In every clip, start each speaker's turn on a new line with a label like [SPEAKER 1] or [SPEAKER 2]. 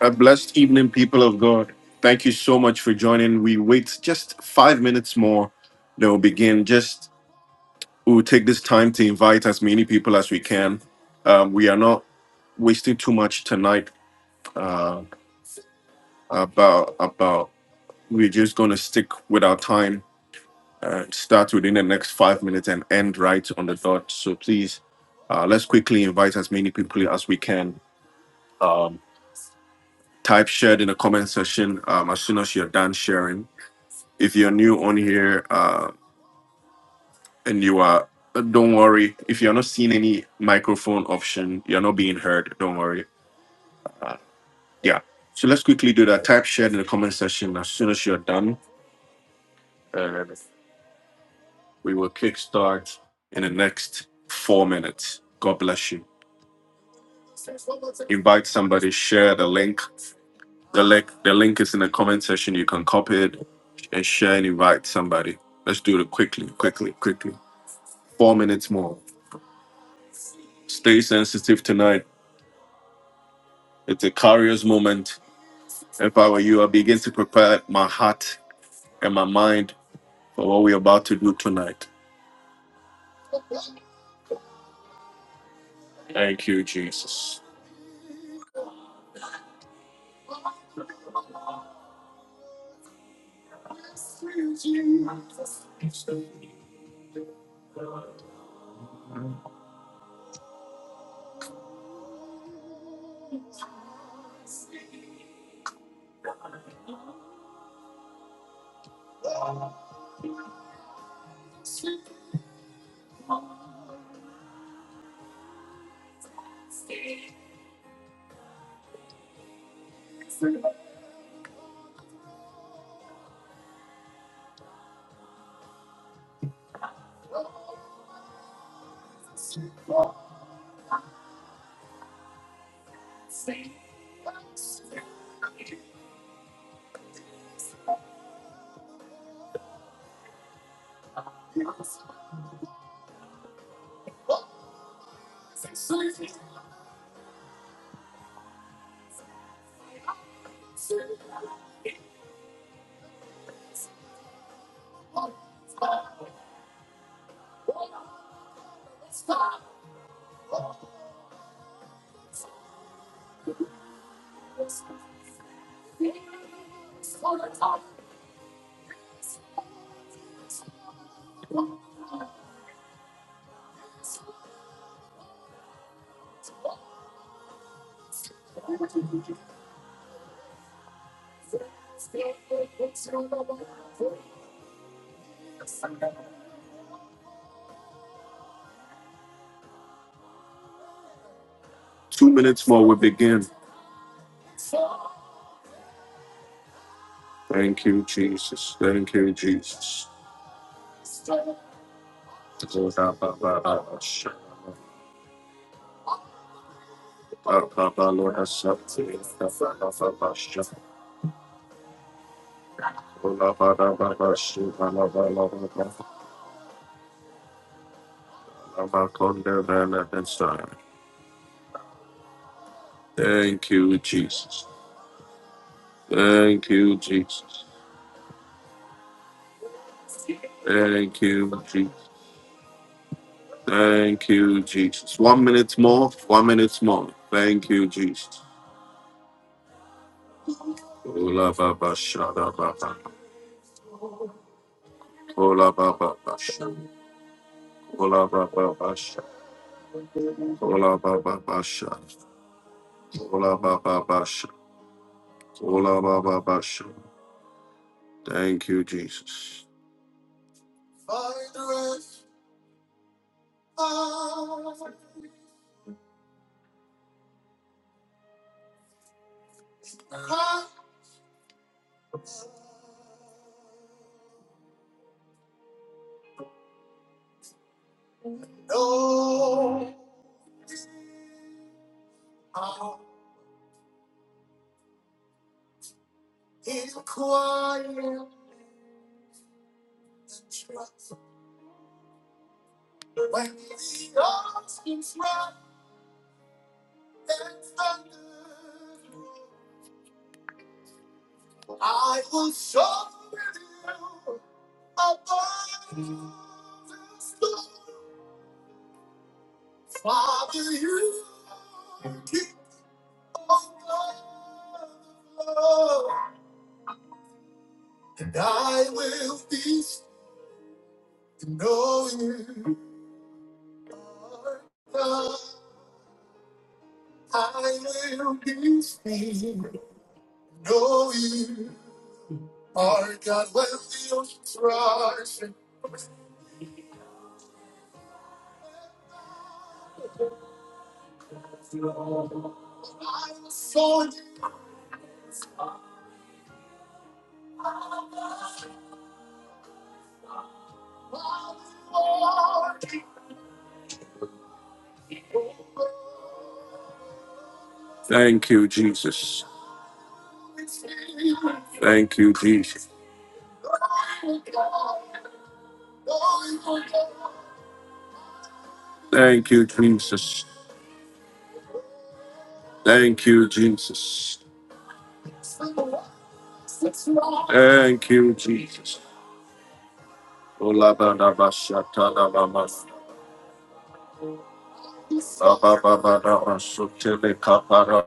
[SPEAKER 1] A blessed evening, people of God. Thank you so much for joining. We wait just five minutes more. Then we'll begin. Just we'll take this time to invite as many people as we can. Um, we are not wasting too much tonight. Uh, about about we're just going to stick with our time. Uh, start within the next five minutes and end right on the dot. So please, uh, let's quickly invite as many people as we can. Um, type shared in the comment section um, as soon as you're done sharing If you're new on here uh, and you are, don't worry. If you're not seeing any microphone option, you're not being heard. Don't worry. Yeah. So let's quickly do that. Type shared in the comment section as soon as you're done. And we will kickstart in the next four minutes. God bless you. Invite somebody, share the link. The link, the link is in the comment section. You can copy it and share and invite somebody. Let's do it quickly, quickly, quickly. Four minutes more. Stay sensitive tonight. It's a curious moment. If I were you, I begin to prepare my heart and my mind for what we're about to do tonight. Thank you, Jesus. Two minutes more, we begin. Thank you, Jesus. Thank you, Jesus. Lord, I bow, bow, bow, bow, sha- Lord, I sub- bow, bow, bow, sha- Lord, I bow, bow, bow, bow, sha- bow, bow, bow, bow, bow, bow. Lord, I come and I can Thank you, Jesus. Thank you, Jesus. Thank you, Jesus. Thank you, Jesus. One minute more. One minute more. Thank you, Jesus. Ola baba shada baba. Ola baba basha. Ola baba basha. Ola baba basha. Ola baba basha. Ola baba basha. Thank you, Jesus. Thank you, Jesus. Thank you, Jesus. Thank you, Jesus. Thank you, Jesus. Thank you, Jesus. Ola baba basha Pababara Sutele Kapara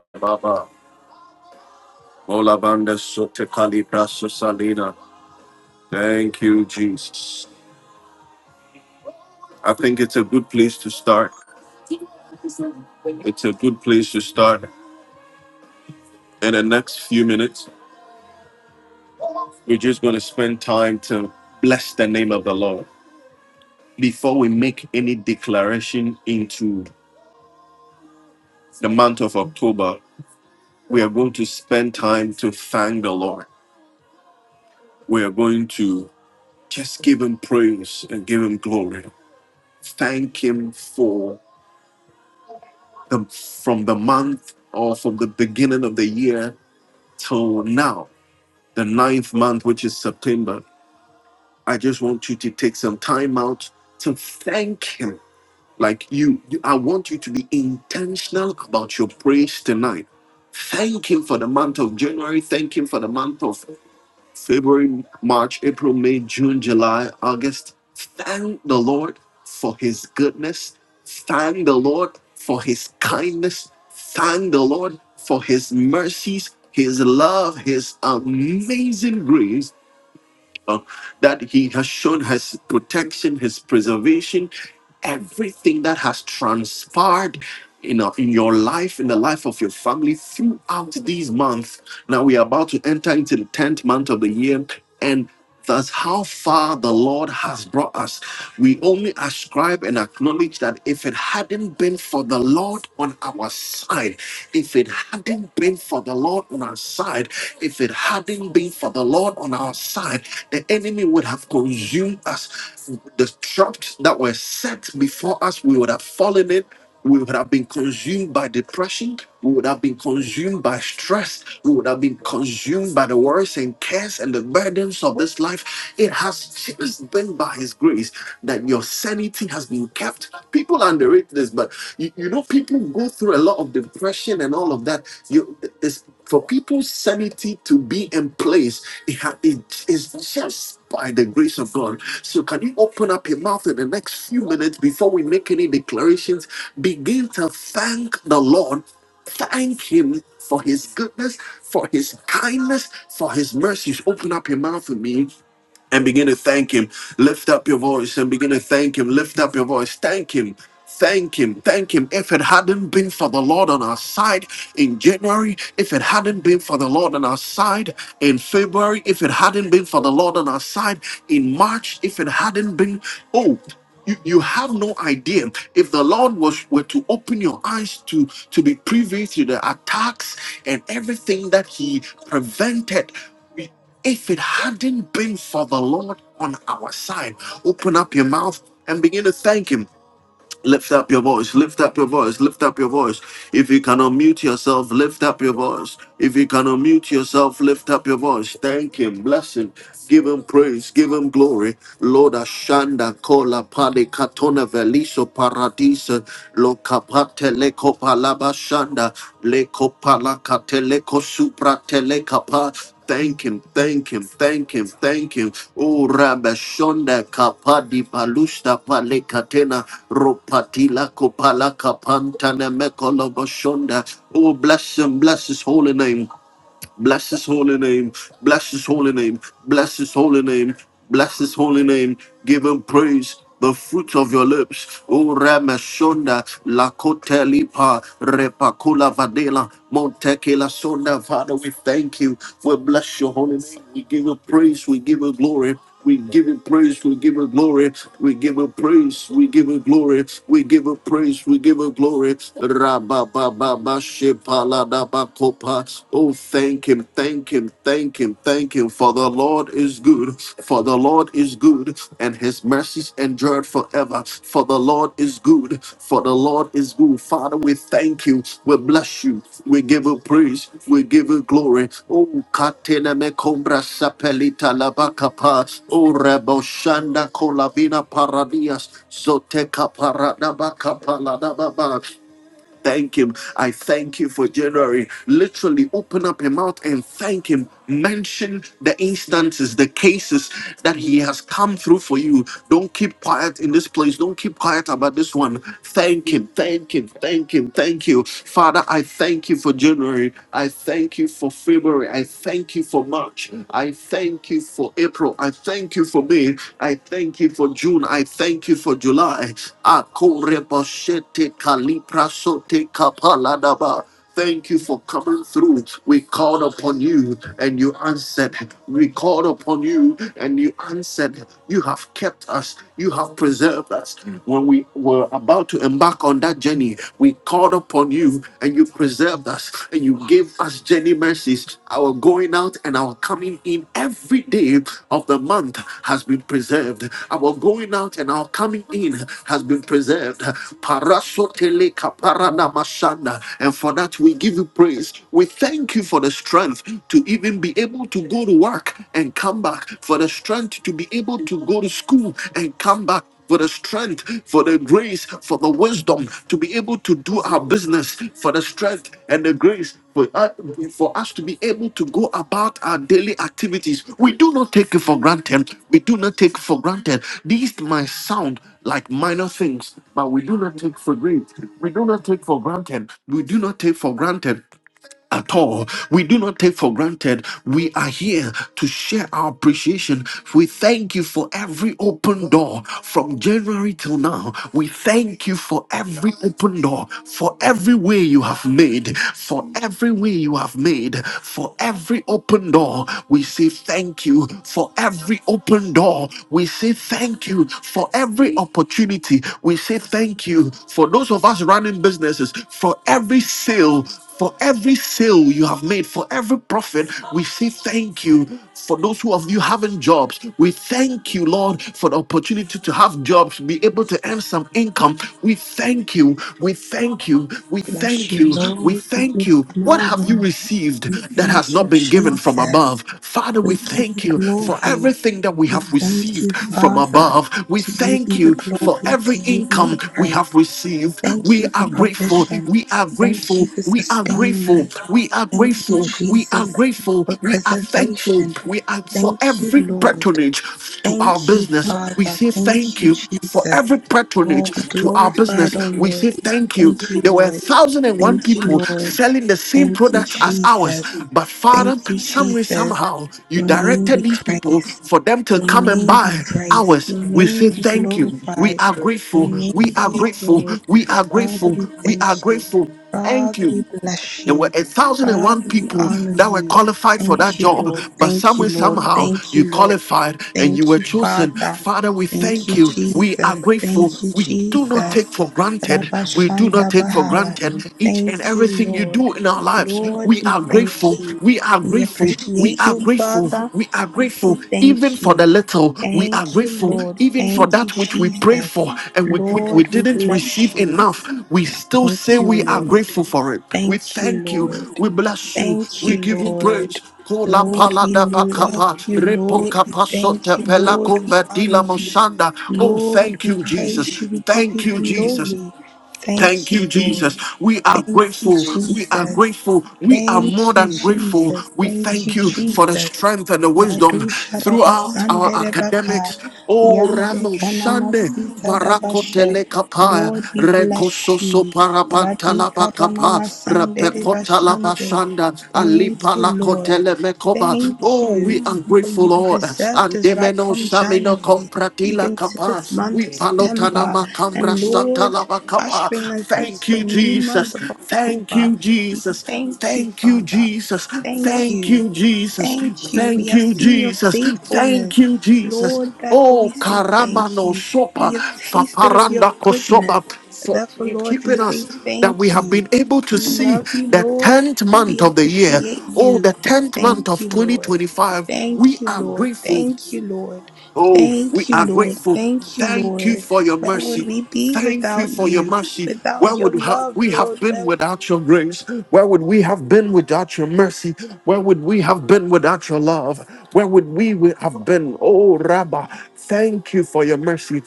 [SPEAKER 1] Olabanda Sote Kalibra Susalina. Thank you, Jesus. I think it's a good place to start. It's a good place to start. In the next few minutes, we're just going to spend time to bless the name of the Lord. Before we make any declaration into the month of October, we are going to spend time to thank the Lord. We are going to just give him praise and give him glory. Thank Him for the from the month or from the beginning of the year till now, the ninth month, which is September. I just want you to take some time out to thank Him. Like you, you I want you to be intentional about your praise tonight. Thank Him for the month of January. Thank Him for the month of February, March, April, May, June, July, August. Thank the Lord for his goodness. Thank the Lord for his kindness. Thank the Lord for his mercies, his love, his amazing grace uh, that He has shown His protection, His preservation, everything that has transpired in, our- in your life, in the life of your family throughout these months. Now we are about to enter into the 10th month of the year, and that's how far the Lord has brought us. We only ascribe and acknowledge that if it hadn't been for the Lord on our side, if it hadn't been for the Lord on our side, if it hadn't hadn't been for the Lord on our side, the enemy would have consumed us. The traps that were set before us, we would have fallen in. We would have been consumed by depression. We would have been consumed by stress. We would have been consumed by the worries and cares and the burdens of this life. It has just been by His grace that your sanity has been kept. People underrate this, but you, you know, people go through a lot of depression and all of that. You, this for people's sanity to be in place, it, ha- it is just by the grace of God. So, can you open up your mouth in the next few minutes before we make any declarations? Begin to thank the Lord. Thank Him for His goodness, for His kindness, for His mercies. Open up your mouth with me and begin to thank him. Lift up your voice and begin to thank him. Lift up your voice. Thank him. Thank him. Thank him. If it hadn't been for the Lord on our side in January, if it hadn't been for the Lord on our side in February, if it hadn't been for the Lord on our side in March, if it hadn't been, oh, you, you have no idea if the lord was were to open your eyes to to be privy to the attacks and everything that he prevented if it hadn't been for the Lord on our side, open up your mouth and begin to thank Him. Lift up your voice, lift up your voice, lift up your voice. If you cannot mute yourself, lift up your voice. If you cannot mute yourself, lift up your voice. Thank Him, bless Him, give Him praise, give Him glory. Lord Ashanda, Kola, Pali, Katona, Veliso, Paradisa, Lokapate, Leko, Palabashanda, Leko, Palakate, Leko, Supra, Telekapa. Thank him, thank him, thank him, thank him. Oh, Rabashonda Kapadi Palusta Palekatena Ropatila Kopala Kapantana Mekolobashonda. Oh, bless him, bless his holy name. Bless his holy name. Bless his holy name. Bless his holy name. Bless his holy name. Give him praise. The fruit of your lips, O Ramashonda, Lakotelipa, Repakula Vadela, Montekela Sonda. Father, we thank you. We bless your holy name. We give you praise. We give you glory. We give it praise, we give it glory, we give it praise, we give it glory, we give it praise, we give it glory. Rabba ba ba ba shepa la da ba kopa. Oh, thank him, thank him, thank him, thank him. For the Lord is good, for the Lord is good, and his mercies endure forever forever. For the Lord is good. For the Lord is good. Father, we thank you. We bless you. We give you praise. We give you glory. Oh, katene me kombra sapelita labakapa. Oh, reboshanda kolavina paradias. Zoteka paradabakapa ladababa. Thank Him. I thank you for January. Literally open up your mouth and thank Him. Mention the instances, the cases that He has come through for you. Don't keep quiet in this place. Don't keep quiet about this one. Thank Him. Thank Him. Thank Him. Thank you. Father, I thank you for January. I thank you for February. I thank you for March. I thank you for April. I thank thank you for me. I thank you for June. I thank you for July. Akorebashete kaliprasote kapaladaba. Thank you for coming through. We called upon you and you answered. We called upon you and you answered. You have kept us. You have preserved us. When we were about to embark on that journey, we called upon you and you and you preserved us and you gave us journey mercies. Our going out and our coming in every day of the month has been preserved. Our going out and our coming in has been preserved. Parasotele kaparana mashanda. And for that, we give you praise. We thank you for the strength to even be able to go to work and come back, for the strength to be able to go to school and come back for the strength, for the grace, for the wisdom to be able to do our business, for the strength and the grace for, uh, for us to be able to go about our daily activities. We do not take it for granted. We do not take it for granted. These might sound like minor things, but we do not take for granted. We do not take for granted. We do not take for granted at all. We do not take for granted. We are here to share our appreciation. We thank you for every open door from January till now. We thank you for every open door, for every way you have made, for every way you have made, for every open door. We say thank you for every open door. We say thank you for every opportunity. We say thank you for those of us running businesses, for every sale for every sale you have made, for every profit, we say thank you. For those who of you having jobs, we thank you, Lord, for the opportunity to have jobs, be able to earn some income. We thank you. We thank you. We
[SPEAKER 2] Bless
[SPEAKER 1] thank
[SPEAKER 2] you,
[SPEAKER 1] you. We
[SPEAKER 2] Lord. We give
[SPEAKER 1] thank
[SPEAKER 2] you
[SPEAKER 1] you. What have you
[SPEAKER 2] glory.
[SPEAKER 1] received
[SPEAKER 2] We
[SPEAKER 1] that has
[SPEAKER 2] thank you,
[SPEAKER 1] not been given from
[SPEAKER 2] Jesus.
[SPEAKER 1] above? Father, we
[SPEAKER 2] We give you
[SPEAKER 1] thank you for
[SPEAKER 2] glory.
[SPEAKER 1] everything that we
[SPEAKER 2] We
[SPEAKER 1] have
[SPEAKER 2] thank you,
[SPEAKER 1] received from
[SPEAKER 2] Father.
[SPEAKER 1] above. We
[SPEAKER 2] To you be
[SPEAKER 1] thank
[SPEAKER 2] the
[SPEAKER 1] you for
[SPEAKER 2] glory. To
[SPEAKER 1] every
[SPEAKER 2] you be
[SPEAKER 1] income
[SPEAKER 2] the
[SPEAKER 1] we have
[SPEAKER 2] praise.
[SPEAKER 1] received.
[SPEAKER 2] Thank
[SPEAKER 1] We
[SPEAKER 2] you for
[SPEAKER 1] are grateful.
[SPEAKER 2] provision.
[SPEAKER 1] We are
[SPEAKER 2] Thank you
[SPEAKER 1] grateful.
[SPEAKER 2] for
[SPEAKER 1] We we are
[SPEAKER 2] sustaining
[SPEAKER 1] grateful.
[SPEAKER 2] us.
[SPEAKER 1] We are
[SPEAKER 2] Thank you,
[SPEAKER 1] grateful. We are
[SPEAKER 2] Jesus,
[SPEAKER 1] grateful.
[SPEAKER 2] for
[SPEAKER 1] We are thankful.
[SPEAKER 2] preservation.
[SPEAKER 1] We are for
[SPEAKER 2] Thank you,
[SPEAKER 1] every
[SPEAKER 2] Lord.
[SPEAKER 1] patronage to our
[SPEAKER 2] Thank you,
[SPEAKER 1] business. We
[SPEAKER 2] Father.
[SPEAKER 1] say
[SPEAKER 2] Thank
[SPEAKER 1] thank
[SPEAKER 2] you,
[SPEAKER 1] you. For every
[SPEAKER 2] Jesus.
[SPEAKER 1] patronage
[SPEAKER 2] Oh, be
[SPEAKER 1] to our
[SPEAKER 2] glorified,
[SPEAKER 1] business,
[SPEAKER 2] O
[SPEAKER 1] we say
[SPEAKER 2] Lord.
[SPEAKER 1] thank you.
[SPEAKER 2] Thank you,
[SPEAKER 1] There were
[SPEAKER 2] Lord.
[SPEAKER 1] 1,001
[SPEAKER 2] Thank you,
[SPEAKER 1] people
[SPEAKER 2] Lord.
[SPEAKER 1] selling the same
[SPEAKER 2] Thank you,
[SPEAKER 1] product as ours,
[SPEAKER 2] Jesus.
[SPEAKER 1] but Father,
[SPEAKER 2] Thank you,
[SPEAKER 1] some way
[SPEAKER 2] Jesus.
[SPEAKER 1] somehow, you
[SPEAKER 2] Your name
[SPEAKER 1] directed
[SPEAKER 2] be
[SPEAKER 1] these people
[SPEAKER 2] praised.
[SPEAKER 1] for them to
[SPEAKER 2] Your
[SPEAKER 1] come and
[SPEAKER 2] name be
[SPEAKER 1] buy
[SPEAKER 2] praised.
[SPEAKER 1] ours.
[SPEAKER 2] Your
[SPEAKER 1] We
[SPEAKER 2] name
[SPEAKER 1] say
[SPEAKER 2] be
[SPEAKER 1] thank you. We
[SPEAKER 2] glorified.
[SPEAKER 1] are
[SPEAKER 2] Your
[SPEAKER 1] grateful.
[SPEAKER 2] name
[SPEAKER 1] We are
[SPEAKER 2] be
[SPEAKER 1] grateful.
[SPEAKER 2] adored.
[SPEAKER 1] We are
[SPEAKER 2] Father,
[SPEAKER 1] grateful.
[SPEAKER 2] we
[SPEAKER 1] We are
[SPEAKER 2] thank you.
[SPEAKER 1] grateful. Thank
[SPEAKER 2] Father,
[SPEAKER 1] you.
[SPEAKER 2] we bless
[SPEAKER 1] There were
[SPEAKER 2] you.
[SPEAKER 1] a thousand and one
[SPEAKER 2] Father, we
[SPEAKER 1] people
[SPEAKER 2] honor
[SPEAKER 1] that were
[SPEAKER 2] you.
[SPEAKER 1] qualified for that
[SPEAKER 2] Thank you,
[SPEAKER 1] job,
[SPEAKER 2] Lord.
[SPEAKER 1] but
[SPEAKER 2] Thank you,
[SPEAKER 1] somewhere,
[SPEAKER 2] Lord.
[SPEAKER 1] somehow,
[SPEAKER 2] Thank
[SPEAKER 1] you
[SPEAKER 2] you, Lord.
[SPEAKER 1] qualified and you
[SPEAKER 2] Thank
[SPEAKER 1] were
[SPEAKER 2] you,
[SPEAKER 1] chosen.
[SPEAKER 2] Father.
[SPEAKER 1] Father, we
[SPEAKER 2] Thank
[SPEAKER 1] thank
[SPEAKER 2] you,
[SPEAKER 1] you. We are
[SPEAKER 2] Jesus.
[SPEAKER 1] grateful.
[SPEAKER 2] Thank you,
[SPEAKER 1] We do not take
[SPEAKER 2] Jesus.
[SPEAKER 1] for granted. We do not
[SPEAKER 2] Rabashanda
[SPEAKER 1] take for
[SPEAKER 2] Bahaya.
[SPEAKER 1] granted each and
[SPEAKER 2] Thank you,
[SPEAKER 1] everything you
[SPEAKER 2] Lord.
[SPEAKER 1] do in our lives.
[SPEAKER 2] Lord,
[SPEAKER 1] We
[SPEAKER 2] we
[SPEAKER 1] are
[SPEAKER 2] thank
[SPEAKER 1] grateful.
[SPEAKER 2] you.
[SPEAKER 1] We are
[SPEAKER 2] We
[SPEAKER 1] grateful. We
[SPEAKER 2] appreciate
[SPEAKER 1] are
[SPEAKER 2] you,
[SPEAKER 1] grateful.
[SPEAKER 2] Father.
[SPEAKER 1] We are
[SPEAKER 2] We say
[SPEAKER 1] grateful even
[SPEAKER 2] thank
[SPEAKER 1] for
[SPEAKER 2] you.
[SPEAKER 1] the little, we are
[SPEAKER 2] Thank you,
[SPEAKER 1] grateful.
[SPEAKER 2] Lord.
[SPEAKER 1] Even for
[SPEAKER 2] Thank you,
[SPEAKER 1] that which we prayed
[SPEAKER 2] Jesus.
[SPEAKER 1] for and we, we, we
[SPEAKER 2] Lord, we
[SPEAKER 1] didn't
[SPEAKER 2] bless
[SPEAKER 1] receive
[SPEAKER 2] you.
[SPEAKER 1] enough, we still
[SPEAKER 2] Thank
[SPEAKER 1] say
[SPEAKER 2] you,
[SPEAKER 1] we are
[SPEAKER 2] Lord.
[SPEAKER 1] grateful for it. We
[SPEAKER 2] Thank you,
[SPEAKER 1] thank you.
[SPEAKER 2] Lord.
[SPEAKER 1] We bless you.
[SPEAKER 2] Thank
[SPEAKER 1] We
[SPEAKER 2] you,
[SPEAKER 1] give you praise.
[SPEAKER 2] Lord.
[SPEAKER 1] Kola
[SPEAKER 2] Lord,
[SPEAKER 1] pala
[SPEAKER 2] we
[SPEAKER 1] da
[SPEAKER 2] love you.
[SPEAKER 1] repo
[SPEAKER 2] Lord, we
[SPEAKER 1] kapa
[SPEAKER 2] thank you.
[SPEAKER 1] pela
[SPEAKER 2] Lord, we
[SPEAKER 1] kumba
[SPEAKER 2] honor you.
[SPEAKER 1] mosanda. Oh,
[SPEAKER 2] Lord,
[SPEAKER 1] thank
[SPEAKER 2] we
[SPEAKER 1] you, Jesus.
[SPEAKER 2] praise you. We give
[SPEAKER 1] Thank
[SPEAKER 2] you
[SPEAKER 1] you, Jesus.
[SPEAKER 2] glory.
[SPEAKER 1] Thank
[SPEAKER 2] Thank
[SPEAKER 1] you,
[SPEAKER 2] you, Lord.
[SPEAKER 1] Jesus. We are
[SPEAKER 2] Thank you,
[SPEAKER 1] grateful. We are
[SPEAKER 2] Jesus.
[SPEAKER 1] grateful. We are more
[SPEAKER 2] Thank you,
[SPEAKER 1] than grateful.
[SPEAKER 2] Jesus.
[SPEAKER 1] We
[SPEAKER 2] Thank
[SPEAKER 1] thank
[SPEAKER 2] you,
[SPEAKER 1] you for the
[SPEAKER 2] Jesus.
[SPEAKER 1] strength and the wisdom
[SPEAKER 2] Ladu Sharaba
[SPEAKER 1] throughout our
[SPEAKER 2] Sandere Baka
[SPEAKER 1] academics. Oh,
[SPEAKER 2] Yande
[SPEAKER 1] Ramo Shande.
[SPEAKER 2] Kanamasita
[SPEAKER 1] Parakotele
[SPEAKER 2] Dabashe.
[SPEAKER 1] kapaya,
[SPEAKER 2] Lord, we bless
[SPEAKER 1] rekososo
[SPEAKER 2] you. Radika
[SPEAKER 1] parabatalaba kapa,
[SPEAKER 2] Ramama Sandere Bashande.
[SPEAKER 1] rapekotalabashanda,
[SPEAKER 2] Thank you, Lord.
[SPEAKER 1] alipalakotele mekoba.
[SPEAKER 2] Thank
[SPEAKER 1] Oh, we
[SPEAKER 2] you
[SPEAKER 1] are
[SPEAKER 2] for
[SPEAKER 1] grateful,
[SPEAKER 2] you've
[SPEAKER 1] Lord.
[SPEAKER 2] preserved us right
[SPEAKER 1] Andemeno
[SPEAKER 2] from
[SPEAKER 1] samino
[SPEAKER 2] January.
[SPEAKER 1] compratila
[SPEAKER 2] Even to this
[SPEAKER 1] kapa,
[SPEAKER 2] month of
[SPEAKER 1] we
[SPEAKER 2] September,
[SPEAKER 1] palotanabakambra
[SPEAKER 2] and Lord,
[SPEAKER 1] satalabakaba.
[SPEAKER 2] ushering us into
[SPEAKER 1] Thank
[SPEAKER 2] a
[SPEAKER 1] you,
[SPEAKER 2] new
[SPEAKER 1] Jesus.
[SPEAKER 2] month of
[SPEAKER 1] Thank
[SPEAKER 2] October.
[SPEAKER 1] you,
[SPEAKER 2] We
[SPEAKER 1] Jesus.
[SPEAKER 2] thank you,
[SPEAKER 1] Thank you,
[SPEAKER 2] Father.
[SPEAKER 1] Jesus.
[SPEAKER 2] Thank
[SPEAKER 1] Thank
[SPEAKER 2] you.
[SPEAKER 1] you, Jesus.
[SPEAKER 2] Thank you. We
[SPEAKER 1] Thank
[SPEAKER 2] have
[SPEAKER 1] you,
[SPEAKER 2] seen your
[SPEAKER 1] Jesus. Thank
[SPEAKER 2] faithfulness.
[SPEAKER 1] you, Jesus.
[SPEAKER 2] Lord, therefore we
[SPEAKER 1] Oh,
[SPEAKER 2] say thank
[SPEAKER 1] karamano
[SPEAKER 2] you.
[SPEAKER 1] sopa,
[SPEAKER 2] We have tasted of your
[SPEAKER 1] faparanda kosopa.
[SPEAKER 2] goodness.
[SPEAKER 1] For
[SPEAKER 2] Therefore,
[SPEAKER 1] in
[SPEAKER 2] Lord, we
[SPEAKER 1] keeping
[SPEAKER 2] say
[SPEAKER 1] us that we
[SPEAKER 2] thank
[SPEAKER 1] have
[SPEAKER 2] you.
[SPEAKER 1] been able to
[SPEAKER 2] We
[SPEAKER 1] see
[SPEAKER 2] love you,
[SPEAKER 1] the
[SPEAKER 2] Lord.
[SPEAKER 1] 10th
[SPEAKER 2] We
[SPEAKER 1] month of the year.
[SPEAKER 2] appreciate
[SPEAKER 1] Oh,
[SPEAKER 2] you.
[SPEAKER 1] the 10th month
[SPEAKER 2] Thank
[SPEAKER 1] of
[SPEAKER 2] you, Lord.
[SPEAKER 1] 2025. We
[SPEAKER 2] Thank you,
[SPEAKER 1] are
[SPEAKER 2] Lord.
[SPEAKER 1] grateful.
[SPEAKER 2] Thank you, Lord.
[SPEAKER 1] Oh, we
[SPEAKER 2] Thank you,
[SPEAKER 1] are
[SPEAKER 2] Lord.
[SPEAKER 1] grateful.
[SPEAKER 2] Thank you,
[SPEAKER 1] Thank you
[SPEAKER 2] Lord.
[SPEAKER 1] for your
[SPEAKER 2] Where would
[SPEAKER 1] mercy.
[SPEAKER 2] we be
[SPEAKER 1] Thank you
[SPEAKER 2] without
[SPEAKER 1] for your
[SPEAKER 2] you?
[SPEAKER 1] mercy.
[SPEAKER 2] Without
[SPEAKER 1] Where
[SPEAKER 2] your
[SPEAKER 1] would ha-
[SPEAKER 2] love,
[SPEAKER 1] we have
[SPEAKER 2] Lord,
[SPEAKER 1] been
[SPEAKER 2] where
[SPEAKER 1] without your grace? Where would we have been without your mercy? Where would we have been without your love? Where would we wi- have been? Oh, Rabbah, thank you for your mercy.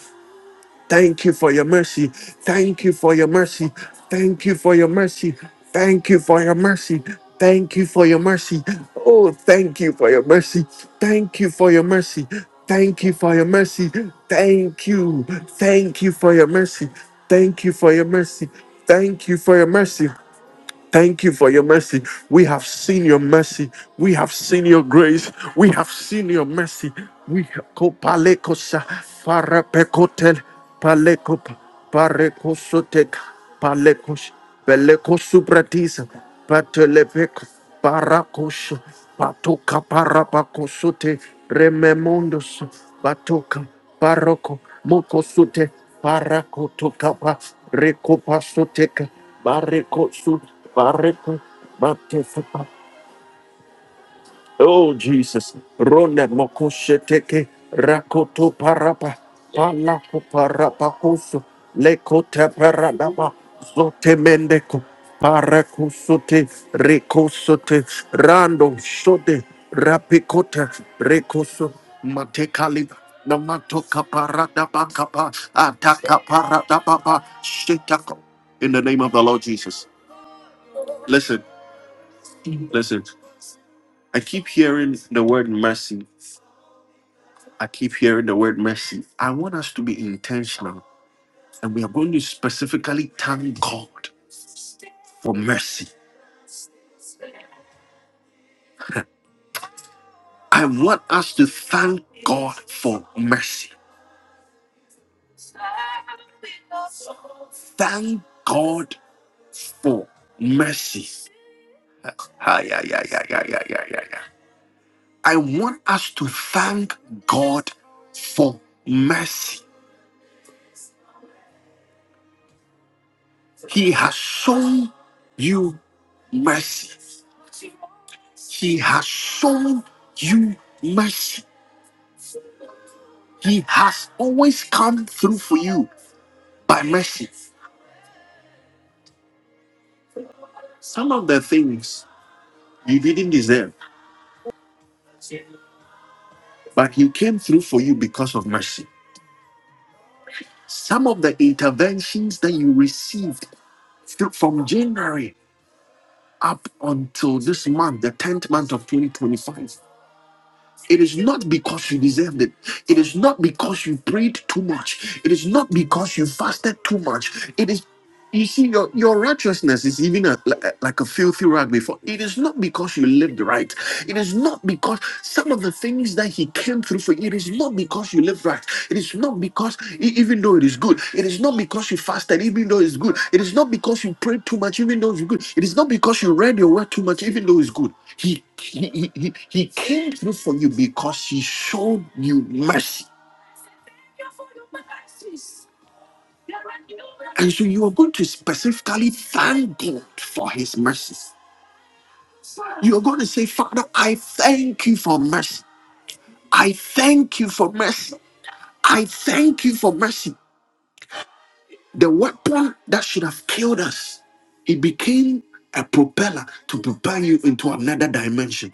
[SPEAKER 1] Thank you for your mercy. Thank you for your mercy. Thank you for your mercy. Thank you for your mercy. Thank you for your mercy. Oh, thank you for your mercy. Thank you for your mercy. Thank you for your mercy. Thank you. Thank you for your mercy. Thank you for your mercy. Thank you for your mercy. Thank you for your mercy. We have seen your mercy. We have seen your grace. We have seen your mercy. We kopalekosa farapekotel palekop parekosotek palekos belekosupratis patelepek parakos patoka parapakosote rememondos patoka Baroko mokosute parakotokapa rekopasoteka barekosu bareko matesepa Oh Jesus, Rona Mokosheteke Rakoto Parapa Palako Parapakoso Lekota Paradaba Zotemendeko Parakosote Rekosote Rando Shode Rapikota Rekoso Matekaliba Namato Kaparadaba Kapa Ataka Paradaba Shetako In the name of the Lord Jesus. Listen, listen. I keep hearing the word mercy I keep hearing the word mercy. I want us to be intentional and we are going to specifically thank God for mercy. I want us to thank God for mercy. Thank God for mercy. Ah, yeah, yeah, yeah, yeah, yeah, yeah, yeah, yeah. I want us to thank God for mercy. He has shown you mercy. He has shown you mercy. He has always come through for you by mercy. Some of the things you didn't deserve, but He came through for you because of mercy. Some of the interventions that you received through, from January up until this month, the 10th month of 2025. It is not because you deserved it. It is not because you prayed too much. It is not because you fasted too much. It is. You see, your, your righteousness is even a, li- like a filthy rag before. It is not because you lived right. It is not because some of the things that he came through for you, it is not because you lived right. It is not because, e- even though it is good, it is not because you fasted, even though it's good. It is not because you prayed too much, even though it's good. It is not because you read your word too much, even though it's good. He, he, he, he he came through for you because he showed you mercy. And so you are going to specifically thank God for his mercy. You're going to say, Father, I thank you for mercy. I thank you for mercy. I thank you for mercy. The weapon that should have killed us, it became a propeller to propel you into another dimension.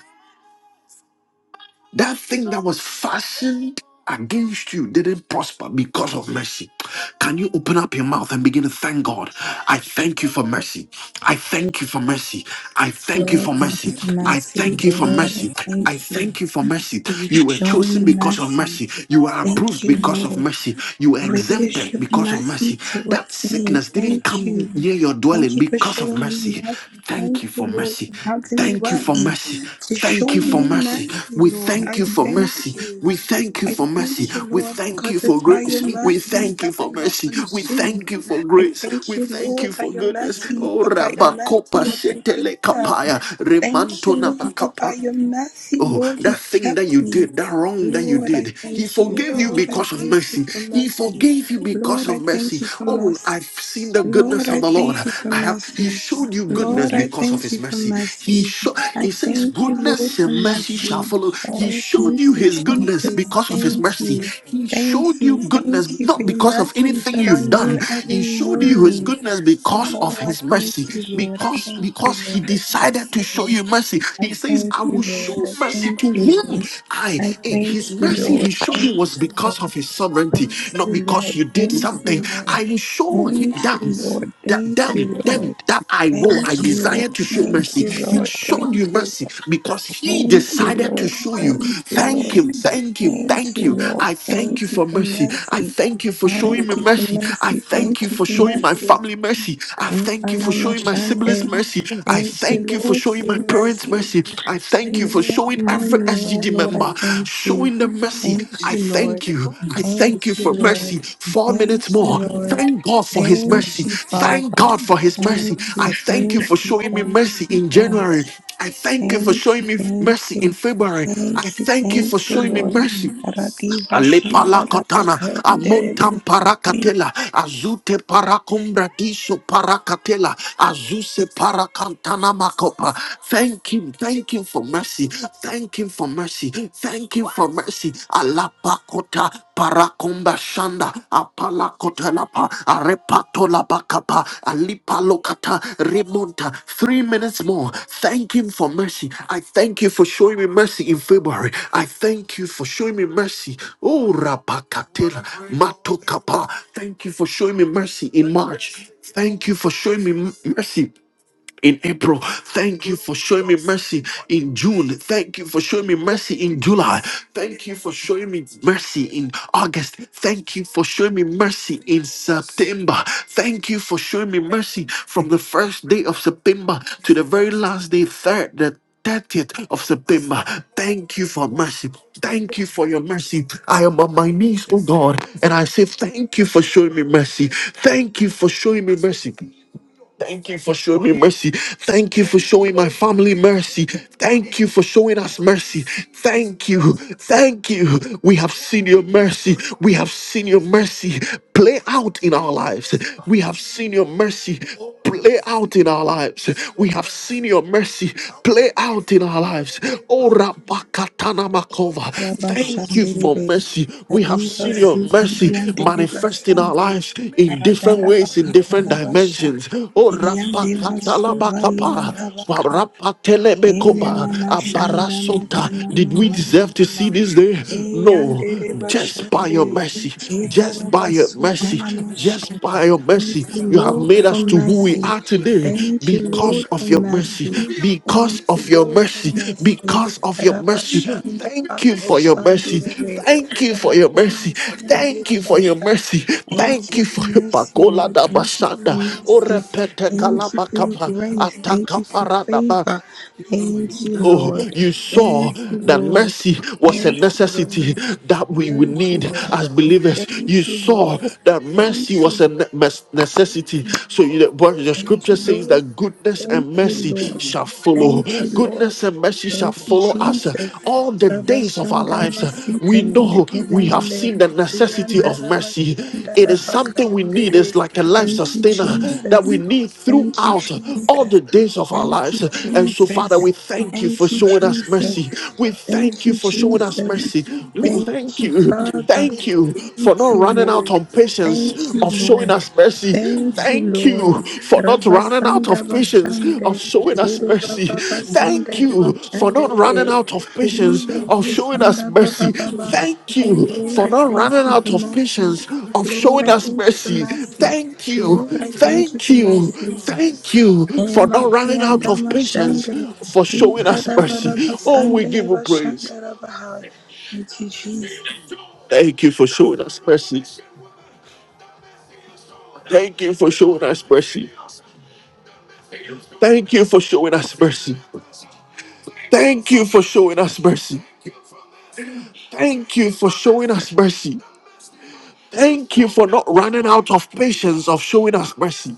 [SPEAKER 1] That thing that was fastened against you didn't prosper because of mercy. Can you open up your mouth and begin to thank God? I thank you for mercy. I thank you for mercy. I thank you
[SPEAKER 2] Lord,
[SPEAKER 1] for
[SPEAKER 2] thank you
[SPEAKER 1] mercy.
[SPEAKER 2] for
[SPEAKER 1] I
[SPEAKER 2] mercy,
[SPEAKER 1] thank you for
[SPEAKER 2] Lord.
[SPEAKER 1] mercy.
[SPEAKER 2] I
[SPEAKER 1] I
[SPEAKER 2] Thank you.
[SPEAKER 1] thank you for mercy.
[SPEAKER 2] You've
[SPEAKER 1] You were
[SPEAKER 2] shown me
[SPEAKER 1] chosen because of
[SPEAKER 2] mercy.
[SPEAKER 1] mercy. You were
[SPEAKER 2] Thank
[SPEAKER 1] approved
[SPEAKER 2] you,
[SPEAKER 1] because of
[SPEAKER 2] Lord.
[SPEAKER 1] mercy. You were
[SPEAKER 2] Great is
[SPEAKER 1] exempted
[SPEAKER 2] your
[SPEAKER 1] because of
[SPEAKER 2] mercy
[SPEAKER 1] mercy. That
[SPEAKER 2] towards me.
[SPEAKER 1] sickness didn't
[SPEAKER 2] Thank you.
[SPEAKER 1] come near your
[SPEAKER 2] Thank
[SPEAKER 1] dwelling
[SPEAKER 2] you for
[SPEAKER 1] because of
[SPEAKER 2] showing me
[SPEAKER 1] mercy.
[SPEAKER 2] mercy.
[SPEAKER 1] Thank you
[SPEAKER 2] Thank you,
[SPEAKER 1] for
[SPEAKER 2] Lord,
[SPEAKER 1] mercy.
[SPEAKER 2] for counting me
[SPEAKER 1] Thank you for
[SPEAKER 2] worthy
[SPEAKER 1] mercy.
[SPEAKER 2] to
[SPEAKER 1] Thank
[SPEAKER 2] show
[SPEAKER 1] you for
[SPEAKER 2] me
[SPEAKER 1] mercy.
[SPEAKER 2] mercy,
[SPEAKER 1] We
[SPEAKER 2] Lord.
[SPEAKER 1] thank
[SPEAKER 2] I
[SPEAKER 1] you for mercy.
[SPEAKER 2] thank you.
[SPEAKER 1] We thank you
[SPEAKER 2] I
[SPEAKER 1] for mercy.
[SPEAKER 2] thank you,
[SPEAKER 1] We
[SPEAKER 2] Lord,
[SPEAKER 1] thank you
[SPEAKER 2] because
[SPEAKER 1] for
[SPEAKER 2] it's by your
[SPEAKER 1] grace. We
[SPEAKER 2] mercy
[SPEAKER 1] thank you
[SPEAKER 2] that
[SPEAKER 1] for
[SPEAKER 2] I'm not
[SPEAKER 1] mercy. We
[SPEAKER 2] consumed.
[SPEAKER 1] thank you for
[SPEAKER 2] I
[SPEAKER 1] grace.
[SPEAKER 2] thank
[SPEAKER 1] We
[SPEAKER 2] you,
[SPEAKER 1] thank you
[SPEAKER 2] Lord, by
[SPEAKER 1] for
[SPEAKER 2] your
[SPEAKER 1] goodness.
[SPEAKER 2] mercy,
[SPEAKER 1] Oh,
[SPEAKER 2] that by your
[SPEAKER 1] Rabakopa
[SPEAKER 2] mercy I've been
[SPEAKER 1] Shetele
[SPEAKER 2] preserved.
[SPEAKER 1] Kapaya.
[SPEAKER 2] Thank you,
[SPEAKER 1] Remanto
[SPEAKER 2] Lord, that by your mercy,
[SPEAKER 1] Oh,
[SPEAKER 2] Lord,
[SPEAKER 1] that
[SPEAKER 2] you
[SPEAKER 1] thing that
[SPEAKER 2] kept
[SPEAKER 1] you
[SPEAKER 2] me.
[SPEAKER 1] did, that wrong that you
[SPEAKER 2] Lord, I
[SPEAKER 1] did, he
[SPEAKER 2] thank you.
[SPEAKER 1] forgave you
[SPEAKER 2] Lord, I
[SPEAKER 1] because of
[SPEAKER 2] thank you
[SPEAKER 1] mercy.
[SPEAKER 2] for
[SPEAKER 1] He
[SPEAKER 2] mercy.
[SPEAKER 1] forgave you because
[SPEAKER 2] Lord,
[SPEAKER 1] of
[SPEAKER 2] I thank
[SPEAKER 1] mercy.
[SPEAKER 2] you for
[SPEAKER 1] Oh,
[SPEAKER 2] mercy.
[SPEAKER 1] I've seen the
[SPEAKER 2] Lord,
[SPEAKER 1] goodness of
[SPEAKER 2] I
[SPEAKER 1] the Lord.
[SPEAKER 2] thank you for
[SPEAKER 1] I have he
[SPEAKER 2] mercy.
[SPEAKER 1] showed you goodness
[SPEAKER 2] Lord, I
[SPEAKER 1] because of
[SPEAKER 2] thank
[SPEAKER 1] his
[SPEAKER 2] you for
[SPEAKER 1] mercy. He
[SPEAKER 2] mercy.
[SPEAKER 1] show,
[SPEAKER 2] I
[SPEAKER 1] he says,
[SPEAKER 2] thank you, Lord,
[SPEAKER 1] goodness
[SPEAKER 2] for
[SPEAKER 1] and mercy shall
[SPEAKER 2] mercy.
[SPEAKER 1] follow. He
[SPEAKER 2] Oh,
[SPEAKER 1] showed
[SPEAKER 2] thank
[SPEAKER 1] you
[SPEAKER 2] you,
[SPEAKER 1] his goodness
[SPEAKER 2] Jesus.
[SPEAKER 1] because of his
[SPEAKER 2] Thank
[SPEAKER 1] mercy.
[SPEAKER 2] you.
[SPEAKER 1] He
[SPEAKER 2] Thank
[SPEAKER 1] showed you
[SPEAKER 2] you.
[SPEAKER 1] goodness
[SPEAKER 2] Thank you for
[SPEAKER 1] not
[SPEAKER 2] your
[SPEAKER 1] because of
[SPEAKER 2] mercies
[SPEAKER 1] anything
[SPEAKER 2] that are
[SPEAKER 1] you've
[SPEAKER 2] new
[SPEAKER 1] done. He
[SPEAKER 2] every
[SPEAKER 1] showed you his
[SPEAKER 2] morning.
[SPEAKER 1] goodness because of
[SPEAKER 2] Oh, I
[SPEAKER 1] his
[SPEAKER 2] thank
[SPEAKER 1] mercy
[SPEAKER 2] you, Lord. I
[SPEAKER 1] Because because
[SPEAKER 2] thank
[SPEAKER 1] because
[SPEAKER 2] you,
[SPEAKER 1] he
[SPEAKER 2] Lord. I thank
[SPEAKER 1] decided to
[SPEAKER 2] you,
[SPEAKER 1] show you
[SPEAKER 2] Lord.
[SPEAKER 1] mercy
[SPEAKER 2] I
[SPEAKER 1] he says
[SPEAKER 2] thank
[SPEAKER 1] i will
[SPEAKER 2] you, Lord.
[SPEAKER 1] show
[SPEAKER 2] I
[SPEAKER 1] mercy
[SPEAKER 2] thank
[SPEAKER 1] to
[SPEAKER 2] you,
[SPEAKER 1] whom
[SPEAKER 2] Lord.
[SPEAKER 1] i
[SPEAKER 2] I
[SPEAKER 1] eh,
[SPEAKER 2] thank
[SPEAKER 1] his
[SPEAKER 2] you,
[SPEAKER 1] mercy
[SPEAKER 2] Lord.
[SPEAKER 1] he showed you
[SPEAKER 2] Thank
[SPEAKER 1] was
[SPEAKER 2] you, Lord.
[SPEAKER 1] because of his sovereignty
[SPEAKER 2] Thank
[SPEAKER 1] not
[SPEAKER 2] you,
[SPEAKER 1] because
[SPEAKER 2] Lord.
[SPEAKER 1] you did
[SPEAKER 2] Thank
[SPEAKER 1] something
[SPEAKER 2] you,
[SPEAKER 1] i
[SPEAKER 2] Lord.
[SPEAKER 1] will show him
[SPEAKER 2] Thank you,
[SPEAKER 1] them
[SPEAKER 2] Lord.
[SPEAKER 1] that
[SPEAKER 2] Thank
[SPEAKER 1] them
[SPEAKER 2] you, Lord.
[SPEAKER 1] them that i will
[SPEAKER 2] Thank
[SPEAKER 1] i
[SPEAKER 2] you, Lord.
[SPEAKER 1] desire to show
[SPEAKER 2] Thank
[SPEAKER 1] mercy
[SPEAKER 2] you,
[SPEAKER 1] he
[SPEAKER 2] Lord.
[SPEAKER 1] showed you
[SPEAKER 2] Thank you.
[SPEAKER 1] mercy because he
[SPEAKER 2] Thank you,
[SPEAKER 1] decided to
[SPEAKER 2] Lord.
[SPEAKER 1] show you
[SPEAKER 2] Thank you,
[SPEAKER 1] thank
[SPEAKER 2] Lord.
[SPEAKER 1] you thank you
[SPEAKER 2] Thank
[SPEAKER 1] thank
[SPEAKER 2] you,
[SPEAKER 1] you
[SPEAKER 2] Lord.
[SPEAKER 1] i thank you
[SPEAKER 2] Thank you
[SPEAKER 1] for
[SPEAKER 2] for
[SPEAKER 1] mercy i
[SPEAKER 2] mercy.
[SPEAKER 1] thank you for showing me
[SPEAKER 2] Thank you for
[SPEAKER 1] mercy I
[SPEAKER 2] mercy. Thank
[SPEAKER 1] thank you
[SPEAKER 2] you
[SPEAKER 1] for
[SPEAKER 2] for
[SPEAKER 1] showing my
[SPEAKER 2] mercy.
[SPEAKER 1] family mercy. I thank you for
[SPEAKER 2] Mfana
[SPEAKER 1] showing my siblings
[SPEAKER 2] mashande.
[SPEAKER 1] mercy. I
[SPEAKER 2] Thank you,
[SPEAKER 1] thank you for
[SPEAKER 2] Lord, for
[SPEAKER 1] showing my
[SPEAKER 2] your
[SPEAKER 1] parents
[SPEAKER 2] mercy.
[SPEAKER 1] mercy. I thank
[SPEAKER 2] And
[SPEAKER 1] you for
[SPEAKER 2] new every
[SPEAKER 1] showing every
[SPEAKER 2] morning, oh
[SPEAKER 1] SGD
[SPEAKER 2] Lord, I
[SPEAKER 1] member,
[SPEAKER 2] thank you.
[SPEAKER 1] showing them mercy.
[SPEAKER 2] Thank
[SPEAKER 1] I
[SPEAKER 2] you, Lord.
[SPEAKER 1] thank you. I
[SPEAKER 2] Thank
[SPEAKER 1] thank you
[SPEAKER 2] you,
[SPEAKER 1] for mercy.
[SPEAKER 2] Lord.
[SPEAKER 1] Four
[SPEAKER 2] Thank
[SPEAKER 1] minutes
[SPEAKER 2] you,
[SPEAKER 1] more.
[SPEAKER 2] Lord.
[SPEAKER 1] Thank God for His
[SPEAKER 2] Thank
[SPEAKER 1] mercy.
[SPEAKER 2] you, Father.
[SPEAKER 1] Thank God for His mercy.
[SPEAKER 2] Thank you,
[SPEAKER 1] I thank you for
[SPEAKER 2] thank you,
[SPEAKER 1] showing me mercy
[SPEAKER 2] thank you,
[SPEAKER 1] in
[SPEAKER 2] thank
[SPEAKER 1] January.
[SPEAKER 2] you,
[SPEAKER 1] I thank you for
[SPEAKER 2] thank
[SPEAKER 1] showing
[SPEAKER 2] you,
[SPEAKER 1] me mercy
[SPEAKER 2] thank
[SPEAKER 1] in
[SPEAKER 2] you.
[SPEAKER 1] February. I
[SPEAKER 2] Thank you,
[SPEAKER 1] thank you for
[SPEAKER 2] thank you,
[SPEAKER 1] showing me
[SPEAKER 2] Lord.
[SPEAKER 1] mercy
[SPEAKER 2] Radiva Shanda
[SPEAKER 1] Alepalakotana,
[SPEAKER 2] Rabakayanderebe
[SPEAKER 1] amontam parakatela, azute parakumbradiso parakatela, azuse parakantana makopa. Thank him, thank him for mercy, thank him for mercy, thank him for mercy. Alapakota Parakomba shanda apala kotalapa arepato la bakapa alipa lokata remonta. Three minutes more. Thank him for mercy. I thank you for showing me mercy in February. I thank you for showing me mercy. Oh rapakatela matokapa. Thank you for showing me mercy in March. Thank you for showing me mercy in April. Thank you for showing me mercy in June. Thank you for showing me mercy in July. Thank you for showing me mercy in August. Thank you for showing me mercy in September. Thank you for showing me mercy from the first day of September to the very last day, third, the 30th of September. Thank you for mercy. Thank you for your mercy. I am on my knees, oh God, and I say, Thank you for showing me mercy. Thank you for showing me mercy. Thank you for showing me mercy. Thank you for showing my family mercy. Thank you for showing us mercy. Thank you. Thank you. We have seen your mercy. We have seen your mercy play out in our lives. We have seen your mercy play out in our lives. We have seen your mercy play out in our lives. Oh, Makova. Thank you for
[SPEAKER 2] Rabashanderebe
[SPEAKER 1] mercy. We have
[SPEAKER 2] Radiva
[SPEAKER 1] seen your mercy
[SPEAKER 2] Sukandiandereba
[SPEAKER 1] manifest in our
[SPEAKER 2] Shande
[SPEAKER 1] lives in different ways, in different
[SPEAKER 2] Radadabakatarabasha
[SPEAKER 1] dimensions. Oh,
[SPEAKER 2] Iriandeba
[SPEAKER 1] Rapakatalabakapa,
[SPEAKER 2] Suvariandabaka Ele
[SPEAKER 1] Warapatelebekopa,
[SPEAKER 2] mama shanda
[SPEAKER 1] Abarasota.
[SPEAKER 2] makana
[SPEAKER 1] Did we
[SPEAKER 2] mahanda
[SPEAKER 1] deserve to
[SPEAKER 2] mama.
[SPEAKER 1] see this day?
[SPEAKER 2] E
[SPEAKER 1] No,
[SPEAKER 2] yandere
[SPEAKER 1] just by
[SPEAKER 2] bashande.
[SPEAKER 1] your mercy,
[SPEAKER 2] Kebara
[SPEAKER 1] just by your
[SPEAKER 2] basuta
[SPEAKER 1] mercy. Just by your
[SPEAKER 2] Thank
[SPEAKER 1] mercy,
[SPEAKER 2] you,
[SPEAKER 1] you have
[SPEAKER 2] Lord,
[SPEAKER 1] made us
[SPEAKER 2] for
[SPEAKER 1] to who we
[SPEAKER 2] mercy.
[SPEAKER 1] are today
[SPEAKER 2] Thank you,
[SPEAKER 1] because
[SPEAKER 2] Lord, for
[SPEAKER 1] of your mercy.
[SPEAKER 2] mercy.
[SPEAKER 1] Because
[SPEAKER 2] Thank you,
[SPEAKER 1] of your
[SPEAKER 2] Lord, for
[SPEAKER 1] mercy.
[SPEAKER 2] mercy.
[SPEAKER 1] Because of your mercy.
[SPEAKER 2] Ravashanda
[SPEAKER 1] Thank you for your mercy.
[SPEAKER 2] Kosandirebe.
[SPEAKER 1] Thank you for your mercy. Thank you for your
[SPEAKER 2] Ravrenusiandirebasha.
[SPEAKER 1] mercy.
[SPEAKER 2] Thank
[SPEAKER 1] Thank
[SPEAKER 2] you
[SPEAKER 1] you
[SPEAKER 2] for
[SPEAKER 1] for your
[SPEAKER 2] mercy,
[SPEAKER 1] pakola
[SPEAKER 2] Lord.
[SPEAKER 1] da
[SPEAKER 2] Thank you for
[SPEAKER 1] basanda. O
[SPEAKER 2] mercy.
[SPEAKER 1] repete
[SPEAKER 2] Thank you for your
[SPEAKER 1] kalabakapa.
[SPEAKER 2] grace. Thank you for
[SPEAKER 1] Ataka
[SPEAKER 2] favor. Thank you,
[SPEAKER 1] Oh,
[SPEAKER 2] Lord.
[SPEAKER 1] you saw
[SPEAKER 2] Thank you,
[SPEAKER 1] that
[SPEAKER 2] Lord.
[SPEAKER 1] mercy was a
[SPEAKER 2] Thank you,
[SPEAKER 1] necessity
[SPEAKER 2] Lord.
[SPEAKER 1] that we would
[SPEAKER 2] Thank you,
[SPEAKER 1] need as
[SPEAKER 2] Lord.
[SPEAKER 1] believers. You
[SPEAKER 2] Thank you,
[SPEAKER 1] saw
[SPEAKER 2] Lord.
[SPEAKER 1] that mercy
[SPEAKER 2] Thank you,
[SPEAKER 1] was a ne- mes- necessity. So, you, but the
[SPEAKER 2] Thank
[SPEAKER 1] scripture
[SPEAKER 2] you,
[SPEAKER 1] says
[SPEAKER 2] Lord.
[SPEAKER 1] that goodness
[SPEAKER 2] Thank
[SPEAKER 1] and
[SPEAKER 2] you,
[SPEAKER 1] mercy
[SPEAKER 2] Lord.
[SPEAKER 1] shall follow.
[SPEAKER 2] Thank you,
[SPEAKER 1] Goodness
[SPEAKER 2] Lord.
[SPEAKER 1] and mercy shall
[SPEAKER 2] Thank you,
[SPEAKER 1] follow us uh,
[SPEAKER 2] Jesus.
[SPEAKER 1] all the days of our
[SPEAKER 2] Rabashanda
[SPEAKER 1] lives. We
[SPEAKER 2] masitene
[SPEAKER 1] know we have
[SPEAKER 2] mekedenele.
[SPEAKER 1] seen the necessity necessity
[SPEAKER 2] Yanda
[SPEAKER 1] of mercy.
[SPEAKER 2] rabashanda
[SPEAKER 1] It is something we need. It's
[SPEAKER 2] rabakayandere.
[SPEAKER 1] like a life
[SPEAKER 2] Thank you,
[SPEAKER 1] sustainer that
[SPEAKER 2] Jesus.
[SPEAKER 1] we need
[SPEAKER 2] Thank you,
[SPEAKER 1] throughout all
[SPEAKER 2] Jesus.
[SPEAKER 1] the days of our
[SPEAKER 2] Thank
[SPEAKER 1] lives.
[SPEAKER 2] you,
[SPEAKER 1] And so, Father,
[SPEAKER 2] Jesus.
[SPEAKER 1] we thank you for
[SPEAKER 2] Thank you,
[SPEAKER 1] showing us
[SPEAKER 2] Jesus.
[SPEAKER 1] mercy. We thank
[SPEAKER 2] Thank
[SPEAKER 1] you
[SPEAKER 2] you,
[SPEAKER 1] for showing us
[SPEAKER 2] Jesus.
[SPEAKER 1] mercy. We
[SPEAKER 2] Thank
[SPEAKER 1] thank
[SPEAKER 2] you,
[SPEAKER 1] you.
[SPEAKER 2] Father.
[SPEAKER 1] Thank you for
[SPEAKER 2] Thank
[SPEAKER 1] not
[SPEAKER 2] you,
[SPEAKER 1] running out
[SPEAKER 2] Lord.
[SPEAKER 1] on patience
[SPEAKER 2] Thank you,
[SPEAKER 1] of showing
[SPEAKER 2] Lord.
[SPEAKER 1] us mercy.
[SPEAKER 2] Thank you,
[SPEAKER 1] Thank
[SPEAKER 2] Lord.
[SPEAKER 1] you for not running out
[SPEAKER 2] Rabasanda
[SPEAKER 1] of patience of
[SPEAKER 2] Bashande.
[SPEAKER 1] showing us
[SPEAKER 2] Kere
[SPEAKER 1] mercy.
[SPEAKER 2] Baba
[SPEAKER 1] Thank
[SPEAKER 2] Basande
[SPEAKER 1] you for not
[SPEAKER 2] Bashandere.
[SPEAKER 1] running out of patience
[SPEAKER 2] Riva
[SPEAKER 1] of showing us
[SPEAKER 2] Kosanda Baba
[SPEAKER 1] mercy.
[SPEAKER 2] Baba.
[SPEAKER 1] Thank
[SPEAKER 2] Oh
[SPEAKER 1] you
[SPEAKER 2] Lord,
[SPEAKER 1] for
[SPEAKER 2] I
[SPEAKER 1] not
[SPEAKER 2] thank
[SPEAKER 1] running
[SPEAKER 2] you
[SPEAKER 1] out
[SPEAKER 2] for
[SPEAKER 1] of
[SPEAKER 2] mercy.
[SPEAKER 1] patience of
[SPEAKER 2] Lord,
[SPEAKER 1] showing
[SPEAKER 2] I
[SPEAKER 1] us
[SPEAKER 2] thank you for
[SPEAKER 1] mercy.
[SPEAKER 2] mercy.
[SPEAKER 1] Thank you.
[SPEAKER 2] Lord, I thank you
[SPEAKER 1] Thank
[SPEAKER 2] for
[SPEAKER 1] you.
[SPEAKER 2] mercy.
[SPEAKER 1] Thank you for not running out
[SPEAKER 2] Emakayanda
[SPEAKER 1] of patience
[SPEAKER 2] Mashandere,
[SPEAKER 1] for showing us mercy.
[SPEAKER 2] Ikarabara
[SPEAKER 1] Oh, we give
[SPEAKER 2] Basandere
[SPEAKER 1] you praise.
[SPEAKER 2] Bashandara Bahai. Thank you, Jesus.
[SPEAKER 1] Thank you for showing us mercy. Thank you for showing us mercy. Thank you for showing us mercy. Thank you for showing us mercy. Thank you for showing us mercy. Thank you for not running out of patience of showing us mercy.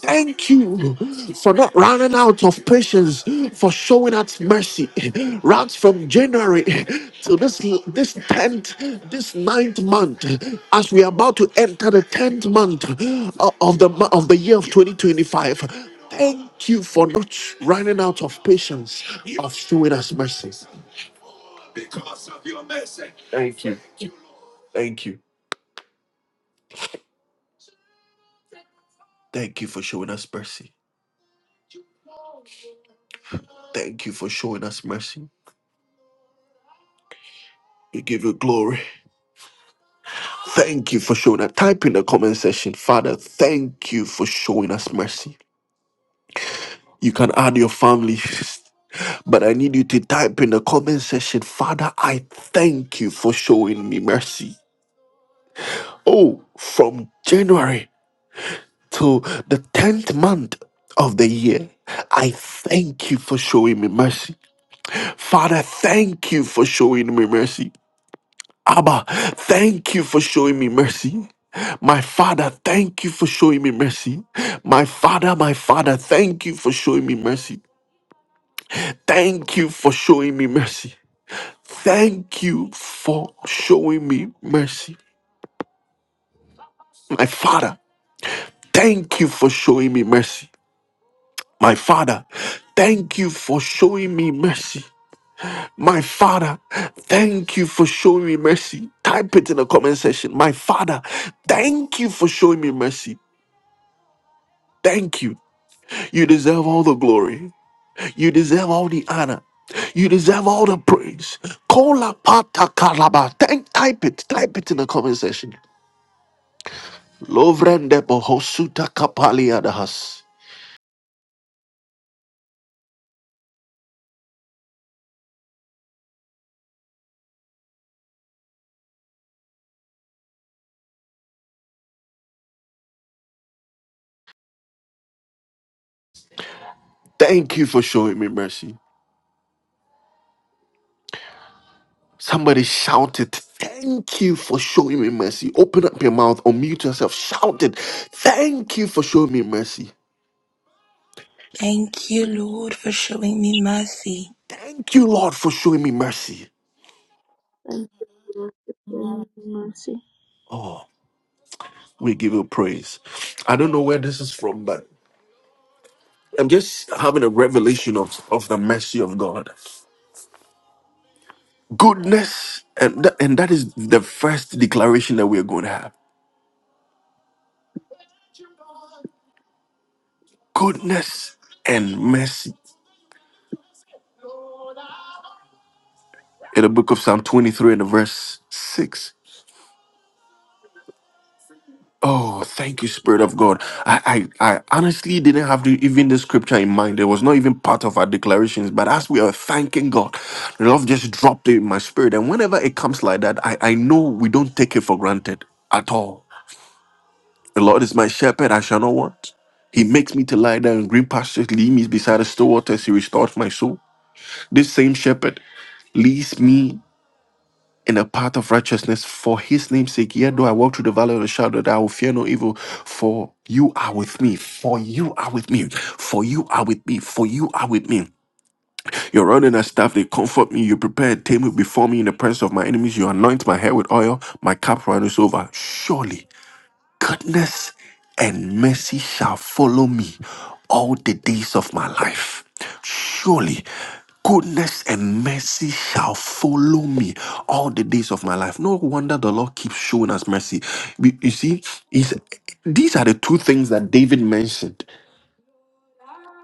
[SPEAKER 1] Thank you for not running out of patience for showing us mercy. Right from January to this this tenth, this ninth month, as we are about to enter the tenth month o- of the mo- of the year of 2025. Thank you for not running out of patience of showing us mercy. Thank you. Thank you. Thank you for showing us mercy. Thank you for showing us mercy. We give you glory. Thank you for showing us. Type in the comment section, Father, thank you for showing us mercy. You can add your family, but I need you to type in the comment section, Father, I thank you for showing me mercy. Oh, from January to the 10th month of the year, I thank you for showing me mercy. Father, thank you for showing me mercy. Abba, thank you for showing me mercy. My Father, thank you for showing me mercy. My Father, my Father, thank you for showing me mercy. Thank you for showing me mercy. Thank you for showing me mercy. My Father, thank you for showing me mercy. My Father, thank you for showing me mercy. My Father, thank you for showing me mercy. Type it in the comment section. My Father, thank you for showing me mercy. Thank you. You deserve all the glory. You deserve all the honor. You deserve all the praise. Kola pata kalaba. Thank, type it. Type it in the comment section. Lovrende bohosuta kapali adahas. Thank you for showing me mercy. Somebody shouted, Thank you for showing me mercy. Open up your mouth, unmute yourself. Shout it. Thank you for showing me mercy.
[SPEAKER 2] Thank you,
[SPEAKER 3] Thank
[SPEAKER 2] Lord, for showing me mercy.
[SPEAKER 1] Thank you, Lord, for showing me mercy.
[SPEAKER 3] you, Lord, for your mercy.
[SPEAKER 1] We give you praise. I don't know where this is from, but I'm just having a revelation of, of the mercy of God. Goodness, and that, and that is the first declaration that we're going to have. Goodness and mercy. In the book of Psalm 23 and the verse 6. Oh, thank you, Spirit of God. I, I, I honestly didn't have the, even the scripture in mind. It was not even part of our declarations. But as we are thanking God, the love just dropped it in my spirit. And whenever it comes like that, I, I know we don't take it for granted at all The Lord is my shepherd, I shall not want. He makes me to lie down in green pastures, leads me beside the still waters, he restores my soul. This same shepherd leads me in a path of righteousness for his name's sake. Yet though I walk through the valley of the shadow, that I will fear no evil, for you are with me, for you are with me, for you are with me, for you are with me. Your rod and your staff, they comfort me. You prepare a table before me in the presence of my enemies. You anoint my head with oil. My cup runneth over. Surely goodness and mercy shall follow me all the days of my life. Surely, goodness and mercy shall follow me all the days of my life. No wonder the Lord keeps showing us mercy. We- You see, he's- these are the two things that David mentioned.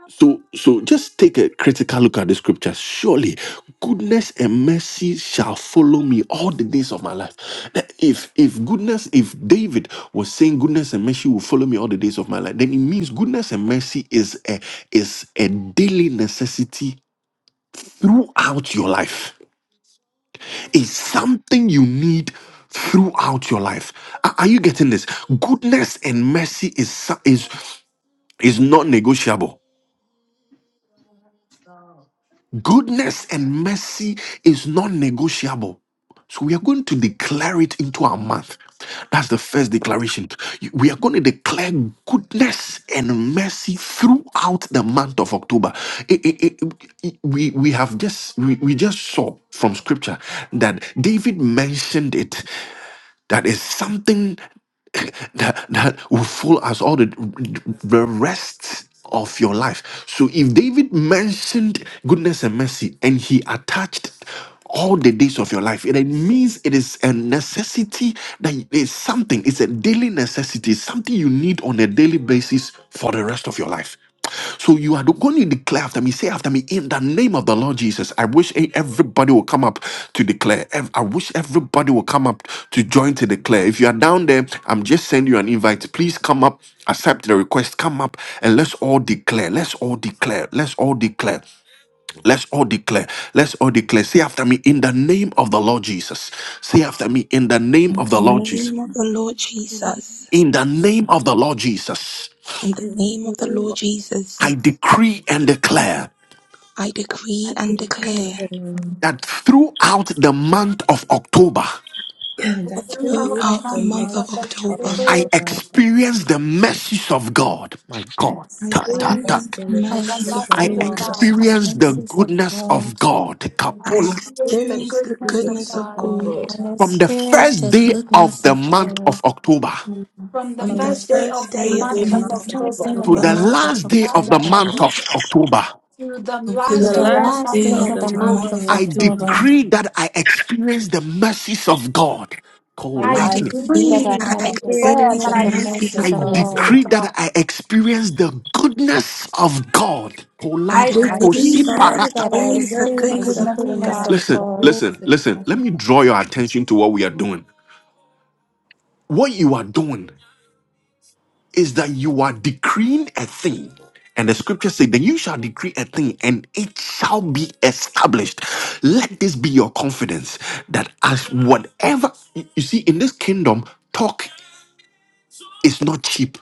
[SPEAKER 1] So, so just take a critical look at the scriptures. Surely, goodness and mercy shall follow me all the days of my life. That If if goodness, if David was saying goodness and mercy will follow me all the days of my life, then it means goodness and mercy is a is a daily necessity throughout your life. It's something you need throughout your life. Are are you getting this? Goodness and mercy is so- is is not negotiable. Goodness and mercy is non negotiable. So we are going to declare it into our month. That's the first declaration. You- We are going to declare goodness and mercy throughout the month of October. It- it- it- it- we, we have just we, we just saw from scripture that David mentioned it that is something that, that will follow us all the, the rest of your life. So if David mentioned goodness and mercy and he attached all the days of your life, it means it is a necessity that it's something, it's a daily necessity, something you need on a daily basis for the rest of your life. So you are going to declare after me. Say after me, in the name of the Lord Jesus, I wish e- everybody will come up to declare. Ev- I wish everybody will come up to join to declare. If you are down there, I'm just sending you an invite. Please come up, accept the request, come up, and let's all declare. Let's all declare. Let's all declare. Let's all declare. Let's all declare. Say after me, in the name of the Lord Jesus. Say after me, in the name
[SPEAKER 2] In
[SPEAKER 1] of the
[SPEAKER 2] the
[SPEAKER 1] Lord Jesus.
[SPEAKER 2] name of the Lord
[SPEAKER 3] And
[SPEAKER 2] Jesus,
[SPEAKER 1] In the name of the Lord Jesus,
[SPEAKER 2] in
[SPEAKER 3] in the
[SPEAKER 2] the name of the
[SPEAKER 3] name
[SPEAKER 2] Lord
[SPEAKER 3] of Jesus,
[SPEAKER 2] Jesus,
[SPEAKER 1] I decree and declare.
[SPEAKER 2] I decree and
[SPEAKER 3] you
[SPEAKER 4] decree and
[SPEAKER 2] declare
[SPEAKER 3] and I must acknowledge
[SPEAKER 4] declaring
[SPEAKER 1] that throughout the month of October,
[SPEAKER 4] that
[SPEAKER 2] that
[SPEAKER 3] the
[SPEAKER 5] Throughout the
[SPEAKER 2] throughout
[SPEAKER 4] throughout the
[SPEAKER 2] the
[SPEAKER 5] month
[SPEAKER 2] month
[SPEAKER 4] month
[SPEAKER 2] of
[SPEAKER 5] of
[SPEAKER 4] of
[SPEAKER 2] October,
[SPEAKER 1] I
[SPEAKER 5] October,
[SPEAKER 4] October,
[SPEAKER 1] experienced the mercies of God. My
[SPEAKER 4] I
[SPEAKER 1] God.
[SPEAKER 2] I
[SPEAKER 1] Tuck,
[SPEAKER 6] Thank
[SPEAKER 1] tuck,
[SPEAKER 6] you
[SPEAKER 4] experienced
[SPEAKER 1] tuck.
[SPEAKER 2] experienced the
[SPEAKER 4] the
[SPEAKER 7] I
[SPEAKER 5] praise the
[SPEAKER 2] mercies of
[SPEAKER 4] mercies
[SPEAKER 5] mercy
[SPEAKER 4] of
[SPEAKER 1] I
[SPEAKER 5] of
[SPEAKER 4] God,
[SPEAKER 2] God.
[SPEAKER 7] experience
[SPEAKER 5] God,
[SPEAKER 7] the
[SPEAKER 1] experienced the
[SPEAKER 7] mercies of
[SPEAKER 1] goodness of
[SPEAKER 7] God.
[SPEAKER 1] God.
[SPEAKER 5] and
[SPEAKER 4] I
[SPEAKER 2] I
[SPEAKER 1] Kapola.
[SPEAKER 5] experience the
[SPEAKER 4] experienced
[SPEAKER 2] experienced the
[SPEAKER 4] the
[SPEAKER 5] goodness of
[SPEAKER 4] goodness
[SPEAKER 2] goodness
[SPEAKER 4] of
[SPEAKER 2] of
[SPEAKER 5] God.
[SPEAKER 4] God
[SPEAKER 2] God
[SPEAKER 3] Lord.
[SPEAKER 7] I
[SPEAKER 4] throughout.
[SPEAKER 1] From the
[SPEAKER 4] From
[SPEAKER 7] experience
[SPEAKER 1] first
[SPEAKER 7] the
[SPEAKER 1] day of
[SPEAKER 7] goodness
[SPEAKER 1] the
[SPEAKER 7] of
[SPEAKER 1] month of
[SPEAKER 7] God
[SPEAKER 1] October
[SPEAKER 5] From the
[SPEAKER 2] on
[SPEAKER 4] from
[SPEAKER 2] the
[SPEAKER 4] the
[SPEAKER 5] first day
[SPEAKER 4] first
[SPEAKER 2] first
[SPEAKER 5] of the
[SPEAKER 3] Every
[SPEAKER 4] day
[SPEAKER 2] day of
[SPEAKER 4] of
[SPEAKER 2] the
[SPEAKER 3] day
[SPEAKER 4] the
[SPEAKER 5] month
[SPEAKER 7] from
[SPEAKER 5] of
[SPEAKER 7] the
[SPEAKER 3] of
[SPEAKER 2] month
[SPEAKER 4] month
[SPEAKER 2] of
[SPEAKER 4] of
[SPEAKER 3] the
[SPEAKER 7] first
[SPEAKER 3] month
[SPEAKER 7] day
[SPEAKER 5] October,
[SPEAKER 1] to
[SPEAKER 7] of
[SPEAKER 3] of
[SPEAKER 7] the
[SPEAKER 4] October
[SPEAKER 2] October.
[SPEAKER 1] the
[SPEAKER 5] Holy
[SPEAKER 3] October,
[SPEAKER 7] month of
[SPEAKER 1] last
[SPEAKER 5] Spirit,
[SPEAKER 1] day of the
[SPEAKER 7] October
[SPEAKER 1] month of
[SPEAKER 7] to
[SPEAKER 1] October,
[SPEAKER 5] to the
[SPEAKER 2] of
[SPEAKER 3] to
[SPEAKER 4] to
[SPEAKER 2] the
[SPEAKER 6] to
[SPEAKER 3] the
[SPEAKER 4] the
[SPEAKER 5] last
[SPEAKER 6] the
[SPEAKER 7] the
[SPEAKER 2] Lord
[SPEAKER 5] day
[SPEAKER 3] light
[SPEAKER 5] of
[SPEAKER 6] back
[SPEAKER 5] the
[SPEAKER 4] last
[SPEAKER 7] last
[SPEAKER 4] day
[SPEAKER 5] month
[SPEAKER 7] day
[SPEAKER 5] of
[SPEAKER 4] of
[SPEAKER 6] of
[SPEAKER 7] of
[SPEAKER 2] praying
[SPEAKER 4] the
[SPEAKER 7] the
[SPEAKER 2] in
[SPEAKER 6] the
[SPEAKER 2] the
[SPEAKER 4] month
[SPEAKER 7] month
[SPEAKER 5] October,
[SPEAKER 2] month
[SPEAKER 4] of
[SPEAKER 7] of
[SPEAKER 2] of
[SPEAKER 6] master
[SPEAKER 1] I
[SPEAKER 6] of
[SPEAKER 4] October,
[SPEAKER 7] October.
[SPEAKER 2] October.
[SPEAKER 6] the
[SPEAKER 1] decree that I experience the mercies of God.
[SPEAKER 4] I
[SPEAKER 5] I
[SPEAKER 2] I
[SPEAKER 7] I
[SPEAKER 6] I do
[SPEAKER 4] decree that
[SPEAKER 2] decree
[SPEAKER 7] decree
[SPEAKER 4] I
[SPEAKER 2] that
[SPEAKER 5] decree
[SPEAKER 6] part
[SPEAKER 7] that
[SPEAKER 2] I
[SPEAKER 6] of
[SPEAKER 5] and
[SPEAKER 7] I
[SPEAKER 3] I
[SPEAKER 5] declare
[SPEAKER 4] experience
[SPEAKER 2] experience
[SPEAKER 5] that
[SPEAKER 4] the
[SPEAKER 2] the
[SPEAKER 7] experience
[SPEAKER 5] I
[SPEAKER 6] the
[SPEAKER 7] the
[SPEAKER 4] mercies
[SPEAKER 2] mercies
[SPEAKER 4] of
[SPEAKER 7] mercies
[SPEAKER 5] deserve
[SPEAKER 2] of
[SPEAKER 1] I
[SPEAKER 7] of
[SPEAKER 5] the
[SPEAKER 6] God.
[SPEAKER 4] God.
[SPEAKER 2] God.
[SPEAKER 5] message of
[SPEAKER 7] God.
[SPEAKER 1] decree
[SPEAKER 5] God.
[SPEAKER 1] that I experience the goodness of God.
[SPEAKER 2] I
[SPEAKER 5] I
[SPEAKER 7] I
[SPEAKER 1] Kolado
[SPEAKER 6] I
[SPEAKER 2] decree
[SPEAKER 5] decree
[SPEAKER 1] posi
[SPEAKER 2] that I
[SPEAKER 7] decree
[SPEAKER 1] parata.
[SPEAKER 5] that
[SPEAKER 7] that
[SPEAKER 5] I
[SPEAKER 7] I
[SPEAKER 3] can
[SPEAKER 2] experience the
[SPEAKER 5] deserve the
[SPEAKER 4] I
[SPEAKER 7] experience
[SPEAKER 2] goodness
[SPEAKER 6] do
[SPEAKER 7] the
[SPEAKER 2] of
[SPEAKER 5] goodness
[SPEAKER 4] decree
[SPEAKER 5] of
[SPEAKER 2] God.
[SPEAKER 4] that
[SPEAKER 7] goodness
[SPEAKER 6] assistance
[SPEAKER 5] God.
[SPEAKER 4] I
[SPEAKER 7] of
[SPEAKER 6] of
[SPEAKER 1] Listen,
[SPEAKER 6] God.
[SPEAKER 7] God.
[SPEAKER 4] experience
[SPEAKER 1] listen,
[SPEAKER 4] the
[SPEAKER 1] listen.
[SPEAKER 4] goodness
[SPEAKER 1] Let
[SPEAKER 4] of
[SPEAKER 1] me
[SPEAKER 4] God.
[SPEAKER 1] draw your attention to what we are doing. What you are doing is that you are decreeing a thing. And the scripture says, Then you shall decree a thing and it shall be established. Let this be your confidence that as whatever you you see in this kingdom, talk is not cheap.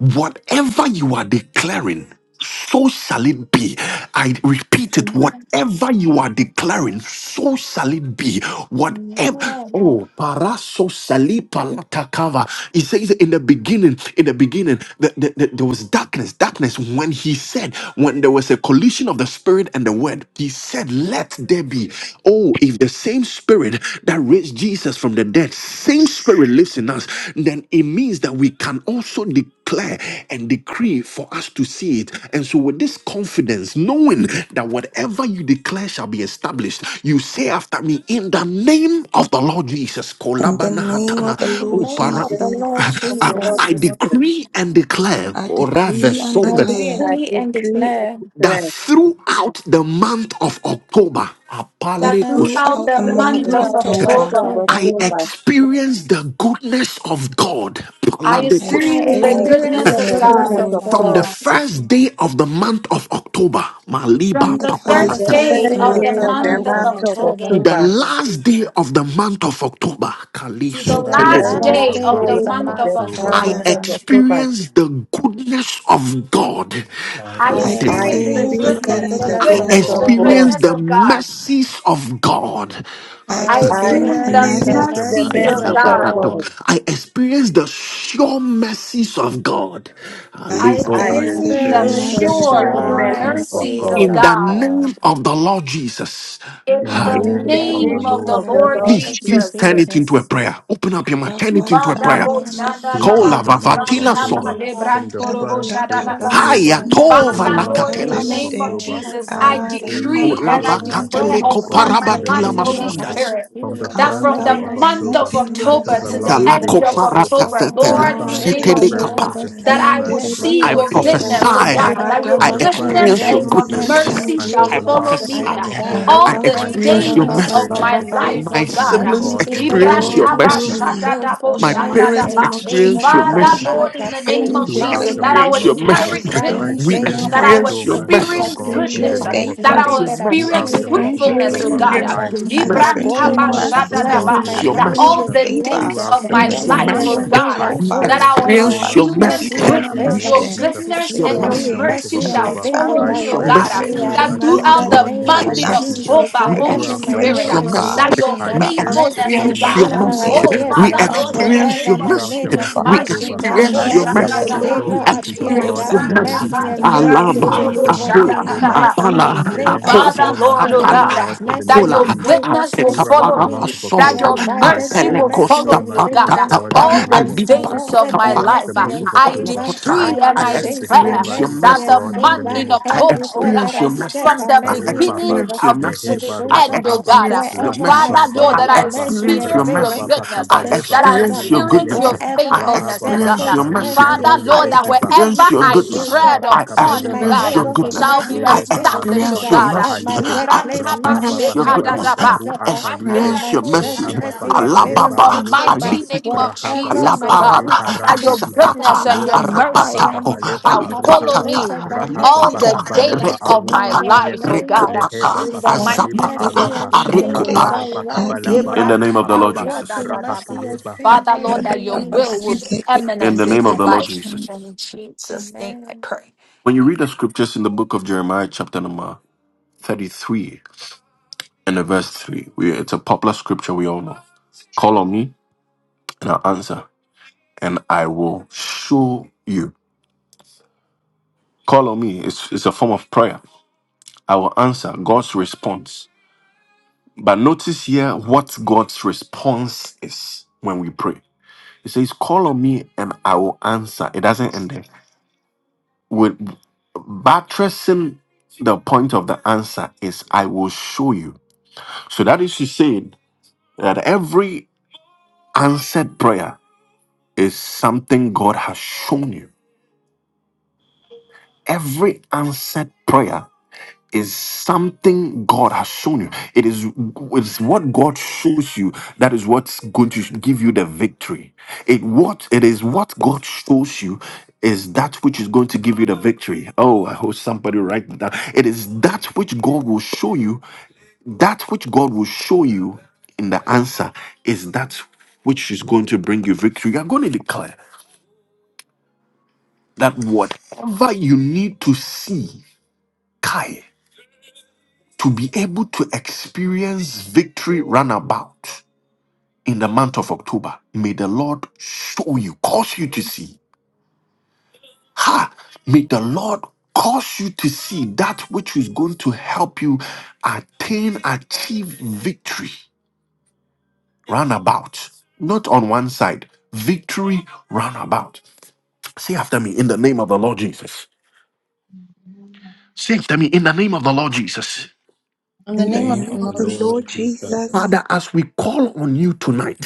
[SPEAKER 1] Whatever you are declaring, so shall it be. I repeat it.
[SPEAKER 7] Amen.
[SPEAKER 1] Whatever you are declaring, so shall it be. Whatever.
[SPEAKER 7] Amen.
[SPEAKER 1] Oh, para paraso salipa latakava. He says in the beginning, in the beginning, the, the, the- there was darkness, darkness. When he said, when there was a collision of the spirit and the word, he said, let there be. Oh, if the same spirit that raised Jesus from the dead, same spirit lives in us, then it means that we can also declare and decree for us to see it. And so, with this confidence, knowing that whatever you declare shall be established, you say after me, in the name of the Lord Jesus,
[SPEAKER 2] In the
[SPEAKER 1] Kolabana
[SPEAKER 2] name of
[SPEAKER 1] Hatana,
[SPEAKER 2] the
[SPEAKER 7] In the
[SPEAKER 1] Oh,
[SPEAKER 2] Lord
[SPEAKER 6] In
[SPEAKER 7] name of
[SPEAKER 6] the
[SPEAKER 1] Param-
[SPEAKER 7] the
[SPEAKER 6] name
[SPEAKER 7] Lord
[SPEAKER 2] Jesus,
[SPEAKER 4] In
[SPEAKER 6] of
[SPEAKER 4] the
[SPEAKER 1] I
[SPEAKER 6] the
[SPEAKER 4] name
[SPEAKER 6] Lord
[SPEAKER 4] of
[SPEAKER 7] Jesus,
[SPEAKER 1] I
[SPEAKER 4] the Lord,
[SPEAKER 6] Jesus,
[SPEAKER 1] decree and declare,
[SPEAKER 2] I
[SPEAKER 1] or rather,
[SPEAKER 2] decree
[SPEAKER 4] I
[SPEAKER 2] and
[SPEAKER 7] I
[SPEAKER 1] Sunday, that
[SPEAKER 3] I can
[SPEAKER 4] decree
[SPEAKER 2] declare
[SPEAKER 4] and
[SPEAKER 6] I
[SPEAKER 7] decree
[SPEAKER 3] see
[SPEAKER 7] and
[SPEAKER 6] decree and
[SPEAKER 7] declare.
[SPEAKER 1] that
[SPEAKER 6] declare
[SPEAKER 1] throughout the month of October,
[SPEAKER 2] that
[SPEAKER 5] That
[SPEAKER 7] That
[SPEAKER 5] throughout
[SPEAKER 7] through
[SPEAKER 2] throughout the
[SPEAKER 5] the
[SPEAKER 7] all
[SPEAKER 3] are
[SPEAKER 7] the
[SPEAKER 2] month
[SPEAKER 3] the
[SPEAKER 5] month
[SPEAKER 2] of
[SPEAKER 5] of
[SPEAKER 6] throughout
[SPEAKER 7] month
[SPEAKER 6] the
[SPEAKER 7] of
[SPEAKER 4] that
[SPEAKER 6] month
[SPEAKER 2] October,
[SPEAKER 6] of
[SPEAKER 5] October,
[SPEAKER 7] October,
[SPEAKER 1] I
[SPEAKER 6] October,
[SPEAKER 4] I
[SPEAKER 1] experienced the goodness of God
[SPEAKER 5] I
[SPEAKER 2] I
[SPEAKER 1] Paladekos,
[SPEAKER 7] I
[SPEAKER 5] experience the
[SPEAKER 6] I
[SPEAKER 2] experience the
[SPEAKER 4] experienced
[SPEAKER 3] months
[SPEAKER 7] experienced
[SPEAKER 4] the
[SPEAKER 5] goodness
[SPEAKER 6] experience
[SPEAKER 7] the
[SPEAKER 5] of
[SPEAKER 6] the
[SPEAKER 2] goodness of
[SPEAKER 3] of
[SPEAKER 5] God.
[SPEAKER 7] goodness
[SPEAKER 3] the
[SPEAKER 4] goodness
[SPEAKER 6] goodness
[SPEAKER 7] of
[SPEAKER 6] of
[SPEAKER 2] God.
[SPEAKER 4] of
[SPEAKER 1] from the
[SPEAKER 6] God
[SPEAKER 7] God
[SPEAKER 4] God
[SPEAKER 1] first day of the month of October, Maliba
[SPEAKER 2] From
[SPEAKER 5] From
[SPEAKER 2] the
[SPEAKER 5] the
[SPEAKER 7] from
[SPEAKER 4] in
[SPEAKER 6] from
[SPEAKER 7] the
[SPEAKER 4] the
[SPEAKER 5] first
[SPEAKER 2] first
[SPEAKER 6] the
[SPEAKER 4] first
[SPEAKER 1] Papalakat,
[SPEAKER 2] day
[SPEAKER 7] first
[SPEAKER 2] of
[SPEAKER 5] day
[SPEAKER 3] first
[SPEAKER 6] first
[SPEAKER 2] the
[SPEAKER 7] day
[SPEAKER 3] day
[SPEAKER 4] week
[SPEAKER 3] of the
[SPEAKER 5] of
[SPEAKER 3] month
[SPEAKER 2] month
[SPEAKER 7] of
[SPEAKER 6] day
[SPEAKER 5] the
[SPEAKER 2] of
[SPEAKER 3] of
[SPEAKER 7] the
[SPEAKER 4] of the
[SPEAKER 6] of the
[SPEAKER 4] month
[SPEAKER 5] month
[SPEAKER 7] month
[SPEAKER 5] of
[SPEAKER 3] October,
[SPEAKER 7] of
[SPEAKER 2] October,
[SPEAKER 6] month
[SPEAKER 4] of
[SPEAKER 6] of
[SPEAKER 1] to
[SPEAKER 7] October
[SPEAKER 4] October.
[SPEAKER 5] October
[SPEAKER 1] the
[SPEAKER 6] October
[SPEAKER 1] last day of the month of October, Kali
[SPEAKER 5] to the
[SPEAKER 7] to the
[SPEAKER 8] first
[SPEAKER 6] to
[SPEAKER 4] This
[SPEAKER 6] the
[SPEAKER 8] day
[SPEAKER 5] last
[SPEAKER 3] the
[SPEAKER 4] is
[SPEAKER 1] Sotelekat.
[SPEAKER 8] of
[SPEAKER 7] last
[SPEAKER 8] the
[SPEAKER 3] last
[SPEAKER 5] day
[SPEAKER 6] last
[SPEAKER 7] day
[SPEAKER 5] of
[SPEAKER 3] day
[SPEAKER 4] the
[SPEAKER 3] of
[SPEAKER 5] the
[SPEAKER 8] month
[SPEAKER 7] of
[SPEAKER 4] last
[SPEAKER 3] the
[SPEAKER 6] day
[SPEAKER 7] the
[SPEAKER 4] of
[SPEAKER 8] of
[SPEAKER 6] of
[SPEAKER 4] the
[SPEAKER 5] month
[SPEAKER 4] month
[SPEAKER 3] month,
[SPEAKER 5] of
[SPEAKER 6] the
[SPEAKER 7] month of
[SPEAKER 4] of
[SPEAKER 8] October,
[SPEAKER 4] October.
[SPEAKER 6] month
[SPEAKER 1] I
[SPEAKER 2] October,
[SPEAKER 5] October,
[SPEAKER 6] of
[SPEAKER 7] October.
[SPEAKER 6] October.
[SPEAKER 1] experienced the goodness of God.
[SPEAKER 8] I
[SPEAKER 5] I
[SPEAKER 4] I
[SPEAKER 2] I
[SPEAKER 7] I
[SPEAKER 3] I
[SPEAKER 6] I
[SPEAKER 1] Ladeko.
[SPEAKER 5] experienced the
[SPEAKER 8] experienced
[SPEAKER 2] experience
[SPEAKER 4] experienced
[SPEAKER 2] the
[SPEAKER 8] the
[SPEAKER 6] experience
[SPEAKER 7] experienced
[SPEAKER 3] experience
[SPEAKER 7] the
[SPEAKER 5] goodness,
[SPEAKER 2] goodness
[SPEAKER 5] the
[SPEAKER 8] goodness
[SPEAKER 6] the
[SPEAKER 2] of
[SPEAKER 7] goodness
[SPEAKER 1] I
[SPEAKER 8] of
[SPEAKER 4] goodness
[SPEAKER 6] goodness
[SPEAKER 2] God.
[SPEAKER 7] of
[SPEAKER 5] goodness,
[SPEAKER 3] the
[SPEAKER 6] of
[SPEAKER 5] the
[SPEAKER 8] God.
[SPEAKER 4] of
[SPEAKER 3] Lord,
[SPEAKER 7] God.
[SPEAKER 4] God.
[SPEAKER 6] God.
[SPEAKER 1] experienced
[SPEAKER 5] goodness
[SPEAKER 1] the
[SPEAKER 5] of God.
[SPEAKER 1] mercies of God.
[SPEAKER 4] I
[SPEAKER 2] I
[SPEAKER 7] I
[SPEAKER 5] I
[SPEAKER 8] I
[SPEAKER 6] I
[SPEAKER 4] experienced
[SPEAKER 2] experience
[SPEAKER 5] experienced
[SPEAKER 2] the
[SPEAKER 5] the
[SPEAKER 7] experienced the
[SPEAKER 4] the
[SPEAKER 2] mercies
[SPEAKER 8] experienced
[SPEAKER 6] experience
[SPEAKER 8] the
[SPEAKER 6] the
[SPEAKER 4] mercy
[SPEAKER 5] mercies
[SPEAKER 7] mercies
[SPEAKER 5] of
[SPEAKER 8] mercies
[SPEAKER 3] the
[SPEAKER 6] mercies
[SPEAKER 7] of
[SPEAKER 8] of
[SPEAKER 6] of
[SPEAKER 3] Lord.
[SPEAKER 5] God.
[SPEAKER 1] Ayadabarato.
[SPEAKER 6] God.
[SPEAKER 8] God.
[SPEAKER 7] God.
[SPEAKER 1] I experienced the sure mercies of God.
[SPEAKER 2] I
[SPEAKER 5] I
[SPEAKER 7] I
[SPEAKER 6] I
[SPEAKER 8] I
[SPEAKER 3] I
[SPEAKER 2] experience
[SPEAKER 4] I
[SPEAKER 2] the
[SPEAKER 5] experienced the
[SPEAKER 2] sure
[SPEAKER 3] experience
[SPEAKER 6] experience
[SPEAKER 7] experienced
[SPEAKER 8] experienced
[SPEAKER 4] experienced
[SPEAKER 7] the
[SPEAKER 8] the
[SPEAKER 6] the
[SPEAKER 2] mercies of
[SPEAKER 4] the
[SPEAKER 8] sure
[SPEAKER 5] sure
[SPEAKER 6] pure
[SPEAKER 7] sure
[SPEAKER 2] God.
[SPEAKER 3] from
[SPEAKER 8] mercies
[SPEAKER 6] mercies
[SPEAKER 4] sureness
[SPEAKER 8] of
[SPEAKER 6] of
[SPEAKER 5] mercies
[SPEAKER 4] of
[SPEAKER 7] mercies
[SPEAKER 8] God.
[SPEAKER 6] God
[SPEAKER 5] of
[SPEAKER 1] in
[SPEAKER 7] of
[SPEAKER 4] God.
[SPEAKER 1] the
[SPEAKER 5] God
[SPEAKER 7] God
[SPEAKER 1] name of the Lord Jesus.
[SPEAKER 2] In the
[SPEAKER 5] in
[SPEAKER 4] In
[SPEAKER 8] In
[SPEAKER 4] the
[SPEAKER 1] Ha.
[SPEAKER 8] the
[SPEAKER 7] in
[SPEAKER 5] the
[SPEAKER 2] name
[SPEAKER 7] the
[SPEAKER 4] name
[SPEAKER 6] in
[SPEAKER 4] of
[SPEAKER 2] of
[SPEAKER 6] the
[SPEAKER 2] the
[SPEAKER 8] name
[SPEAKER 3] the
[SPEAKER 4] the
[SPEAKER 8] of
[SPEAKER 6] name
[SPEAKER 2] Lord
[SPEAKER 8] the
[SPEAKER 4] Lord
[SPEAKER 5] name
[SPEAKER 7] name
[SPEAKER 5] of
[SPEAKER 3] name
[SPEAKER 7] of
[SPEAKER 8] Lord
[SPEAKER 5] the
[SPEAKER 6] of
[SPEAKER 3] of the Lord,
[SPEAKER 7] the
[SPEAKER 2] Jesus.
[SPEAKER 6] the
[SPEAKER 4] Jesus,
[SPEAKER 8] Jesus.
[SPEAKER 3] the Lord. I experience the
[SPEAKER 5] Lord
[SPEAKER 3] Lord.
[SPEAKER 6] Lord
[SPEAKER 1] Please,
[SPEAKER 7] Lord
[SPEAKER 1] please
[SPEAKER 5] Jesus.
[SPEAKER 1] turn
[SPEAKER 6] Jesus.
[SPEAKER 1] it into a
[SPEAKER 7] Jesus.
[SPEAKER 1] prayer. Open up your mouth, turn it into a prayer.
[SPEAKER 2] Karabasana
[SPEAKER 7] Mother in the
[SPEAKER 5] Ibadaboshandadaba,
[SPEAKER 8] throughout
[SPEAKER 1] Kola
[SPEAKER 2] masike
[SPEAKER 8] the
[SPEAKER 7] name
[SPEAKER 8] month
[SPEAKER 2] venu
[SPEAKER 8] of
[SPEAKER 4] we
[SPEAKER 1] vavatila
[SPEAKER 7] of
[SPEAKER 1] so.
[SPEAKER 8] October,
[SPEAKER 2] shande.
[SPEAKER 4] are
[SPEAKER 7] Jesus,
[SPEAKER 8] from the first
[SPEAKER 4] humble and
[SPEAKER 8] day of
[SPEAKER 4] obedient
[SPEAKER 5] ibrantabalebrantoroboshadadaba.
[SPEAKER 7] mercy
[SPEAKER 4] to
[SPEAKER 8] October
[SPEAKER 1] Haya
[SPEAKER 4] you.
[SPEAKER 2] masite
[SPEAKER 8] until
[SPEAKER 2] de
[SPEAKER 1] tova
[SPEAKER 7] surrounds
[SPEAKER 8] the
[SPEAKER 5] Father,
[SPEAKER 7] me,
[SPEAKER 4] We
[SPEAKER 8] last
[SPEAKER 5] Lord, in
[SPEAKER 4] always
[SPEAKER 5] the
[SPEAKER 8] day
[SPEAKER 7] favor
[SPEAKER 8] of
[SPEAKER 2] makatene
[SPEAKER 1] lakatelas.
[SPEAKER 5] name of
[SPEAKER 2] de.
[SPEAKER 8] October,
[SPEAKER 4] surrender
[SPEAKER 5] Jesus,
[SPEAKER 7] surrounds
[SPEAKER 8] I
[SPEAKER 5] I
[SPEAKER 7] me as
[SPEAKER 4] and
[SPEAKER 7] I
[SPEAKER 8] experienced
[SPEAKER 2] Arina
[SPEAKER 8] the
[SPEAKER 5] decree
[SPEAKER 7] walk
[SPEAKER 1] Kola
[SPEAKER 5] and
[SPEAKER 7] into
[SPEAKER 5] I
[SPEAKER 8] sure
[SPEAKER 7] this
[SPEAKER 2] koshanda
[SPEAKER 8] mercies
[SPEAKER 5] declare
[SPEAKER 1] bakatele
[SPEAKER 8] of
[SPEAKER 7] month of
[SPEAKER 8] God
[SPEAKER 5] upon my
[SPEAKER 8] in
[SPEAKER 2] masike
[SPEAKER 8] the
[SPEAKER 7] October.
[SPEAKER 1] koparabatila
[SPEAKER 5] life,
[SPEAKER 2] tene
[SPEAKER 8] name
[SPEAKER 4] we
[SPEAKER 8] of
[SPEAKER 5] Holy
[SPEAKER 4] are
[SPEAKER 7] I
[SPEAKER 8] Jesus.
[SPEAKER 2] mashe.
[SPEAKER 4] committed
[SPEAKER 1] masondas.
[SPEAKER 5] Spirit,
[SPEAKER 8] From
[SPEAKER 7] decree
[SPEAKER 8] the
[SPEAKER 7] and
[SPEAKER 5] that
[SPEAKER 8] first
[SPEAKER 5] from
[SPEAKER 2] Kanda
[SPEAKER 8] day
[SPEAKER 5] the
[SPEAKER 7] declare
[SPEAKER 8] of
[SPEAKER 7] that
[SPEAKER 5] month
[SPEAKER 8] October
[SPEAKER 5] of
[SPEAKER 2] masite
[SPEAKER 7] mercy
[SPEAKER 2] ne
[SPEAKER 4] and
[SPEAKER 8] until
[SPEAKER 5] October
[SPEAKER 4] decree
[SPEAKER 8] the
[SPEAKER 5] to
[SPEAKER 4] and
[SPEAKER 5] the
[SPEAKER 7] surrounds
[SPEAKER 8] last
[SPEAKER 2] masite
[SPEAKER 7] me,
[SPEAKER 1] Tala
[SPEAKER 2] ne
[SPEAKER 4] declare
[SPEAKER 8] day
[SPEAKER 5] end
[SPEAKER 8] of
[SPEAKER 5] of
[SPEAKER 7] mercy
[SPEAKER 2] basha.
[SPEAKER 8] October,
[SPEAKER 5] October,
[SPEAKER 1] koparatafete
[SPEAKER 7] surrounds
[SPEAKER 4] If
[SPEAKER 8] my
[SPEAKER 5] Lord,
[SPEAKER 7] me,
[SPEAKER 5] in
[SPEAKER 4] the
[SPEAKER 5] the
[SPEAKER 2] Ah,
[SPEAKER 8] family
[SPEAKER 5] name
[SPEAKER 7] favor
[SPEAKER 5] of
[SPEAKER 1] lakusetele
[SPEAKER 4] fullness
[SPEAKER 5] Jesus,
[SPEAKER 8] experiences
[SPEAKER 1] kapa.
[SPEAKER 7] surrounds
[SPEAKER 8] the
[SPEAKER 4] of
[SPEAKER 7] me,
[SPEAKER 4] God,
[SPEAKER 5] that
[SPEAKER 2] babasi
[SPEAKER 8] sure
[SPEAKER 5] I will
[SPEAKER 8] mercies
[SPEAKER 2] andere
[SPEAKER 8] of
[SPEAKER 7] mercy
[SPEAKER 5] see
[SPEAKER 1] I
[SPEAKER 7] and
[SPEAKER 8] God
[SPEAKER 5] your
[SPEAKER 8] in the
[SPEAKER 2] bakate.
[SPEAKER 7] favor
[SPEAKER 4] if
[SPEAKER 1] prophesy,
[SPEAKER 8] name of
[SPEAKER 5] goodness, oh
[SPEAKER 4] the
[SPEAKER 7] goes
[SPEAKER 5] God,
[SPEAKER 8] Jesus.
[SPEAKER 7] ahead
[SPEAKER 4] fullness
[SPEAKER 5] that
[SPEAKER 7] of
[SPEAKER 2] Yarada
[SPEAKER 5] your
[SPEAKER 8] From
[SPEAKER 1] I
[SPEAKER 8] the
[SPEAKER 7] me.
[SPEAKER 4] of
[SPEAKER 7] I
[SPEAKER 8] first
[SPEAKER 4] God,
[SPEAKER 5] goodness
[SPEAKER 1] experience
[SPEAKER 8] day
[SPEAKER 7] walk
[SPEAKER 1] your
[SPEAKER 8] of
[SPEAKER 5] and your
[SPEAKER 7] in
[SPEAKER 8] October
[SPEAKER 1] goodness.
[SPEAKER 7] mercy
[SPEAKER 2] masite ne
[SPEAKER 5] mercy
[SPEAKER 7] and
[SPEAKER 5] shall
[SPEAKER 4] if
[SPEAKER 8] until
[SPEAKER 1] I
[SPEAKER 8] the
[SPEAKER 4] the fullness of God, if
[SPEAKER 7] favor.
[SPEAKER 4] the
[SPEAKER 2] bekene.
[SPEAKER 8] last
[SPEAKER 5] follow
[SPEAKER 7] I
[SPEAKER 1] prophesy,
[SPEAKER 8] day
[SPEAKER 5] me
[SPEAKER 8] of
[SPEAKER 5] uh,
[SPEAKER 7] am
[SPEAKER 8] October,
[SPEAKER 1] I
[SPEAKER 5] all the
[SPEAKER 8] my
[SPEAKER 7] directed by
[SPEAKER 8] friends
[SPEAKER 1] experience your
[SPEAKER 5] days
[SPEAKER 7] mercy
[SPEAKER 1] mercy.
[SPEAKER 5] of
[SPEAKER 8] experience
[SPEAKER 5] my
[SPEAKER 7] and
[SPEAKER 8] the
[SPEAKER 2] Yarabakatarabababa.
[SPEAKER 8] sure
[SPEAKER 5] life,
[SPEAKER 7] favor.
[SPEAKER 1] My
[SPEAKER 5] oh
[SPEAKER 8] mercies
[SPEAKER 5] God.
[SPEAKER 8] of
[SPEAKER 4] fullness
[SPEAKER 5] Uh,
[SPEAKER 1] siblings
[SPEAKER 8] God
[SPEAKER 2] Goodness of
[SPEAKER 7] Everything
[SPEAKER 8] in the
[SPEAKER 7] that I
[SPEAKER 1] experience
[SPEAKER 8] name
[SPEAKER 1] your
[SPEAKER 2] God,
[SPEAKER 8] of
[SPEAKER 7] do
[SPEAKER 2] follow
[SPEAKER 1] mercy.
[SPEAKER 8] Jesus
[SPEAKER 7] is
[SPEAKER 2] me.
[SPEAKER 7] built
[SPEAKER 2] In
[SPEAKER 1] My
[SPEAKER 7] on
[SPEAKER 2] the
[SPEAKER 7] mercy
[SPEAKER 2] mighty
[SPEAKER 1] parents
[SPEAKER 7] and
[SPEAKER 2] name of
[SPEAKER 7] favor
[SPEAKER 1] experience your
[SPEAKER 2] Jesus,
[SPEAKER 7] from
[SPEAKER 2] I
[SPEAKER 5] Father,
[SPEAKER 1] mercy.
[SPEAKER 2] shall
[SPEAKER 5] Lord,
[SPEAKER 7] above.
[SPEAKER 5] in the
[SPEAKER 7] That's
[SPEAKER 5] name
[SPEAKER 1] Oh,
[SPEAKER 5] of
[SPEAKER 2] experience
[SPEAKER 1] we
[SPEAKER 2] your
[SPEAKER 8] Throughout
[SPEAKER 5] Jesus,
[SPEAKER 8] the
[SPEAKER 7] divine
[SPEAKER 5] that
[SPEAKER 2] goodness.
[SPEAKER 5] I
[SPEAKER 8] month of
[SPEAKER 1] experience
[SPEAKER 5] will
[SPEAKER 4] of
[SPEAKER 1] your
[SPEAKER 7] mercy,
[SPEAKER 2] I
[SPEAKER 1] mercy.
[SPEAKER 8] October,
[SPEAKER 5] inherit
[SPEAKER 7] divine
[SPEAKER 8] I
[SPEAKER 2] experience
[SPEAKER 5] goodness
[SPEAKER 1] We
[SPEAKER 2] your
[SPEAKER 8] experienced
[SPEAKER 5] that
[SPEAKER 8] the
[SPEAKER 5] I
[SPEAKER 7] favor.
[SPEAKER 5] will
[SPEAKER 1] experience
[SPEAKER 8] sure
[SPEAKER 2] mercy.
[SPEAKER 1] your
[SPEAKER 2] I
[SPEAKER 8] mercies of
[SPEAKER 1] mercies.
[SPEAKER 5] experience
[SPEAKER 8] God
[SPEAKER 2] experience
[SPEAKER 8] in
[SPEAKER 1] We
[SPEAKER 2] your
[SPEAKER 8] the
[SPEAKER 5] goodness,
[SPEAKER 7] Absolute
[SPEAKER 5] uh,
[SPEAKER 8] name of
[SPEAKER 5] that
[SPEAKER 2] favor.
[SPEAKER 5] I
[SPEAKER 8] Jesus.
[SPEAKER 1] experience
[SPEAKER 5] will
[SPEAKER 7] everything
[SPEAKER 1] your
[SPEAKER 4] God,
[SPEAKER 7] that I'm
[SPEAKER 2] I
[SPEAKER 8] Throughout
[SPEAKER 1] mercies.
[SPEAKER 5] experience
[SPEAKER 4] if
[SPEAKER 7] doing
[SPEAKER 8] the
[SPEAKER 7] in
[SPEAKER 8] month
[SPEAKER 7] the
[SPEAKER 8] of
[SPEAKER 2] experience
[SPEAKER 1] We
[SPEAKER 2] your
[SPEAKER 7] month
[SPEAKER 5] fruitfulness,
[SPEAKER 7] of
[SPEAKER 5] oh
[SPEAKER 4] brings
[SPEAKER 8] October,
[SPEAKER 4] me
[SPEAKER 5] God.
[SPEAKER 2] goodness.
[SPEAKER 1] experience
[SPEAKER 5] uh,
[SPEAKER 8] I
[SPEAKER 7] October.
[SPEAKER 1] daily
[SPEAKER 2] I
[SPEAKER 7] My
[SPEAKER 8] experienced
[SPEAKER 1] mercy.
[SPEAKER 8] the
[SPEAKER 2] experience your
[SPEAKER 8] sure
[SPEAKER 7] going
[SPEAKER 1] We
[SPEAKER 7] out
[SPEAKER 4] my
[SPEAKER 7] is
[SPEAKER 8] mercies of
[SPEAKER 2] mercy.
[SPEAKER 4] feelings
[SPEAKER 8] God
[SPEAKER 5] Librantabashadadaba,
[SPEAKER 7] blessed.
[SPEAKER 8] in
[SPEAKER 7] My
[SPEAKER 2] I
[SPEAKER 1] experience
[SPEAKER 8] the
[SPEAKER 4] with
[SPEAKER 1] your
[SPEAKER 8] name
[SPEAKER 5] That
[SPEAKER 8] of
[SPEAKER 7] coming
[SPEAKER 1] mercy.
[SPEAKER 2] experience
[SPEAKER 7] in
[SPEAKER 2] your
[SPEAKER 5] all
[SPEAKER 8] Jesus.
[SPEAKER 4] you.
[SPEAKER 7] is
[SPEAKER 5] the
[SPEAKER 1] We
[SPEAKER 7] blessed.
[SPEAKER 2] favor
[SPEAKER 5] days
[SPEAKER 8] Throughout
[SPEAKER 5] of
[SPEAKER 8] the
[SPEAKER 2] in
[SPEAKER 4] My
[SPEAKER 5] my
[SPEAKER 8] month
[SPEAKER 1] experience
[SPEAKER 2] this
[SPEAKER 8] of
[SPEAKER 1] your
[SPEAKER 4] true
[SPEAKER 7] Mercy
[SPEAKER 5] life,
[SPEAKER 7] and
[SPEAKER 5] oh
[SPEAKER 2] month
[SPEAKER 1] mercy.
[SPEAKER 8] October,
[SPEAKER 2] of
[SPEAKER 4] strength
[SPEAKER 5] God,
[SPEAKER 4] is
[SPEAKER 8] I
[SPEAKER 7] favor
[SPEAKER 5] uh,
[SPEAKER 1] We
[SPEAKER 4] with
[SPEAKER 2] October.
[SPEAKER 5] that I
[SPEAKER 7] follows
[SPEAKER 8] experienced the
[SPEAKER 5] will
[SPEAKER 7] me.
[SPEAKER 8] sure
[SPEAKER 1] experience your
[SPEAKER 8] mercies
[SPEAKER 1] mercy.
[SPEAKER 8] of
[SPEAKER 2] Rabasuti
[SPEAKER 5] experience
[SPEAKER 7] Mercy
[SPEAKER 4] my
[SPEAKER 8] God
[SPEAKER 7] and
[SPEAKER 8] in the
[SPEAKER 5] goodness.
[SPEAKER 1] We
[SPEAKER 7] favor
[SPEAKER 8] name of
[SPEAKER 5] Your
[SPEAKER 4] true
[SPEAKER 2] kenamashe.
[SPEAKER 8] Jesus.
[SPEAKER 2] I
[SPEAKER 7] chases
[SPEAKER 1] experience
[SPEAKER 5] goodness
[SPEAKER 1] your
[SPEAKER 7] me.
[SPEAKER 5] and your
[SPEAKER 4] strength
[SPEAKER 8] Throughout
[SPEAKER 1] mercy.
[SPEAKER 8] the
[SPEAKER 2] declare
[SPEAKER 4] and
[SPEAKER 8] month of
[SPEAKER 5] mercy
[SPEAKER 7] Mercy
[SPEAKER 2] that
[SPEAKER 1] We
[SPEAKER 7] and
[SPEAKER 5] shall
[SPEAKER 2] my
[SPEAKER 8] October,
[SPEAKER 7] favor
[SPEAKER 5] follow
[SPEAKER 8] I
[SPEAKER 2] family
[SPEAKER 4] so
[SPEAKER 5] me,
[SPEAKER 1] experience
[SPEAKER 5] oh
[SPEAKER 2] shall
[SPEAKER 4] if
[SPEAKER 1] your
[SPEAKER 5] God.
[SPEAKER 7] directs
[SPEAKER 8] experienced
[SPEAKER 5] uh,
[SPEAKER 8] the
[SPEAKER 7] me
[SPEAKER 2] experience
[SPEAKER 8] sure
[SPEAKER 1] mercy
[SPEAKER 2] your
[SPEAKER 5] That
[SPEAKER 8] mercies
[SPEAKER 7] in
[SPEAKER 8] of
[SPEAKER 5] throughout
[SPEAKER 7] the
[SPEAKER 2] mercy.
[SPEAKER 5] the
[SPEAKER 8] God in
[SPEAKER 7] name
[SPEAKER 1] experience
[SPEAKER 8] the
[SPEAKER 2] My
[SPEAKER 1] your
[SPEAKER 5] month
[SPEAKER 7] of
[SPEAKER 8] name
[SPEAKER 5] in
[SPEAKER 8] of
[SPEAKER 1] mercy.
[SPEAKER 2] family
[SPEAKER 4] I
[SPEAKER 8] Jesus.
[SPEAKER 2] shall
[SPEAKER 7] Jesus.
[SPEAKER 5] October,
[SPEAKER 4] really
[SPEAKER 1] We
[SPEAKER 2] experience
[SPEAKER 4] have
[SPEAKER 5] Holy
[SPEAKER 7] Wherever
[SPEAKER 2] your
[SPEAKER 8] Throughout the
[SPEAKER 7] my
[SPEAKER 8] month
[SPEAKER 2] grace,
[SPEAKER 4] a
[SPEAKER 5] Spirit,
[SPEAKER 1] experience
[SPEAKER 8] of
[SPEAKER 7] name
[SPEAKER 5] uh,
[SPEAKER 1] your
[SPEAKER 2] O
[SPEAKER 4] heart
[SPEAKER 7] is
[SPEAKER 1] mercy.
[SPEAKER 8] October,
[SPEAKER 2] God.
[SPEAKER 5] that your
[SPEAKER 7] mentioned,
[SPEAKER 8] I
[SPEAKER 7] uh,
[SPEAKER 4] to
[SPEAKER 1] We
[SPEAKER 8] experienced the
[SPEAKER 5] faithfulness,
[SPEAKER 7] mercy
[SPEAKER 5] oh
[SPEAKER 2] Rabasuki
[SPEAKER 8] sure
[SPEAKER 7] and
[SPEAKER 1] experience your
[SPEAKER 5] God,
[SPEAKER 8] mercies
[SPEAKER 5] uh,
[SPEAKER 8] of
[SPEAKER 7] favor
[SPEAKER 4] do
[SPEAKER 1] mercy.
[SPEAKER 8] God
[SPEAKER 2] fashande.
[SPEAKER 5] oh
[SPEAKER 8] in
[SPEAKER 4] good,
[SPEAKER 8] the
[SPEAKER 1] We
[SPEAKER 7] appears.
[SPEAKER 2] That
[SPEAKER 8] name
[SPEAKER 7] uh,
[SPEAKER 5] Father,
[SPEAKER 8] of
[SPEAKER 2] Father,
[SPEAKER 5] Lord,
[SPEAKER 8] Jesus.
[SPEAKER 5] in
[SPEAKER 2] your
[SPEAKER 5] the
[SPEAKER 1] experience
[SPEAKER 2] mercy
[SPEAKER 5] name
[SPEAKER 1] your
[SPEAKER 7] Wherever my
[SPEAKER 5] of
[SPEAKER 8] Throughout
[SPEAKER 1] mercy.
[SPEAKER 8] the
[SPEAKER 7] name is
[SPEAKER 8] month
[SPEAKER 5] Jesus,
[SPEAKER 2] for
[SPEAKER 8] of
[SPEAKER 1] We
[SPEAKER 2] us.
[SPEAKER 5] my
[SPEAKER 8] October,
[SPEAKER 7] mentioned, uh,
[SPEAKER 2] The
[SPEAKER 8] I
[SPEAKER 1] experience your
[SPEAKER 4] but
[SPEAKER 2] mercy
[SPEAKER 7] mercy
[SPEAKER 2] of
[SPEAKER 7] and
[SPEAKER 2] the
[SPEAKER 8] experienced
[SPEAKER 1] mercy.
[SPEAKER 4] really
[SPEAKER 8] the
[SPEAKER 4] my
[SPEAKER 2] Lord
[SPEAKER 8] sure
[SPEAKER 1] We
[SPEAKER 7] favor
[SPEAKER 4] heart is
[SPEAKER 8] mercies
[SPEAKER 2] speaks for
[SPEAKER 8] of
[SPEAKER 2] my
[SPEAKER 5] Father,
[SPEAKER 7] appears.
[SPEAKER 8] God
[SPEAKER 1] experience
[SPEAKER 7] uh,
[SPEAKER 1] your
[SPEAKER 8] in the
[SPEAKER 4] around
[SPEAKER 2] family.
[SPEAKER 8] name
[SPEAKER 1] mercy.
[SPEAKER 8] of
[SPEAKER 7] Mercy and
[SPEAKER 2] The
[SPEAKER 8] Jesus.
[SPEAKER 7] favor
[SPEAKER 2] mercy of the
[SPEAKER 8] Throughout
[SPEAKER 1] Alaba,
[SPEAKER 7] speaks
[SPEAKER 8] the
[SPEAKER 2] Lord
[SPEAKER 7] for
[SPEAKER 8] month of
[SPEAKER 2] speaks
[SPEAKER 7] me.
[SPEAKER 2] for
[SPEAKER 1] Akola,
[SPEAKER 8] October,
[SPEAKER 2] my
[SPEAKER 7] Mercy
[SPEAKER 8] I
[SPEAKER 7] and
[SPEAKER 2] family.
[SPEAKER 1] Apala,
[SPEAKER 4] with
[SPEAKER 8] experienced
[SPEAKER 7] favor
[SPEAKER 8] the
[SPEAKER 1] Akola,
[SPEAKER 8] sure
[SPEAKER 7] speaks
[SPEAKER 5] Lord,
[SPEAKER 7] for
[SPEAKER 8] mercies
[SPEAKER 5] oh
[SPEAKER 8] of
[SPEAKER 1] Apala,
[SPEAKER 7] me.
[SPEAKER 5] God,
[SPEAKER 8] God in the
[SPEAKER 5] that
[SPEAKER 8] name
[SPEAKER 7] Mercy
[SPEAKER 1] Akola,
[SPEAKER 8] of
[SPEAKER 7] and
[SPEAKER 5] your
[SPEAKER 8] Jesus.
[SPEAKER 7] favor
[SPEAKER 5] goodness will
[SPEAKER 1] Apeta
[SPEAKER 7] speaks
[SPEAKER 8] Throughout
[SPEAKER 7] for
[SPEAKER 5] follow
[SPEAKER 8] the month
[SPEAKER 5] me
[SPEAKER 7] me.
[SPEAKER 8] of
[SPEAKER 7] I
[SPEAKER 5] that
[SPEAKER 1] Parapasonta,
[SPEAKER 8] October,
[SPEAKER 5] your
[SPEAKER 7] am
[SPEAKER 8] I
[SPEAKER 7] guided
[SPEAKER 5] mercy
[SPEAKER 7] by
[SPEAKER 1] Apele
[SPEAKER 5] will
[SPEAKER 8] experienced the
[SPEAKER 7] mercy
[SPEAKER 5] follow
[SPEAKER 8] sure
[SPEAKER 1] Costa
[SPEAKER 7] and
[SPEAKER 5] me, O
[SPEAKER 8] mercies
[SPEAKER 5] God,
[SPEAKER 8] of
[SPEAKER 5] uh,
[SPEAKER 7] favor.
[SPEAKER 8] God
[SPEAKER 1] Patatapa,
[SPEAKER 7] I
[SPEAKER 8] in the
[SPEAKER 5] all
[SPEAKER 7] am
[SPEAKER 5] the
[SPEAKER 7] uh,
[SPEAKER 8] name of
[SPEAKER 1] Alipa
[SPEAKER 8] Jesus.
[SPEAKER 5] days of
[SPEAKER 7] surrounded
[SPEAKER 5] my
[SPEAKER 7] by
[SPEAKER 1] Totapa.
[SPEAKER 8] Throughout
[SPEAKER 5] life.
[SPEAKER 8] the
[SPEAKER 5] uh,
[SPEAKER 7] mercy
[SPEAKER 8] month
[SPEAKER 7] and
[SPEAKER 8] of
[SPEAKER 1] Alipa
[SPEAKER 5] I
[SPEAKER 8] October,
[SPEAKER 7] favor.
[SPEAKER 1] Lakota.
[SPEAKER 8] I
[SPEAKER 7] I
[SPEAKER 5] decree and
[SPEAKER 7] am
[SPEAKER 1] I
[SPEAKER 5] I
[SPEAKER 8] experienced the
[SPEAKER 7] chased
[SPEAKER 5] declare
[SPEAKER 7] by
[SPEAKER 8] sure
[SPEAKER 1] experience your
[SPEAKER 8] mercies of
[SPEAKER 7] mercy
[SPEAKER 5] that
[SPEAKER 1] mercy.
[SPEAKER 5] the
[SPEAKER 7] and
[SPEAKER 8] God in the
[SPEAKER 5] month
[SPEAKER 7] favor.
[SPEAKER 5] in
[SPEAKER 8] name of
[SPEAKER 1] I
[SPEAKER 8] Jesus.
[SPEAKER 5] October, O
[SPEAKER 7] Everywhere
[SPEAKER 5] God,
[SPEAKER 7] that
[SPEAKER 1] experience
[SPEAKER 5] uh,
[SPEAKER 7] I
[SPEAKER 1] your mercy.
[SPEAKER 7] step
[SPEAKER 5] from
[SPEAKER 7] on,
[SPEAKER 1] I
[SPEAKER 5] the
[SPEAKER 7] mercy and
[SPEAKER 5] beginning
[SPEAKER 8] Arubaba,
[SPEAKER 7] favor
[SPEAKER 1] experience your
[SPEAKER 5] of
[SPEAKER 7] speaks
[SPEAKER 5] to
[SPEAKER 1] mercy.
[SPEAKER 7] and
[SPEAKER 5] the
[SPEAKER 8] Leheba
[SPEAKER 1] I
[SPEAKER 7] shows
[SPEAKER 8] Ruba
[SPEAKER 5] end,
[SPEAKER 7] up.
[SPEAKER 5] O
[SPEAKER 8] Abba,
[SPEAKER 5] God, uh,
[SPEAKER 1] experience your
[SPEAKER 7] Wherever
[SPEAKER 8] Laki
[SPEAKER 7] I
[SPEAKER 1] mercy.
[SPEAKER 5] Father,
[SPEAKER 8] Baba
[SPEAKER 5] Lord,
[SPEAKER 7] step
[SPEAKER 1] I
[SPEAKER 5] that
[SPEAKER 8] Ru
[SPEAKER 5] I
[SPEAKER 7] on,
[SPEAKER 8] Abba,
[SPEAKER 7] mercy
[SPEAKER 1] experience
[SPEAKER 7] and
[SPEAKER 1] your
[SPEAKER 5] experience your
[SPEAKER 7] favor
[SPEAKER 8] Rahaba
[SPEAKER 1] mercy.
[SPEAKER 5] goodness, uh,
[SPEAKER 7] speaks
[SPEAKER 1] I
[SPEAKER 7] and
[SPEAKER 8] Bakabaleba
[SPEAKER 5] that I
[SPEAKER 7] shows up.
[SPEAKER 1] experience your
[SPEAKER 8] Arule
[SPEAKER 5] experience
[SPEAKER 1] goodness.
[SPEAKER 5] your
[SPEAKER 8] Eleba,
[SPEAKER 7] Wherever
[SPEAKER 1] I
[SPEAKER 7] I
[SPEAKER 5] faithfulness,
[SPEAKER 8] Rahaba
[SPEAKER 5] O
[SPEAKER 7] step
[SPEAKER 5] God.
[SPEAKER 1] experience
[SPEAKER 5] uh,
[SPEAKER 7] foot,
[SPEAKER 1] your mercy.
[SPEAKER 8] Bakabaliba
[SPEAKER 7] mercy
[SPEAKER 5] Father,
[SPEAKER 7] and
[SPEAKER 8] Rule
[SPEAKER 1] I
[SPEAKER 5] Lord, that
[SPEAKER 7] favor
[SPEAKER 8] Etiba,
[SPEAKER 1] experience
[SPEAKER 5] wherever
[SPEAKER 7] speaks
[SPEAKER 1] your
[SPEAKER 7] and
[SPEAKER 5] I
[SPEAKER 8] Kuruba
[SPEAKER 1] goodness.
[SPEAKER 7] shows up.
[SPEAKER 8] Abba
[SPEAKER 5] tread
[SPEAKER 1] I
[SPEAKER 5] upon,
[SPEAKER 7] In
[SPEAKER 5] O
[SPEAKER 7] my
[SPEAKER 8] Bakabaleba
[SPEAKER 5] God,
[SPEAKER 1] experience
[SPEAKER 5] uh,
[SPEAKER 1] your
[SPEAKER 8] Aruba,
[SPEAKER 7] neighborhood,
[SPEAKER 1] goodness.
[SPEAKER 5] shall be
[SPEAKER 7] mercy and
[SPEAKER 1] I
[SPEAKER 8] Eleba
[SPEAKER 7] favor
[SPEAKER 5] established, O
[SPEAKER 7] speaks
[SPEAKER 8] Haruba
[SPEAKER 1] experience
[SPEAKER 7] up.
[SPEAKER 1] your
[SPEAKER 5] God.
[SPEAKER 8] Abba
[SPEAKER 5] uh,
[SPEAKER 7] At
[SPEAKER 1] mercy.
[SPEAKER 7] my
[SPEAKER 8] Halibe,
[SPEAKER 1] I
[SPEAKER 7] workplace,
[SPEAKER 5] Libranta ba
[SPEAKER 8] Rahaba
[SPEAKER 7] mercy and
[SPEAKER 1] experience your
[SPEAKER 5] sheka
[SPEAKER 7] favor
[SPEAKER 5] da
[SPEAKER 1] goodness.
[SPEAKER 5] da
[SPEAKER 8] Bakabaliba
[SPEAKER 1] I
[SPEAKER 5] ba.
[SPEAKER 7] speaks
[SPEAKER 8] Ru
[SPEAKER 7] up. Have
[SPEAKER 8] Akalibe,
[SPEAKER 1] experience
[SPEAKER 7] my
[SPEAKER 1] your
[SPEAKER 7] church
[SPEAKER 1] mercy.
[SPEAKER 8] Ruhaba
[SPEAKER 7] mercy and favor
[SPEAKER 5] In
[SPEAKER 8] Bakabaleba
[SPEAKER 5] the
[SPEAKER 1] Alababa,
[SPEAKER 7] speaks about
[SPEAKER 8] Aruhaba,
[SPEAKER 5] mighty name of
[SPEAKER 1] alikuto,
[SPEAKER 8] Rahaba
[SPEAKER 7] wherever
[SPEAKER 5] Jesus, O
[SPEAKER 7] my
[SPEAKER 5] God,
[SPEAKER 7] foot
[SPEAKER 8] Bakabaleka
[SPEAKER 1] alaparada,
[SPEAKER 5] by your
[SPEAKER 7] steps
[SPEAKER 8] Radikiba,
[SPEAKER 5] goodness
[SPEAKER 1] asataka,
[SPEAKER 5] and
[SPEAKER 7] stands.
[SPEAKER 5] your
[SPEAKER 8] Loba Abba
[SPEAKER 7] I
[SPEAKER 5] mercy
[SPEAKER 1] arapatako,
[SPEAKER 7] am
[SPEAKER 8] Bakabaleba
[SPEAKER 5] shall follow
[SPEAKER 8] Aruhaba,
[SPEAKER 5] me
[SPEAKER 7] encapsulated
[SPEAKER 1] alipatata,
[SPEAKER 7] by
[SPEAKER 8] Rahaba
[SPEAKER 5] all
[SPEAKER 7] mercy
[SPEAKER 5] the
[SPEAKER 1] alipato,
[SPEAKER 7] and favor
[SPEAKER 8] bakabaleba
[SPEAKER 5] days of my
[SPEAKER 7] in
[SPEAKER 8] aruba
[SPEAKER 1] rekotaka,
[SPEAKER 7] the
[SPEAKER 5] life,
[SPEAKER 8] ileba
[SPEAKER 5] O
[SPEAKER 7] name
[SPEAKER 5] God.
[SPEAKER 7] of
[SPEAKER 8] leheba
[SPEAKER 1] rekopata,
[SPEAKER 5] In the
[SPEAKER 7] Jesus.
[SPEAKER 5] mighty
[SPEAKER 8] bakabaliba
[SPEAKER 1] azapata,
[SPEAKER 5] name
[SPEAKER 7] Mercy
[SPEAKER 5] of
[SPEAKER 8] aruba
[SPEAKER 7] and
[SPEAKER 5] Jesus, O
[SPEAKER 7] favor
[SPEAKER 2] Shande
[SPEAKER 1] arekopa.
[SPEAKER 5] God.
[SPEAKER 8] rahaba
[SPEAKER 7] surrounds
[SPEAKER 2] Hadi
[SPEAKER 8] bakabalaba
[SPEAKER 7] me.
[SPEAKER 1] In
[SPEAKER 7] I
[SPEAKER 1] the name of
[SPEAKER 8] aruba
[SPEAKER 1] the
[SPEAKER 7] I
[SPEAKER 1] Lord
[SPEAKER 8] kaba
[SPEAKER 7] walk
[SPEAKER 1] Jesus.
[SPEAKER 7] in mercy and
[SPEAKER 8] rahakileba.
[SPEAKER 5] Father,
[SPEAKER 7] favor
[SPEAKER 5] Lord,
[SPEAKER 7] in the
[SPEAKER 5] that your
[SPEAKER 7] name of
[SPEAKER 5] will will be
[SPEAKER 2] Radabasite
[SPEAKER 7] Jesus.
[SPEAKER 1] In
[SPEAKER 5] eminent
[SPEAKER 1] the
[SPEAKER 5] in
[SPEAKER 1] name
[SPEAKER 5] my
[SPEAKER 1] of the Lord
[SPEAKER 5] life.
[SPEAKER 2] Bashande.
[SPEAKER 1] Jesus.
[SPEAKER 5] And in Jesus' name I
[SPEAKER 7] Amen.
[SPEAKER 5] pray.
[SPEAKER 1] When you read the scriptures in the book of Jeremiah, chapter number 33, and the verse 3. We, it's a popular scripture we all know. Call on me and I'll answer, and I will show you. Call on me. It's, it's a form of prayer. I will answer God's response. But notice here what God's response is when we pray. It says, Call on me and I will answer. It doesn't end there. With buttressing the point of the answer is, I will show you. So that is to say that every answered prayer is something God has shown you. Every answered prayer is something God has shown you. It is it's what God shows you that is what's going to give you the victory. It what it is what God shows you is that which is going to give you the victory. Oh, I hope somebody write that. down. It is that which God will show you, that which God will show you in the answer is that which is going to bring you victory. You are going to declare. that whatever you need to see, Kai, to be able to experience victory runabout in the month of October, may the Lord show you, cause you to see. Ha! May the Lord cause you to see that which is going to help you attain, achieve victory runabout. Not on one side, victory runabout. Say after me in the name of the Lord Jesus. Say after me in the name of the Lord Jesus.
[SPEAKER 4] In the
[SPEAKER 2] In the
[SPEAKER 4] name
[SPEAKER 3] And
[SPEAKER 4] of
[SPEAKER 8] Name
[SPEAKER 4] the
[SPEAKER 2] name
[SPEAKER 8] of the
[SPEAKER 2] of
[SPEAKER 4] Lord
[SPEAKER 2] the
[SPEAKER 4] Jesus.
[SPEAKER 8] Lord
[SPEAKER 2] Lord
[SPEAKER 8] Jesus,
[SPEAKER 2] Jesus,
[SPEAKER 1] Father, as we call on you tonight,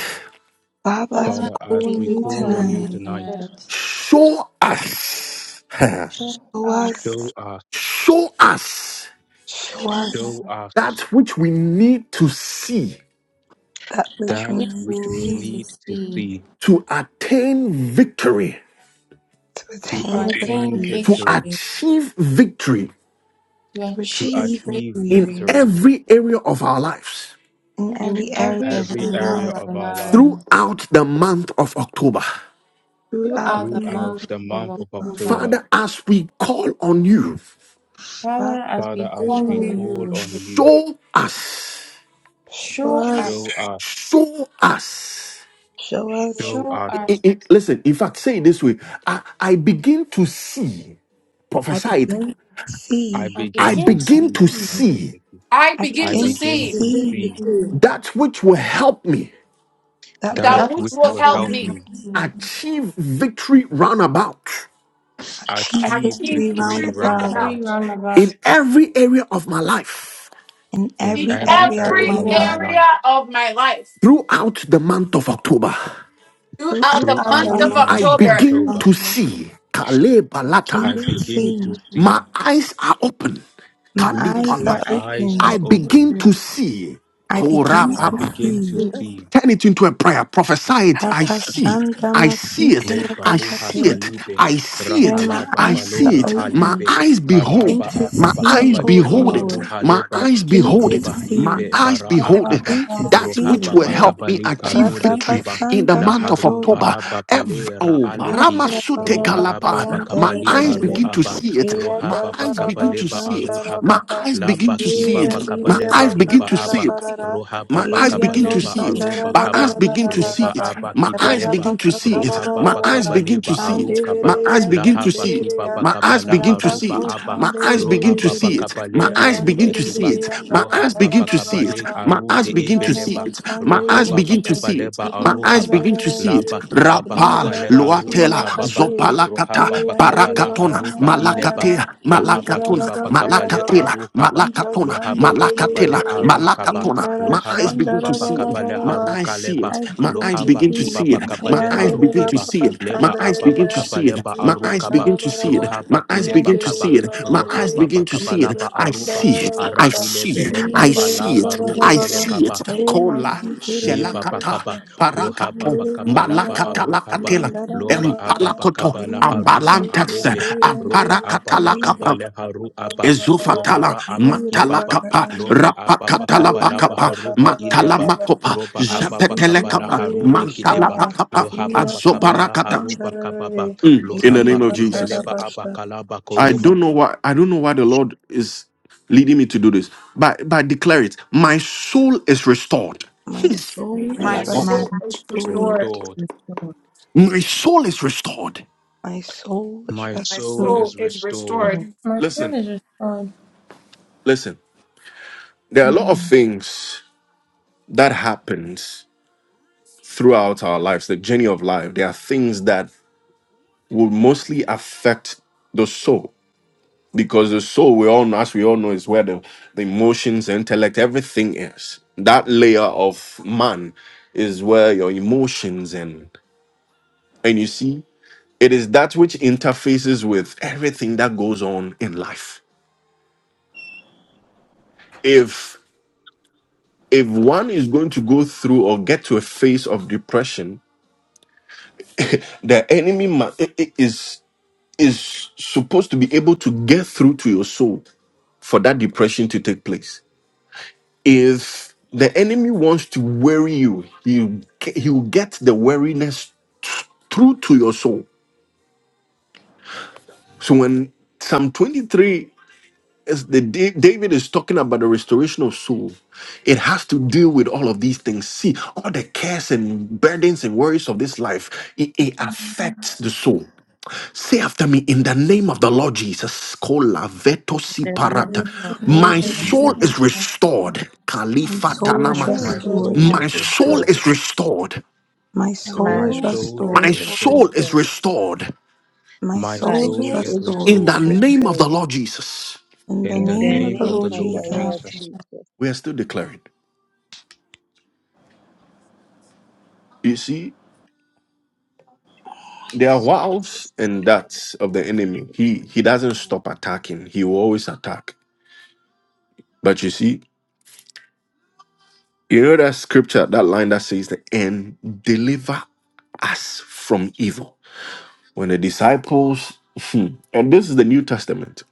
[SPEAKER 2] Father,
[SPEAKER 3] Father,
[SPEAKER 2] as we
[SPEAKER 4] Father,
[SPEAKER 8] Father, as
[SPEAKER 2] call
[SPEAKER 4] we
[SPEAKER 2] on
[SPEAKER 8] we
[SPEAKER 3] we
[SPEAKER 2] you
[SPEAKER 4] call
[SPEAKER 8] call
[SPEAKER 3] call on
[SPEAKER 8] on
[SPEAKER 4] on
[SPEAKER 8] you
[SPEAKER 3] you.
[SPEAKER 4] you
[SPEAKER 2] tonight,
[SPEAKER 8] tonight,
[SPEAKER 3] Lord.
[SPEAKER 4] tonight.
[SPEAKER 1] show us,
[SPEAKER 4] Show
[SPEAKER 2] show
[SPEAKER 4] us,
[SPEAKER 8] show
[SPEAKER 2] us,
[SPEAKER 8] us,
[SPEAKER 1] show us
[SPEAKER 2] show
[SPEAKER 4] show
[SPEAKER 2] us
[SPEAKER 8] show
[SPEAKER 4] us
[SPEAKER 8] us
[SPEAKER 1] that which we need to see
[SPEAKER 2] that
[SPEAKER 4] that
[SPEAKER 2] which
[SPEAKER 8] that
[SPEAKER 2] we
[SPEAKER 4] which
[SPEAKER 2] need
[SPEAKER 4] we
[SPEAKER 8] which
[SPEAKER 2] to
[SPEAKER 8] we
[SPEAKER 4] need
[SPEAKER 3] me
[SPEAKER 4] to
[SPEAKER 2] see,
[SPEAKER 8] need to
[SPEAKER 4] see
[SPEAKER 8] see
[SPEAKER 1] to attain victory,
[SPEAKER 2] to
[SPEAKER 8] to
[SPEAKER 4] to
[SPEAKER 2] attain
[SPEAKER 3] what
[SPEAKER 8] attain
[SPEAKER 4] attain
[SPEAKER 2] victory,
[SPEAKER 1] to
[SPEAKER 8] victory,
[SPEAKER 4] victory,
[SPEAKER 1] achieve victory
[SPEAKER 4] to
[SPEAKER 2] to
[SPEAKER 8] to
[SPEAKER 2] achieve
[SPEAKER 4] achieve
[SPEAKER 8] achieve
[SPEAKER 2] victory
[SPEAKER 1] in
[SPEAKER 4] victory
[SPEAKER 8] victory
[SPEAKER 1] every area of our lives
[SPEAKER 2] in
[SPEAKER 4] in
[SPEAKER 2] every
[SPEAKER 8] in
[SPEAKER 2] area
[SPEAKER 4] every
[SPEAKER 2] of
[SPEAKER 4] area
[SPEAKER 8] every
[SPEAKER 2] our
[SPEAKER 3] area
[SPEAKER 8] area
[SPEAKER 4] of
[SPEAKER 2] lives
[SPEAKER 4] our
[SPEAKER 8] of our life
[SPEAKER 4] lives
[SPEAKER 1] throughout the month of October.
[SPEAKER 2] throughout
[SPEAKER 4] throughout
[SPEAKER 2] the
[SPEAKER 4] the
[SPEAKER 2] month
[SPEAKER 8] throughout
[SPEAKER 4] month
[SPEAKER 8] the
[SPEAKER 4] of
[SPEAKER 8] month
[SPEAKER 2] of
[SPEAKER 8] of
[SPEAKER 2] April.
[SPEAKER 3] of
[SPEAKER 4] October.
[SPEAKER 8] October.
[SPEAKER 1] Father, as we call on you,
[SPEAKER 2] Father,
[SPEAKER 4] Father, as we
[SPEAKER 8] Father,
[SPEAKER 2] we call
[SPEAKER 8] as
[SPEAKER 4] call
[SPEAKER 2] on
[SPEAKER 8] we
[SPEAKER 4] on
[SPEAKER 2] you,
[SPEAKER 8] call
[SPEAKER 4] you,
[SPEAKER 3] the
[SPEAKER 8] on you,
[SPEAKER 1] show us,
[SPEAKER 2] show
[SPEAKER 4] show us,
[SPEAKER 2] us,
[SPEAKER 8] show us
[SPEAKER 1] show us.
[SPEAKER 2] show
[SPEAKER 6] Show
[SPEAKER 2] us.
[SPEAKER 8] Joe,
[SPEAKER 4] show
[SPEAKER 8] I,
[SPEAKER 1] It-
[SPEAKER 4] us,
[SPEAKER 1] it- listen, in fact, say it this way I, I begin to see,
[SPEAKER 2] I
[SPEAKER 1] prophesy it,
[SPEAKER 2] begin to see.
[SPEAKER 8] I
[SPEAKER 4] and
[SPEAKER 1] I
[SPEAKER 8] begin
[SPEAKER 4] begin
[SPEAKER 8] to
[SPEAKER 4] to
[SPEAKER 1] begin to
[SPEAKER 8] see,
[SPEAKER 4] see,
[SPEAKER 1] see
[SPEAKER 8] Karobeki.
[SPEAKER 5] I
[SPEAKER 2] I
[SPEAKER 4] I
[SPEAKER 5] begin
[SPEAKER 8] I
[SPEAKER 5] to
[SPEAKER 2] begin to
[SPEAKER 8] begin
[SPEAKER 5] see
[SPEAKER 4] begin
[SPEAKER 8] to
[SPEAKER 4] to
[SPEAKER 3] begin to
[SPEAKER 2] see
[SPEAKER 8] see
[SPEAKER 4] see
[SPEAKER 3] see
[SPEAKER 1] that which will help me
[SPEAKER 2] that which
[SPEAKER 8] that
[SPEAKER 5] that
[SPEAKER 6] that
[SPEAKER 3] that
[SPEAKER 4] that
[SPEAKER 2] will
[SPEAKER 5] which
[SPEAKER 8] which
[SPEAKER 4] which
[SPEAKER 5] will
[SPEAKER 2] help
[SPEAKER 8] will
[SPEAKER 4] will
[SPEAKER 5] help
[SPEAKER 8] help
[SPEAKER 5] me
[SPEAKER 2] me
[SPEAKER 8] me
[SPEAKER 4] happen.
[SPEAKER 1] achieve victory roundabout
[SPEAKER 2] achieve
[SPEAKER 8] achieve
[SPEAKER 5] achieve
[SPEAKER 4] Achieve
[SPEAKER 2] victory
[SPEAKER 3] you
[SPEAKER 8] victory
[SPEAKER 2] round
[SPEAKER 5] victory
[SPEAKER 3] have
[SPEAKER 2] about
[SPEAKER 5] roundabout.
[SPEAKER 4] victory
[SPEAKER 8] roundabouts
[SPEAKER 4] round about
[SPEAKER 1] in every area of my life
[SPEAKER 2] in
[SPEAKER 8] in
[SPEAKER 4] in
[SPEAKER 5] in
[SPEAKER 2] every
[SPEAKER 3] in
[SPEAKER 8] every
[SPEAKER 4] every
[SPEAKER 2] area of
[SPEAKER 4] area
[SPEAKER 3] every
[SPEAKER 8] area
[SPEAKER 5] every
[SPEAKER 2] my
[SPEAKER 8] of
[SPEAKER 4] of
[SPEAKER 3] area
[SPEAKER 8] my
[SPEAKER 2] life
[SPEAKER 4] my life.
[SPEAKER 5] area
[SPEAKER 8] life.
[SPEAKER 5] of my life
[SPEAKER 1] throughout the month of October.
[SPEAKER 5] throughout
[SPEAKER 2] throughout
[SPEAKER 5] the
[SPEAKER 2] the
[SPEAKER 4] Throughout
[SPEAKER 3] you
[SPEAKER 4] the
[SPEAKER 8] Throughout
[SPEAKER 5] month
[SPEAKER 3] are
[SPEAKER 5] of
[SPEAKER 8] the
[SPEAKER 4] month
[SPEAKER 2] month.
[SPEAKER 1] I
[SPEAKER 8] month
[SPEAKER 3] about
[SPEAKER 8] of
[SPEAKER 4] of
[SPEAKER 5] October
[SPEAKER 1] begin
[SPEAKER 2] I
[SPEAKER 8] October,
[SPEAKER 1] to
[SPEAKER 4] November,
[SPEAKER 1] see Kale
[SPEAKER 4] I
[SPEAKER 1] Balata.
[SPEAKER 2] begin
[SPEAKER 8] I
[SPEAKER 4] begin
[SPEAKER 2] to
[SPEAKER 3] to
[SPEAKER 4] to
[SPEAKER 3] see
[SPEAKER 8] begin to
[SPEAKER 4] see
[SPEAKER 2] see.
[SPEAKER 4] you.
[SPEAKER 8] see.
[SPEAKER 1] My eyes are open.
[SPEAKER 2] My
[SPEAKER 3] and
[SPEAKER 2] eyes
[SPEAKER 1] Kalipala.
[SPEAKER 4] My
[SPEAKER 2] are
[SPEAKER 8] My
[SPEAKER 4] eyes
[SPEAKER 8] eyes
[SPEAKER 4] are
[SPEAKER 2] open.
[SPEAKER 1] I
[SPEAKER 8] are open.
[SPEAKER 1] begin
[SPEAKER 4] open.
[SPEAKER 1] to see.
[SPEAKER 2] I
[SPEAKER 4] I
[SPEAKER 2] begin
[SPEAKER 8] I
[SPEAKER 2] to
[SPEAKER 4] begin to
[SPEAKER 8] begin
[SPEAKER 4] see
[SPEAKER 8] to
[SPEAKER 2] see.
[SPEAKER 3] see.
[SPEAKER 4] you.
[SPEAKER 8] see.
[SPEAKER 1] turn it into a prayer. Prophesy it. I see it. I see it.
[SPEAKER 8] Le
[SPEAKER 1] I
[SPEAKER 8] baruha
[SPEAKER 1] see
[SPEAKER 2] Papashandamasitenebekate.
[SPEAKER 1] it.
[SPEAKER 8] kalibe
[SPEAKER 1] I see
[SPEAKER 2] When
[SPEAKER 1] it.
[SPEAKER 2] my
[SPEAKER 8] rahalaba
[SPEAKER 1] I
[SPEAKER 2] eyes are
[SPEAKER 1] see
[SPEAKER 8] balora
[SPEAKER 1] it. My
[SPEAKER 2] open,
[SPEAKER 8] alibe
[SPEAKER 1] eyes
[SPEAKER 2] begin
[SPEAKER 1] behold.
[SPEAKER 8] karaba
[SPEAKER 2] to
[SPEAKER 1] My
[SPEAKER 8] ababa
[SPEAKER 2] see,
[SPEAKER 1] eyes
[SPEAKER 2] oh
[SPEAKER 8] kabaliba
[SPEAKER 1] behold it.
[SPEAKER 2] Lord.
[SPEAKER 8] aruha
[SPEAKER 1] My
[SPEAKER 8] leba
[SPEAKER 2] I
[SPEAKER 1] eyes
[SPEAKER 2] begin
[SPEAKER 1] behold
[SPEAKER 2] to
[SPEAKER 1] it.
[SPEAKER 8] koroba
[SPEAKER 1] My
[SPEAKER 2] see.
[SPEAKER 8] libe
[SPEAKER 1] eyes
[SPEAKER 8] bara
[SPEAKER 2] I
[SPEAKER 1] behold
[SPEAKER 4] Blah,
[SPEAKER 1] it.
[SPEAKER 4] blah,
[SPEAKER 8] akaba
[SPEAKER 2] begin to
[SPEAKER 4] blah.
[SPEAKER 1] that
[SPEAKER 2] see,
[SPEAKER 1] which
[SPEAKER 8] rohaba
[SPEAKER 1] will
[SPEAKER 2] Lord.
[SPEAKER 1] help me
[SPEAKER 8] bakabali
[SPEAKER 1] achieve
[SPEAKER 8] karude
[SPEAKER 1] victory
[SPEAKER 8] kiba
[SPEAKER 1] in the
[SPEAKER 2] Radabasanda
[SPEAKER 8] la
[SPEAKER 1] month of
[SPEAKER 8] haruba
[SPEAKER 1] October.
[SPEAKER 8] ababa
[SPEAKER 1] Ev-
[SPEAKER 8] lera
[SPEAKER 1] oh,
[SPEAKER 8] aleki
[SPEAKER 2] Antara
[SPEAKER 1] Ramasute
[SPEAKER 2] baba
[SPEAKER 8] roba
[SPEAKER 2] baba
[SPEAKER 1] Kalaba.
[SPEAKER 8] ababa
[SPEAKER 1] My
[SPEAKER 2] yantara
[SPEAKER 8] kabali
[SPEAKER 1] eyes
[SPEAKER 2] dedede.
[SPEAKER 8] karu
[SPEAKER 1] begin to
[SPEAKER 8] aba
[SPEAKER 1] see it.
[SPEAKER 2] Iya
[SPEAKER 1] My
[SPEAKER 8] rohaba
[SPEAKER 1] eyes
[SPEAKER 2] dara
[SPEAKER 1] begin
[SPEAKER 8] bakabale
[SPEAKER 1] to
[SPEAKER 8] ba
[SPEAKER 1] see it.
[SPEAKER 2] bashandara
[SPEAKER 1] My
[SPEAKER 8] aruhaba
[SPEAKER 2] baba.
[SPEAKER 1] eyes begin
[SPEAKER 8] laba
[SPEAKER 1] to see
[SPEAKER 8] kiba
[SPEAKER 2] Iya
[SPEAKER 1] it. My
[SPEAKER 2] diriya
[SPEAKER 8] bakabale
[SPEAKER 1] eyes begin
[SPEAKER 8] haruba
[SPEAKER 1] to
[SPEAKER 2] bakatara
[SPEAKER 1] see
[SPEAKER 8] aba
[SPEAKER 1] it.
[SPEAKER 2] barara.
[SPEAKER 8] rohaba
[SPEAKER 1] My eyes
[SPEAKER 2] Iya
[SPEAKER 1] begin
[SPEAKER 2] no
[SPEAKER 8] bakabale
[SPEAKER 1] to
[SPEAKER 8] ba
[SPEAKER 1] see it.
[SPEAKER 2] sandara
[SPEAKER 8] aruba
[SPEAKER 2] ra
[SPEAKER 1] My
[SPEAKER 2] ra
[SPEAKER 1] eyes
[SPEAKER 8] kaba
[SPEAKER 2] ra ra
[SPEAKER 1] begin
[SPEAKER 2] ra
[SPEAKER 1] to
[SPEAKER 2] ra
[SPEAKER 1] see
[SPEAKER 2] ra
[SPEAKER 8] roba
[SPEAKER 1] it.
[SPEAKER 2] ra.
[SPEAKER 8] aba
[SPEAKER 1] My
[SPEAKER 2] Ra
[SPEAKER 1] eyes
[SPEAKER 2] ra
[SPEAKER 8] kibeleba
[SPEAKER 1] begin to see
[SPEAKER 2] bakatara
[SPEAKER 1] it.
[SPEAKER 8] Rohaba
[SPEAKER 1] My
[SPEAKER 2] barara
[SPEAKER 1] eyes
[SPEAKER 2] ra.
[SPEAKER 1] begin to
[SPEAKER 8] Bakabaliba
[SPEAKER 1] see it.
[SPEAKER 8] Arukaba
[SPEAKER 1] My eyes begin to
[SPEAKER 8] Lahaba
[SPEAKER 1] see it.
[SPEAKER 8] Kiba
[SPEAKER 2] santereya.
[SPEAKER 1] My
[SPEAKER 8] Bakaba
[SPEAKER 1] eyes
[SPEAKER 2] Ra
[SPEAKER 1] begin to see
[SPEAKER 8] Laharuba
[SPEAKER 2] bako
[SPEAKER 1] it.
[SPEAKER 8] abba.
[SPEAKER 1] My eyes begin to
[SPEAKER 8] Rohaba
[SPEAKER 1] see it. My
[SPEAKER 8] Bakabale
[SPEAKER 2] Iya
[SPEAKER 1] eyes
[SPEAKER 8] aru
[SPEAKER 1] begin
[SPEAKER 8] de
[SPEAKER 2] andere
[SPEAKER 1] to
[SPEAKER 2] re
[SPEAKER 1] see
[SPEAKER 8] Kiba
[SPEAKER 2] re
[SPEAKER 1] it.
[SPEAKER 2] yanda
[SPEAKER 1] My eyes
[SPEAKER 8] Lohaba
[SPEAKER 1] begin to
[SPEAKER 2] baba
[SPEAKER 1] see it.
[SPEAKER 8] Bakabale
[SPEAKER 2] baba.
[SPEAKER 1] My
[SPEAKER 8] aru
[SPEAKER 1] eyes
[SPEAKER 8] de
[SPEAKER 1] begin to
[SPEAKER 2] Ivana
[SPEAKER 1] see
[SPEAKER 8] ebeleba.
[SPEAKER 1] it. My
[SPEAKER 2] Masandere
[SPEAKER 1] eyes
[SPEAKER 8] Rohaba
[SPEAKER 1] begin
[SPEAKER 2] Bashe,
[SPEAKER 1] to see it.
[SPEAKER 8] Bakabaleba
[SPEAKER 1] My eyes
[SPEAKER 8] Aruhaba
[SPEAKER 1] begin to
[SPEAKER 2] Risararare,
[SPEAKER 1] see it.
[SPEAKER 8] Laba Kiba
[SPEAKER 1] Rapal,
[SPEAKER 2] Libra
[SPEAKER 8] Bakabale Haruba
[SPEAKER 2] Basuna
[SPEAKER 1] Luatela,
[SPEAKER 8] Kababa
[SPEAKER 2] Kade,
[SPEAKER 8] Rohaba
[SPEAKER 1] Zopalakata,
[SPEAKER 2] Eandere
[SPEAKER 8] Bakabala
[SPEAKER 1] Barakatona,
[SPEAKER 2] Bakana
[SPEAKER 8] Haruba Ileba
[SPEAKER 2] Rara,
[SPEAKER 1] Malakatea,
[SPEAKER 8] Lahaba
[SPEAKER 2] Libra
[SPEAKER 1] Malakatona,
[SPEAKER 8] Kiba
[SPEAKER 2] Rabakaya
[SPEAKER 8] Bakabale
[SPEAKER 2] Baba,
[SPEAKER 1] Malakatela,
[SPEAKER 8] Arukaba
[SPEAKER 2] Iba
[SPEAKER 1] Malakatona,
[SPEAKER 8] Lohaba
[SPEAKER 2] Sandere,
[SPEAKER 8] Bakabale
[SPEAKER 1] Malakatona, Malakatela,
[SPEAKER 8] Arukaba
[SPEAKER 1] Malakatona.
[SPEAKER 2] Ivara
[SPEAKER 1] My eyes
[SPEAKER 8] Lohaba
[SPEAKER 1] begin
[SPEAKER 2] Shandara
[SPEAKER 1] to
[SPEAKER 8] Kiba
[SPEAKER 1] see
[SPEAKER 2] Baba
[SPEAKER 1] it.
[SPEAKER 8] Bakabale
[SPEAKER 1] My
[SPEAKER 2] Baba,
[SPEAKER 1] eyes see
[SPEAKER 8] Harukaleba
[SPEAKER 1] it. My eyes
[SPEAKER 8] Lohaba
[SPEAKER 1] begin
[SPEAKER 2] identity,
[SPEAKER 1] to
[SPEAKER 8] kiba
[SPEAKER 1] see it.
[SPEAKER 8] bakaba
[SPEAKER 1] My
[SPEAKER 8] leha
[SPEAKER 1] eyes
[SPEAKER 2] Eandere
[SPEAKER 1] begin to
[SPEAKER 8] rukiba.
[SPEAKER 1] see
[SPEAKER 2] Baba
[SPEAKER 1] it. My
[SPEAKER 8] Leba
[SPEAKER 1] eyes
[SPEAKER 2] Sandere,
[SPEAKER 1] begin
[SPEAKER 8] ababa
[SPEAKER 1] to
[SPEAKER 8] kaba
[SPEAKER 1] see it.
[SPEAKER 8] leba
[SPEAKER 1] My
[SPEAKER 2] Iba
[SPEAKER 1] eyes
[SPEAKER 2] e
[SPEAKER 8] arukaba.
[SPEAKER 1] begin to see it.
[SPEAKER 8] Rohaba
[SPEAKER 1] My eyes
[SPEAKER 8] kileba
[SPEAKER 1] begin to
[SPEAKER 2] andere,
[SPEAKER 8] kaba
[SPEAKER 1] see it. My
[SPEAKER 2] Bayandere,
[SPEAKER 1] eyes
[SPEAKER 8] Rohaba
[SPEAKER 1] begin to
[SPEAKER 8] bakaba
[SPEAKER 1] see it.
[SPEAKER 2] Iba
[SPEAKER 1] I
[SPEAKER 8] aruba.
[SPEAKER 2] Sandara
[SPEAKER 1] see it. I
[SPEAKER 2] Rabasa.
[SPEAKER 1] see
[SPEAKER 2] My
[SPEAKER 8] Arahilebe
[SPEAKER 1] it. I
[SPEAKER 8] ebaba
[SPEAKER 1] see
[SPEAKER 8] laba
[SPEAKER 1] it.
[SPEAKER 8] rube
[SPEAKER 1] I see
[SPEAKER 8] elekaba.
[SPEAKER 1] it. Kola
[SPEAKER 8] Liba
[SPEAKER 1] Shelakata
[SPEAKER 8] Bakaba, Roha
[SPEAKER 1] Parakapo
[SPEAKER 8] Baba Kabalaba
[SPEAKER 1] Malakata
[SPEAKER 8] Aruhaba,
[SPEAKER 1] Lakatela
[SPEAKER 8] Loba Ababa
[SPEAKER 1] Empalakoto
[SPEAKER 8] Kabala Haruba
[SPEAKER 1] Abalantas
[SPEAKER 8] Alebe, Roba Ababa
[SPEAKER 1] Aparakatalakapa
[SPEAKER 8] Kabale Haru Aba,
[SPEAKER 1] Ezufatala,
[SPEAKER 8] Lohara Abaki Baba,
[SPEAKER 1] Mantalakapa,
[SPEAKER 8] Loba Ababa Kabalaba
[SPEAKER 1] Rapakatalapakapa,
[SPEAKER 8] Haruba Ileba,
[SPEAKER 1] Matalamakapa,
[SPEAKER 8] Roba Ababa Kabala
[SPEAKER 1] Zapetelekapa,
[SPEAKER 8] Haru Dekideba,
[SPEAKER 1] Mantalapakapa,
[SPEAKER 8] Loha Baba Kabala
[SPEAKER 1] Azoparakata.
[SPEAKER 8] Haruba Kababa,
[SPEAKER 1] Mm, in
[SPEAKER 8] Loha
[SPEAKER 1] the
[SPEAKER 6] if
[SPEAKER 1] name of
[SPEAKER 8] Baki
[SPEAKER 1] Jesus.
[SPEAKER 8] Beleba Abakalaba
[SPEAKER 1] I
[SPEAKER 8] Koroba.
[SPEAKER 1] don't know why I don't know why the Lord is leading me to do this. But but I declare it. My soul is restored.
[SPEAKER 2] soul
[SPEAKER 1] Hmm.
[SPEAKER 2] is
[SPEAKER 8] Soul
[SPEAKER 6] my
[SPEAKER 8] is
[SPEAKER 6] soul
[SPEAKER 2] restored.
[SPEAKER 6] is
[SPEAKER 8] restored.
[SPEAKER 6] with
[SPEAKER 1] My soul is restored.
[SPEAKER 2] My soul is
[SPEAKER 8] My
[SPEAKER 6] my
[SPEAKER 8] soul
[SPEAKER 6] soul
[SPEAKER 8] is
[SPEAKER 2] restored.
[SPEAKER 6] is
[SPEAKER 8] restored.
[SPEAKER 6] restored.
[SPEAKER 4] My soul
[SPEAKER 1] Listen,
[SPEAKER 4] is restored.
[SPEAKER 1] listen. There are a lot of
[SPEAKER 4] Mm.
[SPEAKER 1] things that happens throughout our lives, the journey of life. There are things that will mostly affect the soul because the soul we all know as we all know is where the, the emotions the intellect everything is that layer of man is where your emotions and and you see it is that which interfaces with everything that goes on in life if if one is going to go through or get to a phase of depression the enemy ma- i- i- is is supposed to be able to get through to your soul for that depression to take place If the enemy wants to worry you, he he will get the weariness through to your soul. So when Psalm 23 is the Da- David is talking about the restoration of soul, it has to deal with all of these things. See, all the cares and burdens and worries of this life, it, it affects the soul. Say after me in the name of the Lord Jesus. Kola veto
[SPEAKER 6] In
[SPEAKER 1] si
[SPEAKER 6] the
[SPEAKER 2] In the
[SPEAKER 6] name
[SPEAKER 1] parata.
[SPEAKER 6] of
[SPEAKER 2] name
[SPEAKER 6] the
[SPEAKER 2] of the
[SPEAKER 8] The
[SPEAKER 2] Lord
[SPEAKER 1] My
[SPEAKER 8] Lord
[SPEAKER 6] Lord
[SPEAKER 4] And the
[SPEAKER 8] Jesus.
[SPEAKER 1] soul
[SPEAKER 2] Jesus,
[SPEAKER 4] kingdom
[SPEAKER 1] is
[SPEAKER 4] of
[SPEAKER 1] restored.
[SPEAKER 2] my
[SPEAKER 1] Khalifa
[SPEAKER 4] my
[SPEAKER 6] Jesus,
[SPEAKER 2] soul is
[SPEAKER 6] my
[SPEAKER 1] tanama.
[SPEAKER 4] soul
[SPEAKER 8] My
[SPEAKER 4] is
[SPEAKER 6] soul is
[SPEAKER 8] soul
[SPEAKER 4] restored.
[SPEAKER 2] restored.
[SPEAKER 1] My
[SPEAKER 8] is
[SPEAKER 1] soul
[SPEAKER 6] restored.
[SPEAKER 8] restored.
[SPEAKER 1] is restored.
[SPEAKER 2] My
[SPEAKER 4] My
[SPEAKER 2] soul
[SPEAKER 6] My
[SPEAKER 8] My
[SPEAKER 2] is
[SPEAKER 4] soul
[SPEAKER 8] soul
[SPEAKER 4] is
[SPEAKER 8] is
[SPEAKER 1] My
[SPEAKER 6] soul
[SPEAKER 2] restored.
[SPEAKER 6] is
[SPEAKER 4] restored.
[SPEAKER 1] soul
[SPEAKER 8] restored.
[SPEAKER 1] is
[SPEAKER 6] restored.
[SPEAKER 1] restored.
[SPEAKER 2] My
[SPEAKER 8] My
[SPEAKER 4] My
[SPEAKER 6] My
[SPEAKER 2] soul is
[SPEAKER 8] soul
[SPEAKER 4] soul
[SPEAKER 8] is
[SPEAKER 6] soul
[SPEAKER 4] is
[SPEAKER 6] is
[SPEAKER 1] In the
[SPEAKER 2] restored.
[SPEAKER 8] restored.
[SPEAKER 4] restored.
[SPEAKER 1] name of the
[SPEAKER 6] restored.
[SPEAKER 1] Lord Jesus.
[SPEAKER 2] In the
[SPEAKER 8] In
[SPEAKER 6] In
[SPEAKER 8] the
[SPEAKER 6] the
[SPEAKER 2] name of
[SPEAKER 8] name
[SPEAKER 2] the
[SPEAKER 4] In the
[SPEAKER 8] of
[SPEAKER 4] name
[SPEAKER 6] name
[SPEAKER 8] the
[SPEAKER 2] Lord
[SPEAKER 6] of the
[SPEAKER 8] Lord
[SPEAKER 4] of the Lord
[SPEAKER 6] Lord
[SPEAKER 2] Jesus.
[SPEAKER 8] Jesus.
[SPEAKER 6] Jesus,
[SPEAKER 4] Jesus.
[SPEAKER 6] my
[SPEAKER 1] We are still declaring. You see, there are
[SPEAKER 6] soul is
[SPEAKER 1] wiles
[SPEAKER 6] restored
[SPEAKER 1] and
[SPEAKER 6] in the
[SPEAKER 1] darts of
[SPEAKER 6] name of
[SPEAKER 1] the enemy.
[SPEAKER 6] Jesus.
[SPEAKER 1] He he doesn't
[SPEAKER 6] In
[SPEAKER 1] stop attacking. He will always attack. But you see, you know that scripture, that line that says the end deliver us from evil. When the disciples, hmm, and this is the New Testament,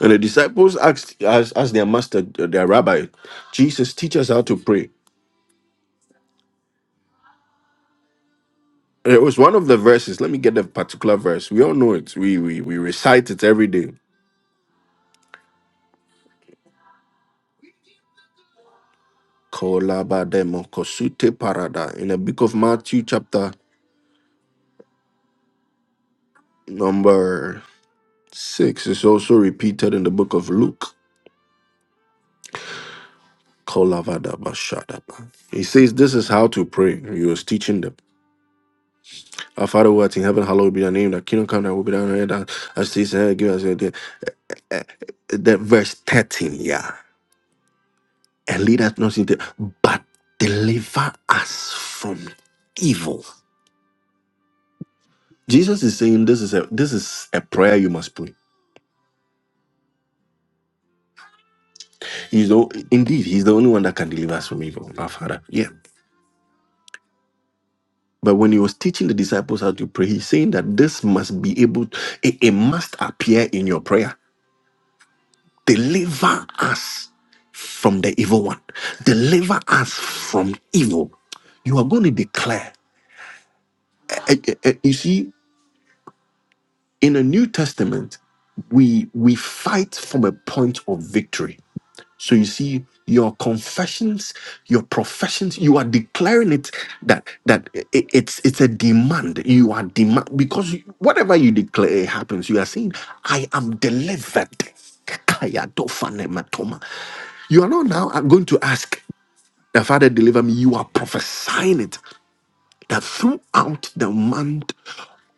[SPEAKER 1] and the disciples asked, asked, asked their master, uh, their rabbi, Jesus, teach us how to pray. It was one of the verses. Let me get the particular verse. We all know it. We we, we recite it every day. Kolabademo kosute parada. In the book of Matthew, chapter number six, it's also repeated in the book of Luke. Kolavada bashadaba. He says this is how to pray. He was teaching them. Our Father who art in heaven, hallowed be thy name. Thy kingdom come, thy will be done on earth as as it is in heaven. Give us your day. Eh, eh, That verse 13, yeah. And lead us not into, but deliver us from evil. Jesus is saying this is a this is a prayer you must pray. He's the, indeed he's the only one that can deliver us from evil, our Father. Yeah. But when he was teaching the disciples how to pray, he's saying that this must be able, it, it must appear in your prayer. Deliver us from the evil one. Deliver us from evil. You are going to declare. Eh, eh, eh, eh, You see, in the New Testament, we we fight from a point of victory So you see, your confessions, your professions, you are declaring it that that i- i- it's it's a demand. You are demand because you- whatever you declare it happens. You are saying, "I am delivered." Kaya dofane matoma. You are not now going to ask the Father deliver me. You are prophesying it that throughout the month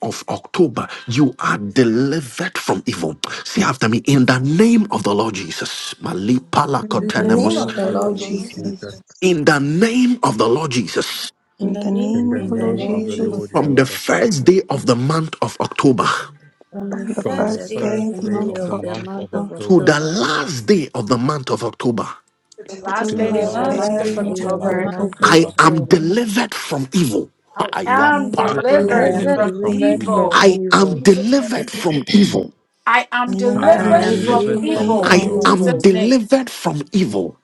[SPEAKER 1] of October, you are delivered from evil. Say after me, in the name of the Lord Jesus.
[SPEAKER 9] name of
[SPEAKER 1] Malipala
[SPEAKER 6] the
[SPEAKER 9] the
[SPEAKER 4] In
[SPEAKER 2] In
[SPEAKER 4] the
[SPEAKER 2] the
[SPEAKER 9] Lord
[SPEAKER 4] name
[SPEAKER 9] is
[SPEAKER 2] name
[SPEAKER 4] of
[SPEAKER 6] name
[SPEAKER 2] of
[SPEAKER 8] Name
[SPEAKER 4] the
[SPEAKER 2] the
[SPEAKER 6] of
[SPEAKER 8] of
[SPEAKER 6] the
[SPEAKER 8] the
[SPEAKER 4] Lord
[SPEAKER 2] Lord
[SPEAKER 6] Lord
[SPEAKER 8] Lord
[SPEAKER 4] Jesus.
[SPEAKER 2] Jesus.
[SPEAKER 8] Jesus.
[SPEAKER 6] Jesus.
[SPEAKER 1] in the name of the Lord Jesus,
[SPEAKER 4] In
[SPEAKER 2] In
[SPEAKER 4] the
[SPEAKER 2] the
[SPEAKER 4] name
[SPEAKER 8] In
[SPEAKER 2] name
[SPEAKER 8] the
[SPEAKER 2] of
[SPEAKER 4] of
[SPEAKER 6] In
[SPEAKER 2] the
[SPEAKER 4] the
[SPEAKER 6] the
[SPEAKER 2] Lord
[SPEAKER 8] name
[SPEAKER 3] Thank
[SPEAKER 8] of
[SPEAKER 4] Lord
[SPEAKER 8] the
[SPEAKER 6] name
[SPEAKER 4] Jesus.
[SPEAKER 6] of
[SPEAKER 8] Lord
[SPEAKER 2] Jesus.
[SPEAKER 6] the
[SPEAKER 1] from the
[SPEAKER 6] Lord
[SPEAKER 8] Jesus.
[SPEAKER 1] first
[SPEAKER 6] Jesus.
[SPEAKER 1] day of the month of October
[SPEAKER 9] in the
[SPEAKER 4] From
[SPEAKER 9] first
[SPEAKER 2] From
[SPEAKER 4] the
[SPEAKER 2] the
[SPEAKER 9] day of
[SPEAKER 8] From
[SPEAKER 6] On
[SPEAKER 8] the
[SPEAKER 4] first
[SPEAKER 9] the
[SPEAKER 6] the
[SPEAKER 2] first
[SPEAKER 4] day
[SPEAKER 9] month
[SPEAKER 2] day
[SPEAKER 8] first
[SPEAKER 9] of
[SPEAKER 2] of
[SPEAKER 4] of
[SPEAKER 6] first
[SPEAKER 2] the
[SPEAKER 4] the
[SPEAKER 8] day
[SPEAKER 4] month
[SPEAKER 6] day
[SPEAKER 2] month
[SPEAKER 8] of
[SPEAKER 4] of
[SPEAKER 6] of
[SPEAKER 8] the
[SPEAKER 2] of
[SPEAKER 6] the
[SPEAKER 9] October,
[SPEAKER 8] month of
[SPEAKER 6] month
[SPEAKER 2] October
[SPEAKER 6] of
[SPEAKER 1] to
[SPEAKER 8] October
[SPEAKER 1] the
[SPEAKER 6] October,
[SPEAKER 1] last day of the month of October,
[SPEAKER 5] to the
[SPEAKER 2] till the
[SPEAKER 5] last
[SPEAKER 8] to
[SPEAKER 4] She
[SPEAKER 9] the
[SPEAKER 4] was
[SPEAKER 8] the
[SPEAKER 3] you,
[SPEAKER 5] day
[SPEAKER 4] allowed to the
[SPEAKER 5] of
[SPEAKER 2] last
[SPEAKER 5] the
[SPEAKER 3] Lord.
[SPEAKER 6] the
[SPEAKER 8] last
[SPEAKER 9] last
[SPEAKER 4] last
[SPEAKER 9] day
[SPEAKER 5] month
[SPEAKER 2] day
[SPEAKER 4] day
[SPEAKER 2] of
[SPEAKER 5] of
[SPEAKER 9] of
[SPEAKER 6] last
[SPEAKER 2] the
[SPEAKER 8] day
[SPEAKER 9] the
[SPEAKER 8] of
[SPEAKER 6] day
[SPEAKER 8] the
[SPEAKER 2] month
[SPEAKER 6] of
[SPEAKER 4] the
[SPEAKER 2] of
[SPEAKER 8] month
[SPEAKER 6] the
[SPEAKER 5] October.
[SPEAKER 8] of
[SPEAKER 9] month
[SPEAKER 4] man
[SPEAKER 9] of
[SPEAKER 6] month of
[SPEAKER 2] October,
[SPEAKER 1] I
[SPEAKER 8] October,
[SPEAKER 4] of
[SPEAKER 1] am
[SPEAKER 9] October.
[SPEAKER 6] October,
[SPEAKER 4] October.
[SPEAKER 1] delivered from evil.
[SPEAKER 5] I
[SPEAKER 2] I
[SPEAKER 9] I
[SPEAKER 5] am
[SPEAKER 2] am
[SPEAKER 4] I am
[SPEAKER 9] am
[SPEAKER 1] Ayapala.
[SPEAKER 8] I
[SPEAKER 6] I
[SPEAKER 8] am
[SPEAKER 9] delivered
[SPEAKER 5] delivered
[SPEAKER 2] delivered
[SPEAKER 6] am
[SPEAKER 9] from
[SPEAKER 4] delivered
[SPEAKER 2] from
[SPEAKER 8] delivered
[SPEAKER 5] from
[SPEAKER 8] from
[SPEAKER 4] from
[SPEAKER 6] delivered
[SPEAKER 9] evil.
[SPEAKER 2] evil.
[SPEAKER 8] evil.
[SPEAKER 6] from
[SPEAKER 5] evil.
[SPEAKER 1] I
[SPEAKER 4] evil.
[SPEAKER 5] In
[SPEAKER 1] am
[SPEAKER 6] evil.
[SPEAKER 5] Jesus' name.
[SPEAKER 1] delivered from evil.
[SPEAKER 5] I
[SPEAKER 2] I
[SPEAKER 5] am
[SPEAKER 2] am
[SPEAKER 4] I
[SPEAKER 9] I
[SPEAKER 8] I
[SPEAKER 6] I
[SPEAKER 9] am
[SPEAKER 4] am
[SPEAKER 8] am
[SPEAKER 5] delivered
[SPEAKER 6] am
[SPEAKER 2] delivered
[SPEAKER 5] from
[SPEAKER 4] delivered
[SPEAKER 8] delivered
[SPEAKER 2] from
[SPEAKER 9] delivered
[SPEAKER 6] delivered
[SPEAKER 4] from
[SPEAKER 8] from
[SPEAKER 9] from
[SPEAKER 5] evil
[SPEAKER 6] from
[SPEAKER 1] I
[SPEAKER 2] evil.
[SPEAKER 5] in
[SPEAKER 8] evil.
[SPEAKER 4] evil.
[SPEAKER 9] evil.
[SPEAKER 1] am
[SPEAKER 6] evil.
[SPEAKER 5] Jesus' name.
[SPEAKER 1] delivered from evil.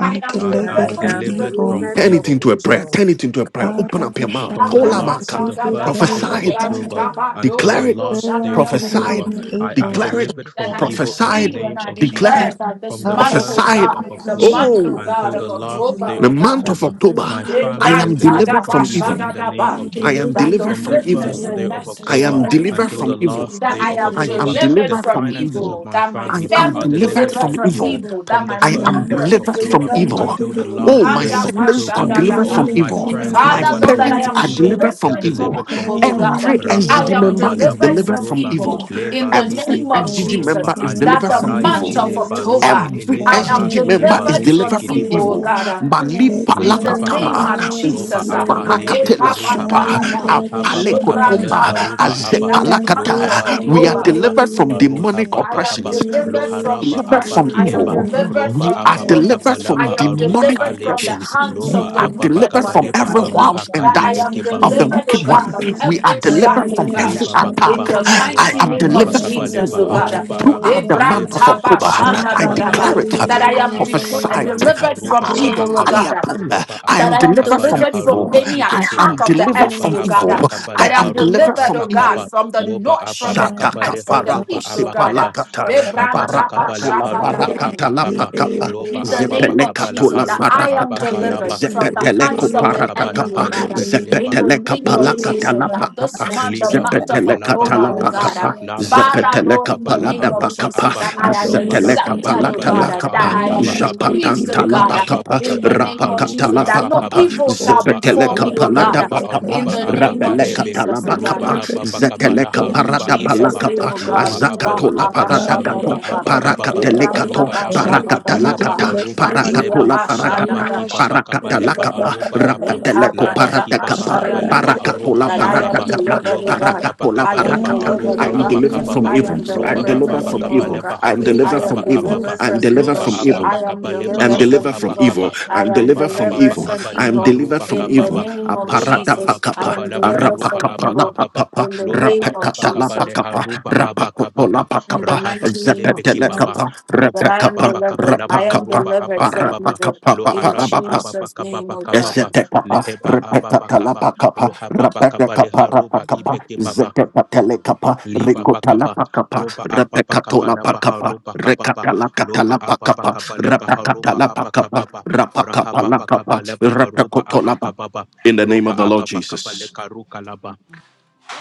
[SPEAKER 5] I am
[SPEAKER 8] I
[SPEAKER 9] I
[SPEAKER 6] I
[SPEAKER 9] am
[SPEAKER 4] I
[SPEAKER 2] delivered
[SPEAKER 8] am
[SPEAKER 4] am
[SPEAKER 2] from
[SPEAKER 5] delivered
[SPEAKER 6] am
[SPEAKER 9] delivered
[SPEAKER 8] delivered
[SPEAKER 5] from
[SPEAKER 9] from
[SPEAKER 2] evil.
[SPEAKER 8] from
[SPEAKER 6] delivered
[SPEAKER 1] Turn
[SPEAKER 6] from
[SPEAKER 5] evil
[SPEAKER 1] it
[SPEAKER 8] evil.
[SPEAKER 1] into
[SPEAKER 9] evil.
[SPEAKER 5] in
[SPEAKER 1] a prayer.
[SPEAKER 5] Jesus'
[SPEAKER 6] evil.
[SPEAKER 1] Turn
[SPEAKER 5] name.
[SPEAKER 1] it into a prayer.
[SPEAKER 2] Kara
[SPEAKER 1] Open up your
[SPEAKER 9] From
[SPEAKER 1] mouth.
[SPEAKER 9] the
[SPEAKER 8] from the
[SPEAKER 2] Karabashanda
[SPEAKER 9] first day
[SPEAKER 5] Adaba
[SPEAKER 4] delivered
[SPEAKER 8] last
[SPEAKER 9] of
[SPEAKER 8] from
[SPEAKER 1] Tolamaka.
[SPEAKER 9] the
[SPEAKER 8] the
[SPEAKER 2] Mutike
[SPEAKER 4] from
[SPEAKER 9] month of
[SPEAKER 8] first day
[SPEAKER 5] shadadaba,
[SPEAKER 4] October.
[SPEAKER 8] of
[SPEAKER 1] Prophesy
[SPEAKER 9] October
[SPEAKER 1] it.
[SPEAKER 5] libra
[SPEAKER 9] till
[SPEAKER 8] October
[SPEAKER 9] the
[SPEAKER 2] Telebashande,
[SPEAKER 4] Father,
[SPEAKER 5] ntaba,
[SPEAKER 9] last day of
[SPEAKER 8] until
[SPEAKER 1] Declare
[SPEAKER 8] the
[SPEAKER 9] the
[SPEAKER 1] it.
[SPEAKER 6] I
[SPEAKER 5] lorobo
[SPEAKER 9] month
[SPEAKER 2] go
[SPEAKER 8] last
[SPEAKER 9] of
[SPEAKER 8] day
[SPEAKER 2] and
[SPEAKER 8] of
[SPEAKER 6] am
[SPEAKER 9] October,
[SPEAKER 1] Prophesy
[SPEAKER 4] I
[SPEAKER 2] deliver
[SPEAKER 5] shadadaba.
[SPEAKER 4] am
[SPEAKER 1] it.
[SPEAKER 8] October.
[SPEAKER 2] me
[SPEAKER 4] delivered
[SPEAKER 9] I
[SPEAKER 8] I
[SPEAKER 6] delivered
[SPEAKER 8] am
[SPEAKER 2] evil.
[SPEAKER 6] from
[SPEAKER 9] decree
[SPEAKER 1] Declare
[SPEAKER 6] evil.
[SPEAKER 1] it.
[SPEAKER 9] and
[SPEAKER 8] delivered
[SPEAKER 5] that
[SPEAKER 8] from
[SPEAKER 2] Lord
[SPEAKER 5] I
[SPEAKER 9] declare
[SPEAKER 4] from
[SPEAKER 8] evil
[SPEAKER 9] that
[SPEAKER 1] Prophesy
[SPEAKER 9] I
[SPEAKER 8] in the
[SPEAKER 9] am
[SPEAKER 5] decree
[SPEAKER 1] it.
[SPEAKER 5] and
[SPEAKER 8] name
[SPEAKER 5] I
[SPEAKER 9] delivered
[SPEAKER 8] of
[SPEAKER 9] from
[SPEAKER 8] Jesus.
[SPEAKER 1] Declare
[SPEAKER 2] Jesus.
[SPEAKER 5] declare
[SPEAKER 1] it.
[SPEAKER 4] I
[SPEAKER 9] evil.
[SPEAKER 5] that
[SPEAKER 4] am
[SPEAKER 8] From
[SPEAKER 5] this
[SPEAKER 8] the
[SPEAKER 4] delivered
[SPEAKER 9] I
[SPEAKER 5] month,
[SPEAKER 9] am
[SPEAKER 5] oh
[SPEAKER 8] first
[SPEAKER 1] Prophesy
[SPEAKER 8] day
[SPEAKER 4] from
[SPEAKER 1] it.
[SPEAKER 8] of
[SPEAKER 5] God,
[SPEAKER 4] evil.
[SPEAKER 9] delivered
[SPEAKER 2] Karabashanda go
[SPEAKER 5] the
[SPEAKER 9] from
[SPEAKER 8] October
[SPEAKER 4] My
[SPEAKER 5] month,
[SPEAKER 9] evil.
[SPEAKER 1] Oh.
[SPEAKER 5] oh
[SPEAKER 2] and
[SPEAKER 9] I
[SPEAKER 5] God,
[SPEAKER 8] until
[SPEAKER 4] faith
[SPEAKER 9] am
[SPEAKER 5] of
[SPEAKER 8] the
[SPEAKER 2] deliver
[SPEAKER 4] is
[SPEAKER 8] last
[SPEAKER 9] delivered
[SPEAKER 2] me
[SPEAKER 5] October,
[SPEAKER 8] day
[SPEAKER 9] from
[SPEAKER 1] The
[SPEAKER 5] oh
[SPEAKER 8] of
[SPEAKER 4] delivered
[SPEAKER 1] month
[SPEAKER 4] from
[SPEAKER 9] evil.
[SPEAKER 5] God,
[SPEAKER 1] of
[SPEAKER 8] October,
[SPEAKER 4] evil.
[SPEAKER 1] October,
[SPEAKER 9] I
[SPEAKER 8] my
[SPEAKER 9] am
[SPEAKER 1] I
[SPEAKER 8] family is
[SPEAKER 1] am
[SPEAKER 9] delivered from
[SPEAKER 8] delivered
[SPEAKER 1] delivered
[SPEAKER 4] Father,
[SPEAKER 8] from
[SPEAKER 1] from
[SPEAKER 9] evil.
[SPEAKER 4] God,
[SPEAKER 9] I
[SPEAKER 8] evil
[SPEAKER 1] evil.
[SPEAKER 9] am
[SPEAKER 8] in
[SPEAKER 2] evil.
[SPEAKER 8] the name
[SPEAKER 9] delivered
[SPEAKER 5] Lebrantadabashadadaba,
[SPEAKER 8] of
[SPEAKER 2] And
[SPEAKER 9] from
[SPEAKER 1] I
[SPEAKER 8] Jesus.
[SPEAKER 1] am
[SPEAKER 2] deliver
[SPEAKER 5] by
[SPEAKER 9] evil.
[SPEAKER 5] your
[SPEAKER 1] delivered
[SPEAKER 8] From the
[SPEAKER 1] from
[SPEAKER 2] me from
[SPEAKER 8] first
[SPEAKER 1] evil.
[SPEAKER 5] goodness
[SPEAKER 9] Oh,
[SPEAKER 5] and
[SPEAKER 8] day
[SPEAKER 2] evil.
[SPEAKER 8] of
[SPEAKER 5] mercy
[SPEAKER 9] Radha
[SPEAKER 1] I
[SPEAKER 5] shall
[SPEAKER 8] October
[SPEAKER 1] am
[SPEAKER 4] everyone
[SPEAKER 5] follow
[SPEAKER 2] Karabashanda
[SPEAKER 1] delivered
[SPEAKER 9] Diandira.
[SPEAKER 8] until
[SPEAKER 1] from
[SPEAKER 8] the
[SPEAKER 4] is
[SPEAKER 1] evil.
[SPEAKER 8] last
[SPEAKER 4] delivered
[SPEAKER 5] that
[SPEAKER 2] go
[SPEAKER 8] day
[SPEAKER 5] I
[SPEAKER 2] and
[SPEAKER 4] is
[SPEAKER 8] of
[SPEAKER 5] am
[SPEAKER 1] I
[SPEAKER 2] deliver
[SPEAKER 1] am
[SPEAKER 8] October,
[SPEAKER 4] delivered
[SPEAKER 6] From the
[SPEAKER 4] from
[SPEAKER 5] delivered
[SPEAKER 8] the
[SPEAKER 1] delivered
[SPEAKER 4] evil.
[SPEAKER 5] from
[SPEAKER 1] from
[SPEAKER 8] finances
[SPEAKER 1] evil.
[SPEAKER 8] of
[SPEAKER 5] evil,
[SPEAKER 8] my
[SPEAKER 5] that my
[SPEAKER 1] I
[SPEAKER 8] family
[SPEAKER 1] am
[SPEAKER 6] Thank
[SPEAKER 5] family
[SPEAKER 8] are
[SPEAKER 5] is
[SPEAKER 1] delivered
[SPEAKER 8] delivered
[SPEAKER 5] delivered
[SPEAKER 1] from
[SPEAKER 8] from
[SPEAKER 2] me
[SPEAKER 5] from
[SPEAKER 1] evil.
[SPEAKER 8] evil.
[SPEAKER 2] evil.
[SPEAKER 5] evil,
[SPEAKER 8] From
[SPEAKER 5] that
[SPEAKER 8] the
[SPEAKER 5] my
[SPEAKER 1] I
[SPEAKER 2] In the midst of evil,
[SPEAKER 8] first
[SPEAKER 1] am
[SPEAKER 8] day
[SPEAKER 2] Lord,
[SPEAKER 5] mother
[SPEAKER 8] of
[SPEAKER 5] is
[SPEAKER 1] delivered from
[SPEAKER 8] October
[SPEAKER 2] forgive
[SPEAKER 5] delivered
[SPEAKER 2] and
[SPEAKER 5] from
[SPEAKER 4] Delivered
[SPEAKER 1] evil.
[SPEAKER 8] until the
[SPEAKER 4] from
[SPEAKER 2] deliver
[SPEAKER 5] evil.
[SPEAKER 2] me
[SPEAKER 1] Oh,
[SPEAKER 8] last
[SPEAKER 1] my
[SPEAKER 8] day
[SPEAKER 5] Kada
[SPEAKER 4] evil.
[SPEAKER 2] evil.
[SPEAKER 8] of
[SPEAKER 5] ba
[SPEAKER 1] siblings
[SPEAKER 2] I
[SPEAKER 1] are
[SPEAKER 8] October,
[SPEAKER 5] shada da
[SPEAKER 1] delivered
[SPEAKER 5] ba.
[SPEAKER 1] from
[SPEAKER 8] all my
[SPEAKER 1] evil.
[SPEAKER 2] am
[SPEAKER 8] friends,
[SPEAKER 1] My
[SPEAKER 4] Oh,
[SPEAKER 5] Father,
[SPEAKER 8] everyone
[SPEAKER 5] Lord, that I
[SPEAKER 1] parents
[SPEAKER 2] the
[SPEAKER 8] connected
[SPEAKER 4] up
[SPEAKER 1] are
[SPEAKER 5] am
[SPEAKER 8] to
[SPEAKER 4] the
[SPEAKER 2] evil.
[SPEAKER 8] me
[SPEAKER 1] delivered
[SPEAKER 5] delivered
[SPEAKER 8] is
[SPEAKER 1] from
[SPEAKER 4] mountains,
[SPEAKER 5] from
[SPEAKER 8] delivered
[SPEAKER 1] evil.
[SPEAKER 4] from
[SPEAKER 8] from
[SPEAKER 4] the
[SPEAKER 5] evil, oh
[SPEAKER 4] first
[SPEAKER 8] evil.
[SPEAKER 1] Every
[SPEAKER 2] Then
[SPEAKER 5] God. I
[SPEAKER 8] Raha
[SPEAKER 1] SGD
[SPEAKER 2] deliver
[SPEAKER 5] am
[SPEAKER 2] from
[SPEAKER 1] member is
[SPEAKER 8] babalaba
[SPEAKER 5] delivered
[SPEAKER 2] evil,
[SPEAKER 1] delivered
[SPEAKER 5] from
[SPEAKER 1] from
[SPEAKER 8] koroba.
[SPEAKER 4] mountain
[SPEAKER 5] evil
[SPEAKER 4] below.
[SPEAKER 1] evil.
[SPEAKER 5] in
[SPEAKER 2] deliver
[SPEAKER 8] Leba
[SPEAKER 5] the
[SPEAKER 2] from
[SPEAKER 1] Every
[SPEAKER 8] liki
[SPEAKER 5] name
[SPEAKER 2] evil,
[SPEAKER 8] ba
[SPEAKER 5] of
[SPEAKER 2] in
[SPEAKER 1] SGD
[SPEAKER 8] koroba
[SPEAKER 1] member
[SPEAKER 5] Jesus.
[SPEAKER 2] the
[SPEAKER 1] is
[SPEAKER 8] ale
[SPEAKER 5] That
[SPEAKER 1] delivered
[SPEAKER 5] the
[SPEAKER 2] mighty
[SPEAKER 1] from
[SPEAKER 2] name
[SPEAKER 4] I
[SPEAKER 2] of
[SPEAKER 8] barali
[SPEAKER 5] month
[SPEAKER 4] am
[SPEAKER 1] evil.
[SPEAKER 5] of
[SPEAKER 8] ile
[SPEAKER 4] delivered
[SPEAKER 2] Jesus.
[SPEAKER 8] barube
[SPEAKER 5] October,
[SPEAKER 4] from
[SPEAKER 1] Every
[SPEAKER 8] ele
[SPEAKER 5] I
[SPEAKER 4] evil.
[SPEAKER 5] am
[SPEAKER 1] SGG
[SPEAKER 8] araki de
[SPEAKER 2] Hallelujah,
[SPEAKER 1] member is
[SPEAKER 5] delivered
[SPEAKER 8] barube
[SPEAKER 5] from
[SPEAKER 1] delivered from
[SPEAKER 8] kideba
[SPEAKER 5] evil, oh
[SPEAKER 1] evil.
[SPEAKER 2] hallelujah.
[SPEAKER 5] God
[SPEAKER 4] Everyone
[SPEAKER 1] Malipa
[SPEAKER 5] in
[SPEAKER 8] Liba
[SPEAKER 5] the
[SPEAKER 4] collected, to
[SPEAKER 5] name
[SPEAKER 8] Bakaba,
[SPEAKER 1] lakatama,
[SPEAKER 4] me
[SPEAKER 5] of
[SPEAKER 4] is
[SPEAKER 2] Hallelujah,
[SPEAKER 4] delivered
[SPEAKER 8] Roba
[SPEAKER 5] Jesus. uh,
[SPEAKER 1] uzupa
[SPEAKER 4] from
[SPEAKER 8] Abba,
[SPEAKER 5] me
[SPEAKER 2] hallelujah.
[SPEAKER 8] Lebe
[SPEAKER 4] evil.
[SPEAKER 1] rakatela
[SPEAKER 5] papa
[SPEAKER 8] Baruhaba,
[SPEAKER 5] da
[SPEAKER 1] supa,
[SPEAKER 5] da ba,
[SPEAKER 8] Rahaba
[SPEAKER 2] Hallelujah,
[SPEAKER 1] apale
[SPEAKER 5] me
[SPEAKER 4] Everyone is going to
[SPEAKER 8] Bakaba,
[SPEAKER 5] branta
[SPEAKER 1] kotomba,
[SPEAKER 4] see
[SPEAKER 2] hallelujah.
[SPEAKER 5] ba,
[SPEAKER 8] Leharuba Abba,
[SPEAKER 1] azepa
[SPEAKER 5] That the
[SPEAKER 4] the Lord
[SPEAKER 2] Eva
[SPEAKER 5] matter of
[SPEAKER 2] close
[SPEAKER 8] Lohara
[SPEAKER 1] lakata.
[SPEAKER 2] and
[SPEAKER 8] Di
[SPEAKER 1] We are
[SPEAKER 5] October,
[SPEAKER 8] Kalaba,
[SPEAKER 1] delivered from demonic
[SPEAKER 2] deliver,
[SPEAKER 8] Baruhaba
[SPEAKER 5] I am
[SPEAKER 2] Eva
[SPEAKER 8] Bakaba,
[SPEAKER 1] oppressions
[SPEAKER 5] delivered
[SPEAKER 2] deliver,
[SPEAKER 5] from
[SPEAKER 8] Loharaba
[SPEAKER 1] delivered
[SPEAKER 8] Abba
[SPEAKER 5] depression.
[SPEAKER 1] from
[SPEAKER 5] I am
[SPEAKER 4] in
[SPEAKER 8] Kileba,
[SPEAKER 4] the
[SPEAKER 1] evil.
[SPEAKER 2] hallelujah.
[SPEAKER 5] delivered
[SPEAKER 4] name
[SPEAKER 8] Roba
[SPEAKER 4] of
[SPEAKER 1] We
[SPEAKER 5] from
[SPEAKER 1] are
[SPEAKER 8] Abba
[SPEAKER 4] Jesus.
[SPEAKER 5] poverty.
[SPEAKER 8] Bakaba,
[SPEAKER 1] delivered
[SPEAKER 8] Laba
[SPEAKER 1] from
[SPEAKER 5] I am
[SPEAKER 8] Aruba
[SPEAKER 1] demonic
[SPEAKER 2] Hallelujah.
[SPEAKER 5] delivered from
[SPEAKER 8] Alebe,
[SPEAKER 5] the
[SPEAKER 1] oppressions.
[SPEAKER 5] hands
[SPEAKER 8] Loba
[SPEAKER 1] We
[SPEAKER 5] of the
[SPEAKER 1] are
[SPEAKER 2] Lord,
[SPEAKER 8] Abba
[SPEAKER 5] wicked
[SPEAKER 1] delivered
[SPEAKER 8] Bakaba,
[SPEAKER 5] one,
[SPEAKER 1] from
[SPEAKER 5] oh
[SPEAKER 8] Leba
[SPEAKER 1] every
[SPEAKER 5] God.
[SPEAKER 2] Lord, in
[SPEAKER 8] Aruha
[SPEAKER 1] house and
[SPEAKER 5] That
[SPEAKER 2] the
[SPEAKER 5] I
[SPEAKER 1] that
[SPEAKER 8] Kalebe
[SPEAKER 5] am
[SPEAKER 8] Keba,
[SPEAKER 1] of the
[SPEAKER 2] name
[SPEAKER 4] Deliver
[SPEAKER 5] delivered,
[SPEAKER 2] of
[SPEAKER 5] oh
[SPEAKER 1] wicked
[SPEAKER 4] from
[SPEAKER 5] God,
[SPEAKER 1] one.
[SPEAKER 5] on
[SPEAKER 2] Jesus.
[SPEAKER 4] evil.
[SPEAKER 1] We are
[SPEAKER 5] every
[SPEAKER 1] delivered
[SPEAKER 5] side, oh
[SPEAKER 1] from
[SPEAKER 2] Amaraba
[SPEAKER 1] every
[SPEAKER 5] God.
[SPEAKER 8] Liba bakaba
[SPEAKER 5] In
[SPEAKER 1] attack.
[SPEAKER 5] the
[SPEAKER 2] shandaya,
[SPEAKER 1] I
[SPEAKER 8] roba
[SPEAKER 5] mighty
[SPEAKER 1] am
[SPEAKER 5] name of
[SPEAKER 8] ababa
[SPEAKER 1] delivered from
[SPEAKER 5] Jesus,
[SPEAKER 8] kabaleba
[SPEAKER 5] oh
[SPEAKER 1] evil.
[SPEAKER 5] God.
[SPEAKER 2] amaraba
[SPEAKER 8] haruba
[SPEAKER 5] They
[SPEAKER 1] Throughout the month of
[SPEAKER 8] abakaleba
[SPEAKER 5] branta ba
[SPEAKER 1] October,
[SPEAKER 8] baruha
[SPEAKER 5] shanda
[SPEAKER 1] I
[SPEAKER 5] da da ba.
[SPEAKER 8] babakaba
[SPEAKER 1] declare it, I
[SPEAKER 5] That I
[SPEAKER 8] loba
[SPEAKER 5] am
[SPEAKER 8] ababa
[SPEAKER 5] decl-
[SPEAKER 1] prophesy it.
[SPEAKER 8] kabale
[SPEAKER 5] delivered from
[SPEAKER 8] haruba
[SPEAKER 5] evil, oh
[SPEAKER 8] abakaba
[SPEAKER 5] God
[SPEAKER 1] I
[SPEAKER 8] roba
[SPEAKER 5] that
[SPEAKER 1] am
[SPEAKER 5] I
[SPEAKER 8] ababa
[SPEAKER 5] am
[SPEAKER 1] delivered
[SPEAKER 8] kabala
[SPEAKER 1] from
[SPEAKER 5] delivered from
[SPEAKER 1] evil.
[SPEAKER 8] haruba
[SPEAKER 5] any
[SPEAKER 1] I
[SPEAKER 5] attack
[SPEAKER 1] am
[SPEAKER 8] ibekeba
[SPEAKER 5] of the
[SPEAKER 1] delivered
[SPEAKER 8] loba
[SPEAKER 5] enemy,
[SPEAKER 1] from
[SPEAKER 5] oh God.
[SPEAKER 1] evil.
[SPEAKER 5] uh,
[SPEAKER 8] ababa
[SPEAKER 1] I
[SPEAKER 5] That
[SPEAKER 8] kabala
[SPEAKER 5] I
[SPEAKER 1] am
[SPEAKER 5] am
[SPEAKER 8] haruba
[SPEAKER 1] delivered
[SPEAKER 5] delivered,
[SPEAKER 1] from
[SPEAKER 5] oh God,
[SPEAKER 1] evil.
[SPEAKER 8] abakaba
[SPEAKER 5] from the
[SPEAKER 8] loba
[SPEAKER 5] north, from
[SPEAKER 8] ababa
[SPEAKER 5] the
[SPEAKER 1] Shataka
[SPEAKER 8] kabale
[SPEAKER 5] east, from the
[SPEAKER 1] parako
[SPEAKER 8] haruba
[SPEAKER 5] east, oh God. uh,
[SPEAKER 8] abakaba
[SPEAKER 1] sipalakata
[SPEAKER 8] rahaba
[SPEAKER 5] Lebrantaba
[SPEAKER 1] parakato
[SPEAKER 8] bakabala
[SPEAKER 1] la
[SPEAKER 8] haruba
[SPEAKER 5] shakadadada
[SPEAKER 1] parakata la
[SPEAKER 8] abakaba
[SPEAKER 1] pakapa
[SPEAKER 8] loba
[SPEAKER 5] in the
[SPEAKER 8] ababa
[SPEAKER 5] name of
[SPEAKER 8] kabala
[SPEAKER 1] zepelekato
[SPEAKER 5] Jesus,
[SPEAKER 1] la
[SPEAKER 5] that
[SPEAKER 8] haruba
[SPEAKER 5] I
[SPEAKER 6] you.
[SPEAKER 5] am
[SPEAKER 1] parakata
[SPEAKER 6] What
[SPEAKER 5] delivered
[SPEAKER 8] abakalaba
[SPEAKER 5] from the
[SPEAKER 8] roba
[SPEAKER 1] zepeteleko
[SPEAKER 5] hands of
[SPEAKER 8] ababa
[SPEAKER 5] the enemy,
[SPEAKER 8] kabala
[SPEAKER 5] oh
[SPEAKER 1] paratakapa
[SPEAKER 5] God.
[SPEAKER 8] haruba eleba
[SPEAKER 5] In the
[SPEAKER 1] zepeteleka
[SPEAKER 5] name of
[SPEAKER 1] palakata
[SPEAKER 5] Jesus,
[SPEAKER 1] la
[SPEAKER 5] that
[SPEAKER 1] pakapa
[SPEAKER 5] this month, the
[SPEAKER 8] Liba
[SPEAKER 4] Deliver
[SPEAKER 5] month of
[SPEAKER 8] bakaba laba
[SPEAKER 1] zepetelekata
[SPEAKER 5] October,
[SPEAKER 1] la
[SPEAKER 5] oh
[SPEAKER 4] evil.
[SPEAKER 8] aruba
[SPEAKER 5] God.
[SPEAKER 2] amaraba,
[SPEAKER 5] uh,
[SPEAKER 1] pakapa
[SPEAKER 8] laba kiba
[SPEAKER 5] Father, Lord,
[SPEAKER 1] zepeteleka
[SPEAKER 5] in
[SPEAKER 8] bakaba
[SPEAKER 5] the
[SPEAKER 8] la
[SPEAKER 5] name
[SPEAKER 1] palada
[SPEAKER 5] of
[SPEAKER 8] haruba
[SPEAKER 1] pakapa
[SPEAKER 5] Jesus,
[SPEAKER 8] aba
[SPEAKER 5] that
[SPEAKER 2] and
[SPEAKER 5] I am
[SPEAKER 8] loba
[SPEAKER 4] Deliver
[SPEAKER 2] deliver
[SPEAKER 8] aba
[SPEAKER 1] aseteleka
[SPEAKER 2] from
[SPEAKER 4] evil.
[SPEAKER 5] exempted, oh
[SPEAKER 8] bakaba
[SPEAKER 1] palata la
[SPEAKER 5] God,
[SPEAKER 2] evil.
[SPEAKER 5] uh,
[SPEAKER 8] leba
[SPEAKER 5] that
[SPEAKER 1] kapa
[SPEAKER 2] And
[SPEAKER 5] I
[SPEAKER 8] aruha
[SPEAKER 2] I
[SPEAKER 5] am
[SPEAKER 2] must
[SPEAKER 8] bakaba
[SPEAKER 2] speak
[SPEAKER 1] Japata
[SPEAKER 5] released,
[SPEAKER 2] his
[SPEAKER 5] oh
[SPEAKER 2] in
[SPEAKER 8] loba
[SPEAKER 2] the
[SPEAKER 5] God,
[SPEAKER 1] talaba
[SPEAKER 5] uh,
[SPEAKER 2] shadow
[SPEAKER 8] aba
[SPEAKER 1] kapa,
[SPEAKER 5] in the
[SPEAKER 8] bakaba la
[SPEAKER 5] name of
[SPEAKER 1] rapaka
[SPEAKER 2] and
[SPEAKER 8] haruba
[SPEAKER 5] Jesus,
[SPEAKER 1] talaba
[SPEAKER 2] deliver
[SPEAKER 5] that
[SPEAKER 8] aba
[SPEAKER 5] no
[SPEAKER 1] papa,
[SPEAKER 8] kaba
[SPEAKER 5] evil
[SPEAKER 2] people.
[SPEAKER 5] shall
[SPEAKER 8] loba aba
[SPEAKER 5] befall
[SPEAKER 2] In
[SPEAKER 5] me,
[SPEAKER 2] the
[SPEAKER 1] Japatantalabakapa,
[SPEAKER 5] oh
[SPEAKER 8] bakaba
[SPEAKER 5] God, uh,
[SPEAKER 8] leba
[SPEAKER 5] in
[SPEAKER 8] aruba
[SPEAKER 5] the
[SPEAKER 8] aba
[SPEAKER 5] name of
[SPEAKER 8] kalebe
[SPEAKER 5] Jesus, oh
[SPEAKER 8] roba
[SPEAKER 5] God.
[SPEAKER 1] Rapakatalapapa, Zepetelekapalatabakapa, Rapelekatalabakapa,
[SPEAKER 8] aba bakaba la
[SPEAKER 5] In
[SPEAKER 8] haruba
[SPEAKER 5] Jesus'
[SPEAKER 8] ileba
[SPEAKER 5] name,
[SPEAKER 1] Zetelekaparatapalakapa,
[SPEAKER 5] O God,
[SPEAKER 8] loba aba
[SPEAKER 5] Riba
[SPEAKER 8] bakaba
[SPEAKER 5] Papa
[SPEAKER 8] le
[SPEAKER 5] Shanda
[SPEAKER 8] haruba
[SPEAKER 1] Azakatolaparadakapo,
[SPEAKER 5] Daba,
[SPEAKER 8] aba kababa
[SPEAKER 5] Libra
[SPEAKER 4] Deliver
[SPEAKER 1] Parakatelekato,
[SPEAKER 8] roba
[SPEAKER 5] Papa
[SPEAKER 8] aba
[SPEAKER 4] evil.
[SPEAKER 5] Shaba
[SPEAKER 8] bakaba leba
[SPEAKER 5] Daba,
[SPEAKER 1] Parakatalakata,
[SPEAKER 8] aruba
[SPEAKER 4] Deliver
[SPEAKER 5] Mandia
[SPEAKER 8] aleba
[SPEAKER 5] Basha
[SPEAKER 8] laba
[SPEAKER 1] Parakatolaparakata,
[SPEAKER 5] Daba,
[SPEAKER 8] kiba bakaba leba
[SPEAKER 1] Parakatalakapa,
[SPEAKER 8] aruba aba
[SPEAKER 5] Leka
[SPEAKER 1] Rapateleko
[SPEAKER 8] laba
[SPEAKER 5] Branda
[SPEAKER 8] kiba
[SPEAKER 1] paradekapa,
[SPEAKER 8] bakaba
[SPEAKER 5] Bashaya
[SPEAKER 8] leba
[SPEAKER 5] Daba,
[SPEAKER 1] Parakatola
[SPEAKER 8] aruha
[SPEAKER 5] that I am
[SPEAKER 8] bakaba
[SPEAKER 1] parakatata,
[SPEAKER 5] delivered, O
[SPEAKER 8] Loba
[SPEAKER 5] God.
[SPEAKER 8] ababa
[SPEAKER 1] parakatola
[SPEAKER 5] I am
[SPEAKER 8] kabaleba
[SPEAKER 1] parakata.
[SPEAKER 5] delivered,
[SPEAKER 8] aruba
[SPEAKER 1] I
[SPEAKER 5] O
[SPEAKER 1] am
[SPEAKER 5] God.
[SPEAKER 1] delivered from
[SPEAKER 8] abakababa.
[SPEAKER 5] I
[SPEAKER 1] evil.
[SPEAKER 5] am
[SPEAKER 1] I
[SPEAKER 8] Roba
[SPEAKER 1] am
[SPEAKER 5] delivered
[SPEAKER 1] delivered
[SPEAKER 5] from
[SPEAKER 8] ababa
[SPEAKER 1] from
[SPEAKER 5] evil, O
[SPEAKER 1] evil.
[SPEAKER 8] kabaleba
[SPEAKER 5] God.
[SPEAKER 1] I am
[SPEAKER 4] evil.
[SPEAKER 8] haruba
[SPEAKER 5] I
[SPEAKER 1] delivered from
[SPEAKER 5] am
[SPEAKER 1] evil.
[SPEAKER 5] delivered
[SPEAKER 8] abakababa.
[SPEAKER 1] I am
[SPEAKER 5] from
[SPEAKER 1] delivered
[SPEAKER 8] Loba
[SPEAKER 5] evil.
[SPEAKER 1] from evil.
[SPEAKER 8] ababa
[SPEAKER 5] I am
[SPEAKER 1] I
[SPEAKER 8] kabaleba
[SPEAKER 1] am
[SPEAKER 5] delivered from
[SPEAKER 1] delivered
[SPEAKER 8] aruha
[SPEAKER 1] from
[SPEAKER 5] evil.
[SPEAKER 1] evil.
[SPEAKER 8] bakaba.
[SPEAKER 1] I
[SPEAKER 5] I
[SPEAKER 1] am
[SPEAKER 5] am
[SPEAKER 8] Loba
[SPEAKER 1] delivered from
[SPEAKER 5] delivered
[SPEAKER 8] ababa
[SPEAKER 1] evil.
[SPEAKER 5] from
[SPEAKER 1] I
[SPEAKER 8] kabali
[SPEAKER 1] am
[SPEAKER 5] evil.
[SPEAKER 1] delivered
[SPEAKER 8] haruba
[SPEAKER 1] from
[SPEAKER 5] In the
[SPEAKER 1] evil.
[SPEAKER 8] kababa.
[SPEAKER 5] name of
[SPEAKER 8] Roba
[SPEAKER 1] Aparata
[SPEAKER 5] Jesus,
[SPEAKER 8] ababa
[SPEAKER 5] I
[SPEAKER 1] pakapa,
[SPEAKER 5] am
[SPEAKER 8] kabaleba
[SPEAKER 5] delivered
[SPEAKER 8] haruba
[SPEAKER 5] from
[SPEAKER 1] arapakapa la
[SPEAKER 5] evil.
[SPEAKER 8] abakababa.
[SPEAKER 1] pakapa,
[SPEAKER 5] In the
[SPEAKER 8] Loba
[SPEAKER 5] name of
[SPEAKER 8] ababa
[SPEAKER 1] rapakata la
[SPEAKER 5] Jesus.
[SPEAKER 8] kabale
[SPEAKER 1] pakapa,
[SPEAKER 8] haruba
[SPEAKER 1] rapakoto la
[SPEAKER 8] abakababa.
[SPEAKER 5] In the
[SPEAKER 1] pakapa,
[SPEAKER 8] Rahaba
[SPEAKER 5] mighty name
[SPEAKER 8] kelebe
[SPEAKER 5] of
[SPEAKER 1] zepetele
[SPEAKER 8] kibaba.
[SPEAKER 5] Jesus,
[SPEAKER 1] kapa,
[SPEAKER 5] that
[SPEAKER 8] Roba
[SPEAKER 5] I am
[SPEAKER 1] repekapa,
[SPEAKER 8] kababa
[SPEAKER 5] delivered.
[SPEAKER 8] kabalaba
[SPEAKER 5] I am
[SPEAKER 1] rapakapa,
[SPEAKER 8] haruba
[SPEAKER 5] delivered from
[SPEAKER 8] abakababa.
[SPEAKER 5] evil. In
[SPEAKER 8] Loharaba
[SPEAKER 1] parapakapa,
[SPEAKER 8] ababa
[SPEAKER 5] Jesus' name,
[SPEAKER 8] kababa
[SPEAKER 5] oh God.
[SPEAKER 8] kababa.
[SPEAKER 1] Eshetekapa,
[SPEAKER 8] Leheba ababa kaba.
[SPEAKER 1] repetetelapakapa,
[SPEAKER 8] Roha Baba Kabale
[SPEAKER 1] repetekapa,
[SPEAKER 8] Ibeke Baba
[SPEAKER 1] zeketetelekapa,
[SPEAKER 8] Liba Bakaba
[SPEAKER 1] rikotalapakapa,
[SPEAKER 8] Roba Ababa Kabala
[SPEAKER 1] repekatolapakapa,
[SPEAKER 8] Baharuba Kababa Loba Ababa
[SPEAKER 1] rekatalapakalapakapa,
[SPEAKER 8] Kabale Baharuba
[SPEAKER 1] repekatalapakapa,
[SPEAKER 8] Abakababa Raha Baba
[SPEAKER 1] rapakapalakapa,
[SPEAKER 8] Kabale Baharuba
[SPEAKER 1] repekotolapa.
[SPEAKER 8] Abakababa
[SPEAKER 1] In the name of
[SPEAKER 8] Roba
[SPEAKER 1] the Lord
[SPEAKER 8] Ababa Kabale
[SPEAKER 1] Jesus.
[SPEAKER 8] Karukalaba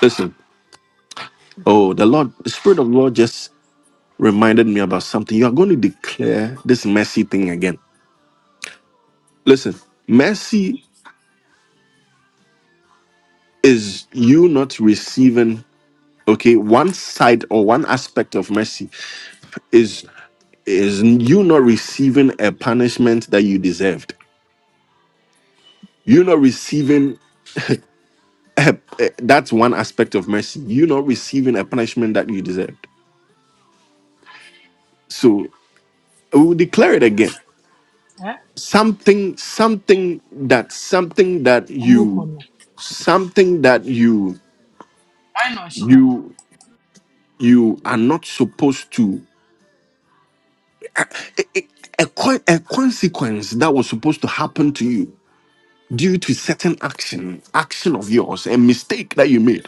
[SPEAKER 1] Listen, oh, the Lord, the Spirit of the Lord just reminded me about something. You are going to declare this mercy thing again. Listen, mercy is you not receiving okay one side or one aspect of mercy is is you not receiving a punishment that you deserved you not receiving a, a- that's one aspect of mercy you not receiving a punishment that you deserved so we will declare it again
[SPEAKER 9] Eh?
[SPEAKER 1] something something that something that you
[SPEAKER 9] Amukono.
[SPEAKER 1] something that you
[SPEAKER 9] Why not, Shida?
[SPEAKER 1] you you are not supposed to a, a, a co- a consequence that was supposed to happen to you due to certain action, action of yours, a mistake that you made.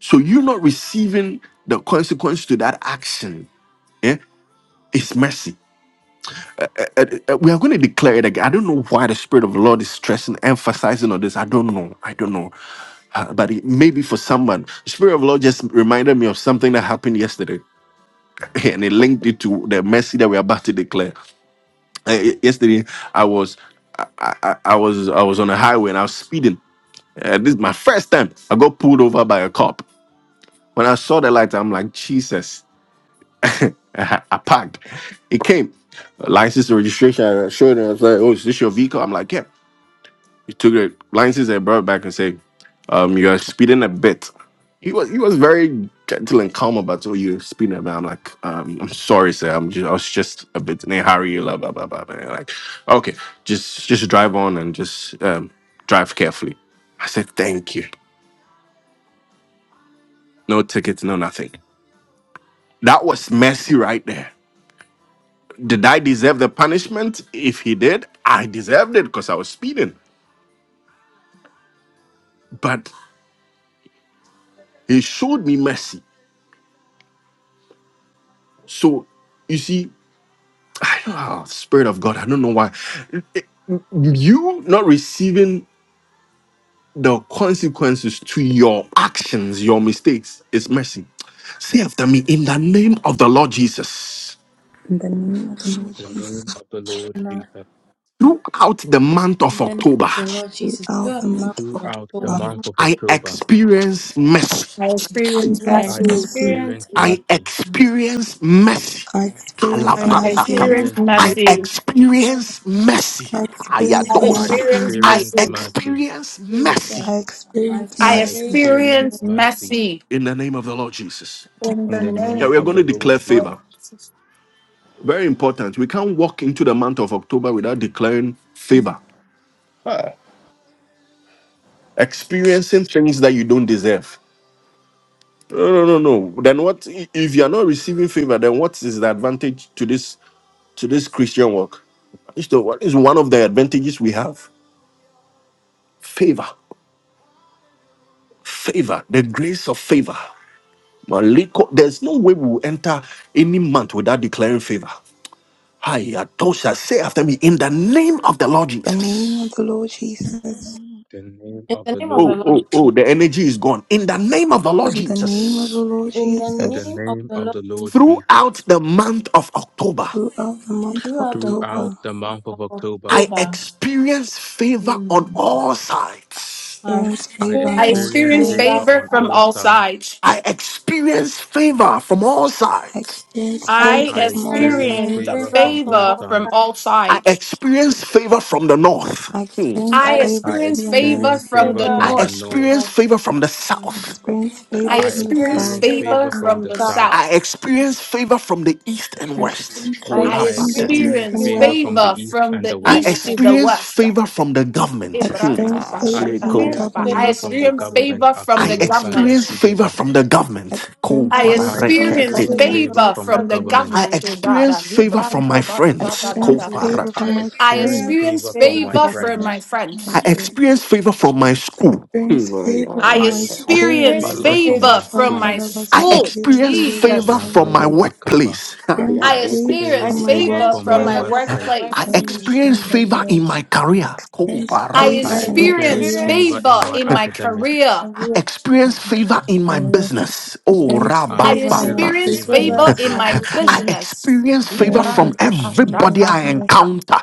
[SPEAKER 1] So you not receiving the consequence to that action, eh, is mercy. Uh, uh, we are going to declare it again. I don't know why the Spirit of the Lord is stressing, emphasizing on this. I don't know. I don't know. Uh, but it, maybe for someone, the Spirit of the Lord just reminded me of something that happened yesterday, and it linked it to the mercy that we're about to declare. Uh, y- yesterday, I was I, I, I was I was on a highway and I was speeding Uh, this is my first time I got pulled over by a cop. When I saw the light, I'm like, Jesus, I parked. He came, Uh, license and registration. I showed him, I was like, oh, is this your vehicle? I'm like, yeah. He took the license and brought it back and said, um, you're speeding a bit. He was he was very gentle and calm about oh you're speeding a bit. I'm like, um, I'm sorry, sir. I'm just I was just a bit in a hurry, blah blah blah blah. blah. Like, okay, just just drive on and just um, drive carefully. I said, thank you. No tickets, no nothing. That was mercy right there. Did I deserve the punishment? If he did, I deserved it because I was speeding. But he showed me mercy. So you see, I don't know, Spirit of God, I don't know why. You not receiving the consequences to your actions, your mistakes, is mercy. Say after me, in the name of the Lord Jesus,
[SPEAKER 2] name of the Lord
[SPEAKER 8] The
[SPEAKER 2] Jesus.
[SPEAKER 8] name of the Lord
[SPEAKER 4] And uh,
[SPEAKER 8] Jesus.
[SPEAKER 1] throughout the month of
[SPEAKER 4] in the name of
[SPEAKER 1] October,
[SPEAKER 4] the Lord Jesus, throughout the
[SPEAKER 2] Almighty
[SPEAKER 4] month of
[SPEAKER 8] Throughout the
[SPEAKER 4] October,
[SPEAKER 2] God,
[SPEAKER 8] month of
[SPEAKER 1] I
[SPEAKER 8] October,
[SPEAKER 1] experience mercy.
[SPEAKER 5] I experience
[SPEAKER 2] I
[SPEAKER 4] I
[SPEAKER 2] experience
[SPEAKER 8] I
[SPEAKER 5] mercy.
[SPEAKER 2] mercy.
[SPEAKER 4] experienced
[SPEAKER 8] experienced
[SPEAKER 1] I
[SPEAKER 8] mercy.
[SPEAKER 4] mercy.
[SPEAKER 1] experience mercy.
[SPEAKER 2] I experience
[SPEAKER 4] I
[SPEAKER 8] I
[SPEAKER 5] I
[SPEAKER 1] Alabadaka.
[SPEAKER 2] mercy.
[SPEAKER 5] experience
[SPEAKER 4] experienced
[SPEAKER 8] experienced
[SPEAKER 4] mercy.
[SPEAKER 1] I
[SPEAKER 8] mercy.
[SPEAKER 5] mercy.
[SPEAKER 1] experience mercy.
[SPEAKER 2] I
[SPEAKER 4] I
[SPEAKER 5] I
[SPEAKER 2] experience
[SPEAKER 8] I
[SPEAKER 4] experienced
[SPEAKER 1] Ayadosa.
[SPEAKER 5] experience
[SPEAKER 2] mercy.
[SPEAKER 4] mercy.
[SPEAKER 1] I
[SPEAKER 8] experienced
[SPEAKER 5] mercy.
[SPEAKER 8] mercy.
[SPEAKER 1] experience
[SPEAKER 4] Jesus,
[SPEAKER 1] mercy
[SPEAKER 2] I
[SPEAKER 4] I
[SPEAKER 2] experience
[SPEAKER 5] I
[SPEAKER 8] I
[SPEAKER 4] experience
[SPEAKER 2] mercy.
[SPEAKER 8] experienced
[SPEAKER 5] experience
[SPEAKER 4] mercy
[SPEAKER 8] mercy
[SPEAKER 5] mercy
[SPEAKER 1] in the name of the Lord Jesus.
[SPEAKER 5] in
[SPEAKER 8] in
[SPEAKER 5] the
[SPEAKER 4] in the
[SPEAKER 8] the
[SPEAKER 4] name of
[SPEAKER 1] Yeah,
[SPEAKER 8] name
[SPEAKER 1] we are
[SPEAKER 4] the
[SPEAKER 5] name
[SPEAKER 8] of
[SPEAKER 1] going
[SPEAKER 8] the
[SPEAKER 1] to
[SPEAKER 4] Lord.
[SPEAKER 8] Lord
[SPEAKER 1] declare
[SPEAKER 8] Jesus.
[SPEAKER 5] of
[SPEAKER 1] favor.
[SPEAKER 5] Jesus.
[SPEAKER 1] Very important. We can't walk into the month of October without declaring favor, experiencing things that you don't deserve. No, no, no, no. Then what? If you are not receiving favor, then what is the advantage to this to this Christian work? It's the- what is one of the advantages we have? Favor, favor, the grace of favor. Maliko, there's no way we will enter any month without declaring favor. Hi, Adosha, say after me, in the name of the Lord
[SPEAKER 2] The name of
[SPEAKER 1] Jesus.
[SPEAKER 2] the Lord Jesus.
[SPEAKER 8] the name
[SPEAKER 4] In
[SPEAKER 8] of
[SPEAKER 4] the
[SPEAKER 8] the
[SPEAKER 4] name of the
[SPEAKER 8] Lord
[SPEAKER 1] Oh,
[SPEAKER 4] Lord
[SPEAKER 1] oh,
[SPEAKER 8] Jesus,
[SPEAKER 1] oh,
[SPEAKER 4] Jesus.
[SPEAKER 1] the energy is gone. In the name of the Lord
[SPEAKER 2] In the name of the
[SPEAKER 1] Jesus.
[SPEAKER 2] Lord
[SPEAKER 4] In the
[SPEAKER 8] in the
[SPEAKER 2] Jesus.
[SPEAKER 4] name of
[SPEAKER 8] name
[SPEAKER 4] the
[SPEAKER 8] of
[SPEAKER 4] Lord
[SPEAKER 8] the Lord
[SPEAKER 4] Jesus,
[SPEAKER 8] Jesus.
[SPEAKER 1] Throughout the month of October,
[SPEAKER 2] Throughout the month of
[SPEAKER 4] throughout the
[SPEAKER 8] Throughout
[SPEAKER 4] month
[SPEAKER 2] October,
[SPEAKER 8] the month
[SPEAKER 4] of
[SPEAKER 8] of October,
[SPEAKER 1] I
[SPEAKER 4] October,
[SPEAKER 1] experience favor
[SPEAKER 4] hmm,
[SPEAKER 1] on all sides.
[SPEAKER 4] I
[SPEAKER 2] experience
[SPEAKER 8] I
[SPEAKER 2] favor on
[SPEAKER 5] I
[SPEAKER 2] all
[SPEAKER 4] experienced
[SPEAKER 8] experienced
[SPEAKER 5] experience
[SPEAKER 8] favor
[SPEAKER 4] favor
[SPEAKER 2] sides.
[SPEAKER 5] favor
[SPEAKER 8] on
[SPEAKER 4] from
[SPEAKER 5] from
[SPEAKER 8] all
[SPEAKER 5] all
[SPEAKER 4] all sides.
[SPEAKER 8] sides.
[SPEAKER 5] sides.
[SPEAKER 1] I experience favor from all
[SPEAKER 2] I
[SPEAKER 1] sides.
[SPEAKER 2] experience
[SPEAKER 4] I
[SPEAKER 5] I
[SPEAKER 2] favor
[SPEAKER 8] I
[SPEAKER 2] from all
[SPEAKER 8] experienced
[SPEAKER 4] experienced
[SPEAKER 5] experience
[SPEAKER 2] sides.
[SPEAKER 8] favor
[SPEAKER 4] favor
[SPEAKER 8] from
[SPEAKER 4] from
[SPEAKER 8] all
[SPEAKER 5] favor
[SPEAKER 4] all
[SPEAKER 5] from
[SPEAKER 8] sides.
[SPEAKER 4] sides.
[SPEAKER 5] all
[SPEAKER 1] I
[SPEAKER 5] sides.
[SPEAKER 1] experience favor from the north.
[SPEAKER 2] I
[SPEAKER 1] Hmm.
[SPEAKER 2] experience
[SPEAKER 5] I
[SPEAKER 4] I
[SPEAKER 2] favor
[SPEAKER 8] I
[SPEAKER 4] experienced
[SPEAKER 2] from
[SPEAKER 5] experience
[SPEAKER 2] the
[SPEAKER 5] favor
[SPEAKER 8] experienced
[SPEAKER 2] north.
[SPEAKER 5] from
[SPEAKER 8] favor
[SPEAKER 5] the
[SPEAKER 4] favor from
[SPEAKER 1] I
[SPEAKER 8] from the
[SPEAKER 5] north.
[SPEAKER 4] the
[SPEAKER 8] north.
[SPEAKER 1] experience
[SPEAKER 4] Lord.
[SPEAKER 1] favor from the
[SPEAKER 2] I
[SPEAKER 4] Hmm.
[SPEAKER 1] south.
[SPEAKER 2] experience
[SPEAKER 4] I
[SPEAKER 2] favor
[SPEAKER 5] I
[SPEAKER 8] I
[SPEAKER 2] from the
[SPEAKER 5] experience
[SPEAKER 4] experienced
[SPEAKER 8] experienced
[SPEAKER 2] south.
[SPEAKER 4] favor
[SPEAKER 5] favor
[SPEAKER 8] favor
[SPEAKER 4] from the
[SPEAKER 8] from
[SPEAKER 5] from
[SPEAKER 8] the
[SPEAKER 5] the
[SPEAKER 4] south.
[SPEAKER 8] south.
[SPEAKER 1] I
[SPEAKER 5] south.
[SPEAKER 1] experience favor from the east and
[SPEAKER 2] I
[SPEAKER 1] west.
[SPEAKER 2] experience
[SPEAKER 4] I
[SPEAKER 5] I
[SPEAKER 2] favor
[SPEAKER 8] I
[SPEAKER 2] from
[SPEAKER 1] Kolabate.
[SPEAKER 2] the
[SPEAKER 4] experienced
[SPEAKER 8] experienced
[SPEAKER 2] east
[SPEAKER 5] experience
[SPEAKER 2] and
[SPEAKER 4] favor
[SPEAKER 8] favor
[SPEAKER 2] west.
[SPEAKER 8] from
[SPEAKER 4] from the
[SPEAKER 8] the
[SPEAKER 5] favor
[SPEAKER 4] east
[SPEAKER 8] east
[SPEAKER 5] from
[SPEAKER 8] and the
[SPEAKER 5] the
[SPEAKER 1] I
[SPEAKER 4] and
[SPEAKER 8] west.
[SPEAKER 5] east to
[SPEAKER 4] west.
[SPEAKER 5] the
[SPEAKER 1] experience
[SPEAKER 5] west.
[SPEAKER 1] favor from the government.
[SPEAKER 2] I
[SPEAKER 1] Hmm.
[SPEAKER 2] experience
[SPEAKER 1] Ah,
[SPEAKER 8] I
[SPEAKER 4] I
[SPEAKER 2] favor from the
[SPEAKER 1] leko.
[SPEAKER 4] experienced
[SPEAKER 8] experienced
[SPEAKER 5] I
[SPEAKER 4] favor
[SPEAKER 8] favor
[SPEAKER 2] government.
[SPEAKER 4] from
[SPEAKER 8] from
[SPEAKER 4] the
[SPEAKER 8] the
[SPEAKER 5] experience
[SPEAKER 4] government.
[SPEAKER 8] government.
[SPEAKER 5] favor from the
[SPEAKER 1] I
[SPEAKER 8] Akoroba
[SPEAKER 5] government.
[SPEAKER 1] experience favor
[SPEAKER 8] lekideba.
[SPEAKER 1] from the
[SPEAKER 2] I
[SPEAKER 1] government.
[SPEAKER 2] experience
[SPEAKER 5] I
[SPEAKER 4] My
[SPEAKER 8] I
[SPEAKER 2] favor from the
[SPEAKER 4] experience
[SPEAKER 5] experience
[SPEAKER 8] experienced
[SPEAKER 5] favor
[SPEAKER 1] Kobareketik.
[SPEAKER 4] favor
[SPEAKER 2] government.
[SPEAKER 8] favor
[SPEAKER 4] from the
[SPEAKER 8] from the
[SPEAKER 5] from the
[SPEAKER 4] government.
[SPEAKER 8] government.
[SPEAKER 1] I
[SPEAKER 5] government.
[SPEAKER 1] experience favor from my
[SPEAKER 2] I
[SPEAKER 5] oh
[SPEAKER 1] friends.
[SPEAKER 4] Thank you,
[SPEAKER 2] experience
[SPEAKER 5] God.
[SPEAKER 4] Jesus.
[SPEAKER 2] favor
[SPEAKER 1] Kobarat.
[SPEAKER 8] I
[SPEAKER 4] I
[SPEAKER 2] from my
[SPEAKER 5] I
[SPEAKER 8] experienced
[SPEAKER 4] experience
[SPEAKER 5] experience
[SPEAKER 2] friends.
[SPEAKER 8] favor from
[SPEAKER 4] favor
[SPEAKER 8] my
[SPEAKER 5] favor
[SPEAKER 4] from
[SPEAKER 5] from
[SPEAKER 4] my
[SPEAKER 8] friends.
[SPEAKER 5] my
[SPEAKER 2] I
[SPEAKER 1] I
[SPEAKER 5] friends.
[SPEAKER 1] experience favor from my school. Hmm,
[SPEAKER 2] experience
[SPEAKER 1] ah,
[SPEAKER 2] favor
[SPEAKER 5] I
[SPEAKER 1] yeah.
[SPEAKER 2] from
[SPEAKER 8] I
[SPEAKER 2] my
[SPEAKER 4] I
[SPEAKER 8] experience
[SPEAKER 2] school.
[SPEAKER 4] experience
[SPEAKER 5] experience
[SPEAKER 8] favor
[SPEAKER 1] Vale.
[SPEAKER 8] from
[SPEAKER 5] favor
[SPEAKER 4] favor
[SPEAKER 8] my
[SPEAKER 4] from
[SPEAKER 5] from
[SPEAKER 4] my
[SPEAKER 8] school,
[SPEAKER 5] my
[SPEAKER 1] I
[SPEAKER 5] school.
[SPEAKER 2] Ashantarabasiki and
[SPEAKER 1] experience favor
[SPEAKER 5] Jesus.
[SPEAKER 8] Kalaba
[SPEAKER 1] from my
[SPEAKER 2] Devashandere.
[SPEAKER 8] Roba Kaba.
[SPEAKER 1] workplace. Ah, yeah,
[SPEAKER 2] Experience
[SPEAKER 8] I
[SPEAKER 5] I
[SPEAKER 1] that goes.
[SPEAKER 2] favor
[SPEAKER 4] I
[SPEAKER 8] experience
[SPEAKER 5] experience
[SPEAKER 2] from my
[SPEAKER 8] favor
[SPEAKER 5] favor
[SPEAKER 4] experience
[SPEAKER 8] from
[SPEAKER 5] from
[SPEAKER 8] my
[SPEAKER 5] my
[SPEAKER 4] favor from
[SPEAKER 2] workplace.
[SPEAKER 4] my
[SPEAKER 8] workplace.
[SPEAKER 1] I
[SPEAKER 5] workplace.
[SPEAKER 4] workplace.
[SPEAKER 1] experience favor
[SPEAKER 2] Adamashandabaya.
[SPEAKER 1] in my career.
[SPEAKER 2] Experience
[SPEAKER 5] I
[SPEAKER 8] I
[SPEAKER 2] favor
[SPEAKER 1] Kobaragos.
[SPEAKER 4] I
[SPEAKER 2] in my
[SPEAKER 8] experience
[SPEAKER 5] experience
[SPEAKER 2] career.
[SPEAKER 8] favor
[SPEAKER 4] experience
[SPEAKER 8] in
[SPEAKER 5] favor
[SPEAKER 8] my
[SPEAKER 5] in
[SPEAKER 4] favor
[SPEAKER 5] my
[SPEAKER 4] in
[SPEAKER 8] academics.
[SPEAKER 5] career.
[SPEAKER 4] my career.
[SPEAKER 1] experience favor in my business. Oh,
[SPEAKER 2] Experience
[SPEAKER 4] I
[SPEAKER 8] I
[SPEAKER 5] I
[SPEAKER 1] rabba,
[SPEAKER 2] favor in my
[SPEAKER 8] experience
[SPEAKER 4] experience
[SPEAKER 5] experience
[SPEAKER 8] favor in
[SPEAKER 4] favor
[SPEAKER 5] favor
[SPEAKER 8] my
[SPEAKER 4] in
[SPEAKER 2] business.
[SPEAKER 5] in
[SPEAKER 4] my
[SPEAKER 5] my
[SPEAKER 8] business.
[SPEAKER 1] I
[SPEAKER 4] business.
[SPEAKER 5] business.
[SPEAKER 1] experience favor from everybody I
[SPEAKER 2] Devashandere.
[SPEAKER 1] encounter.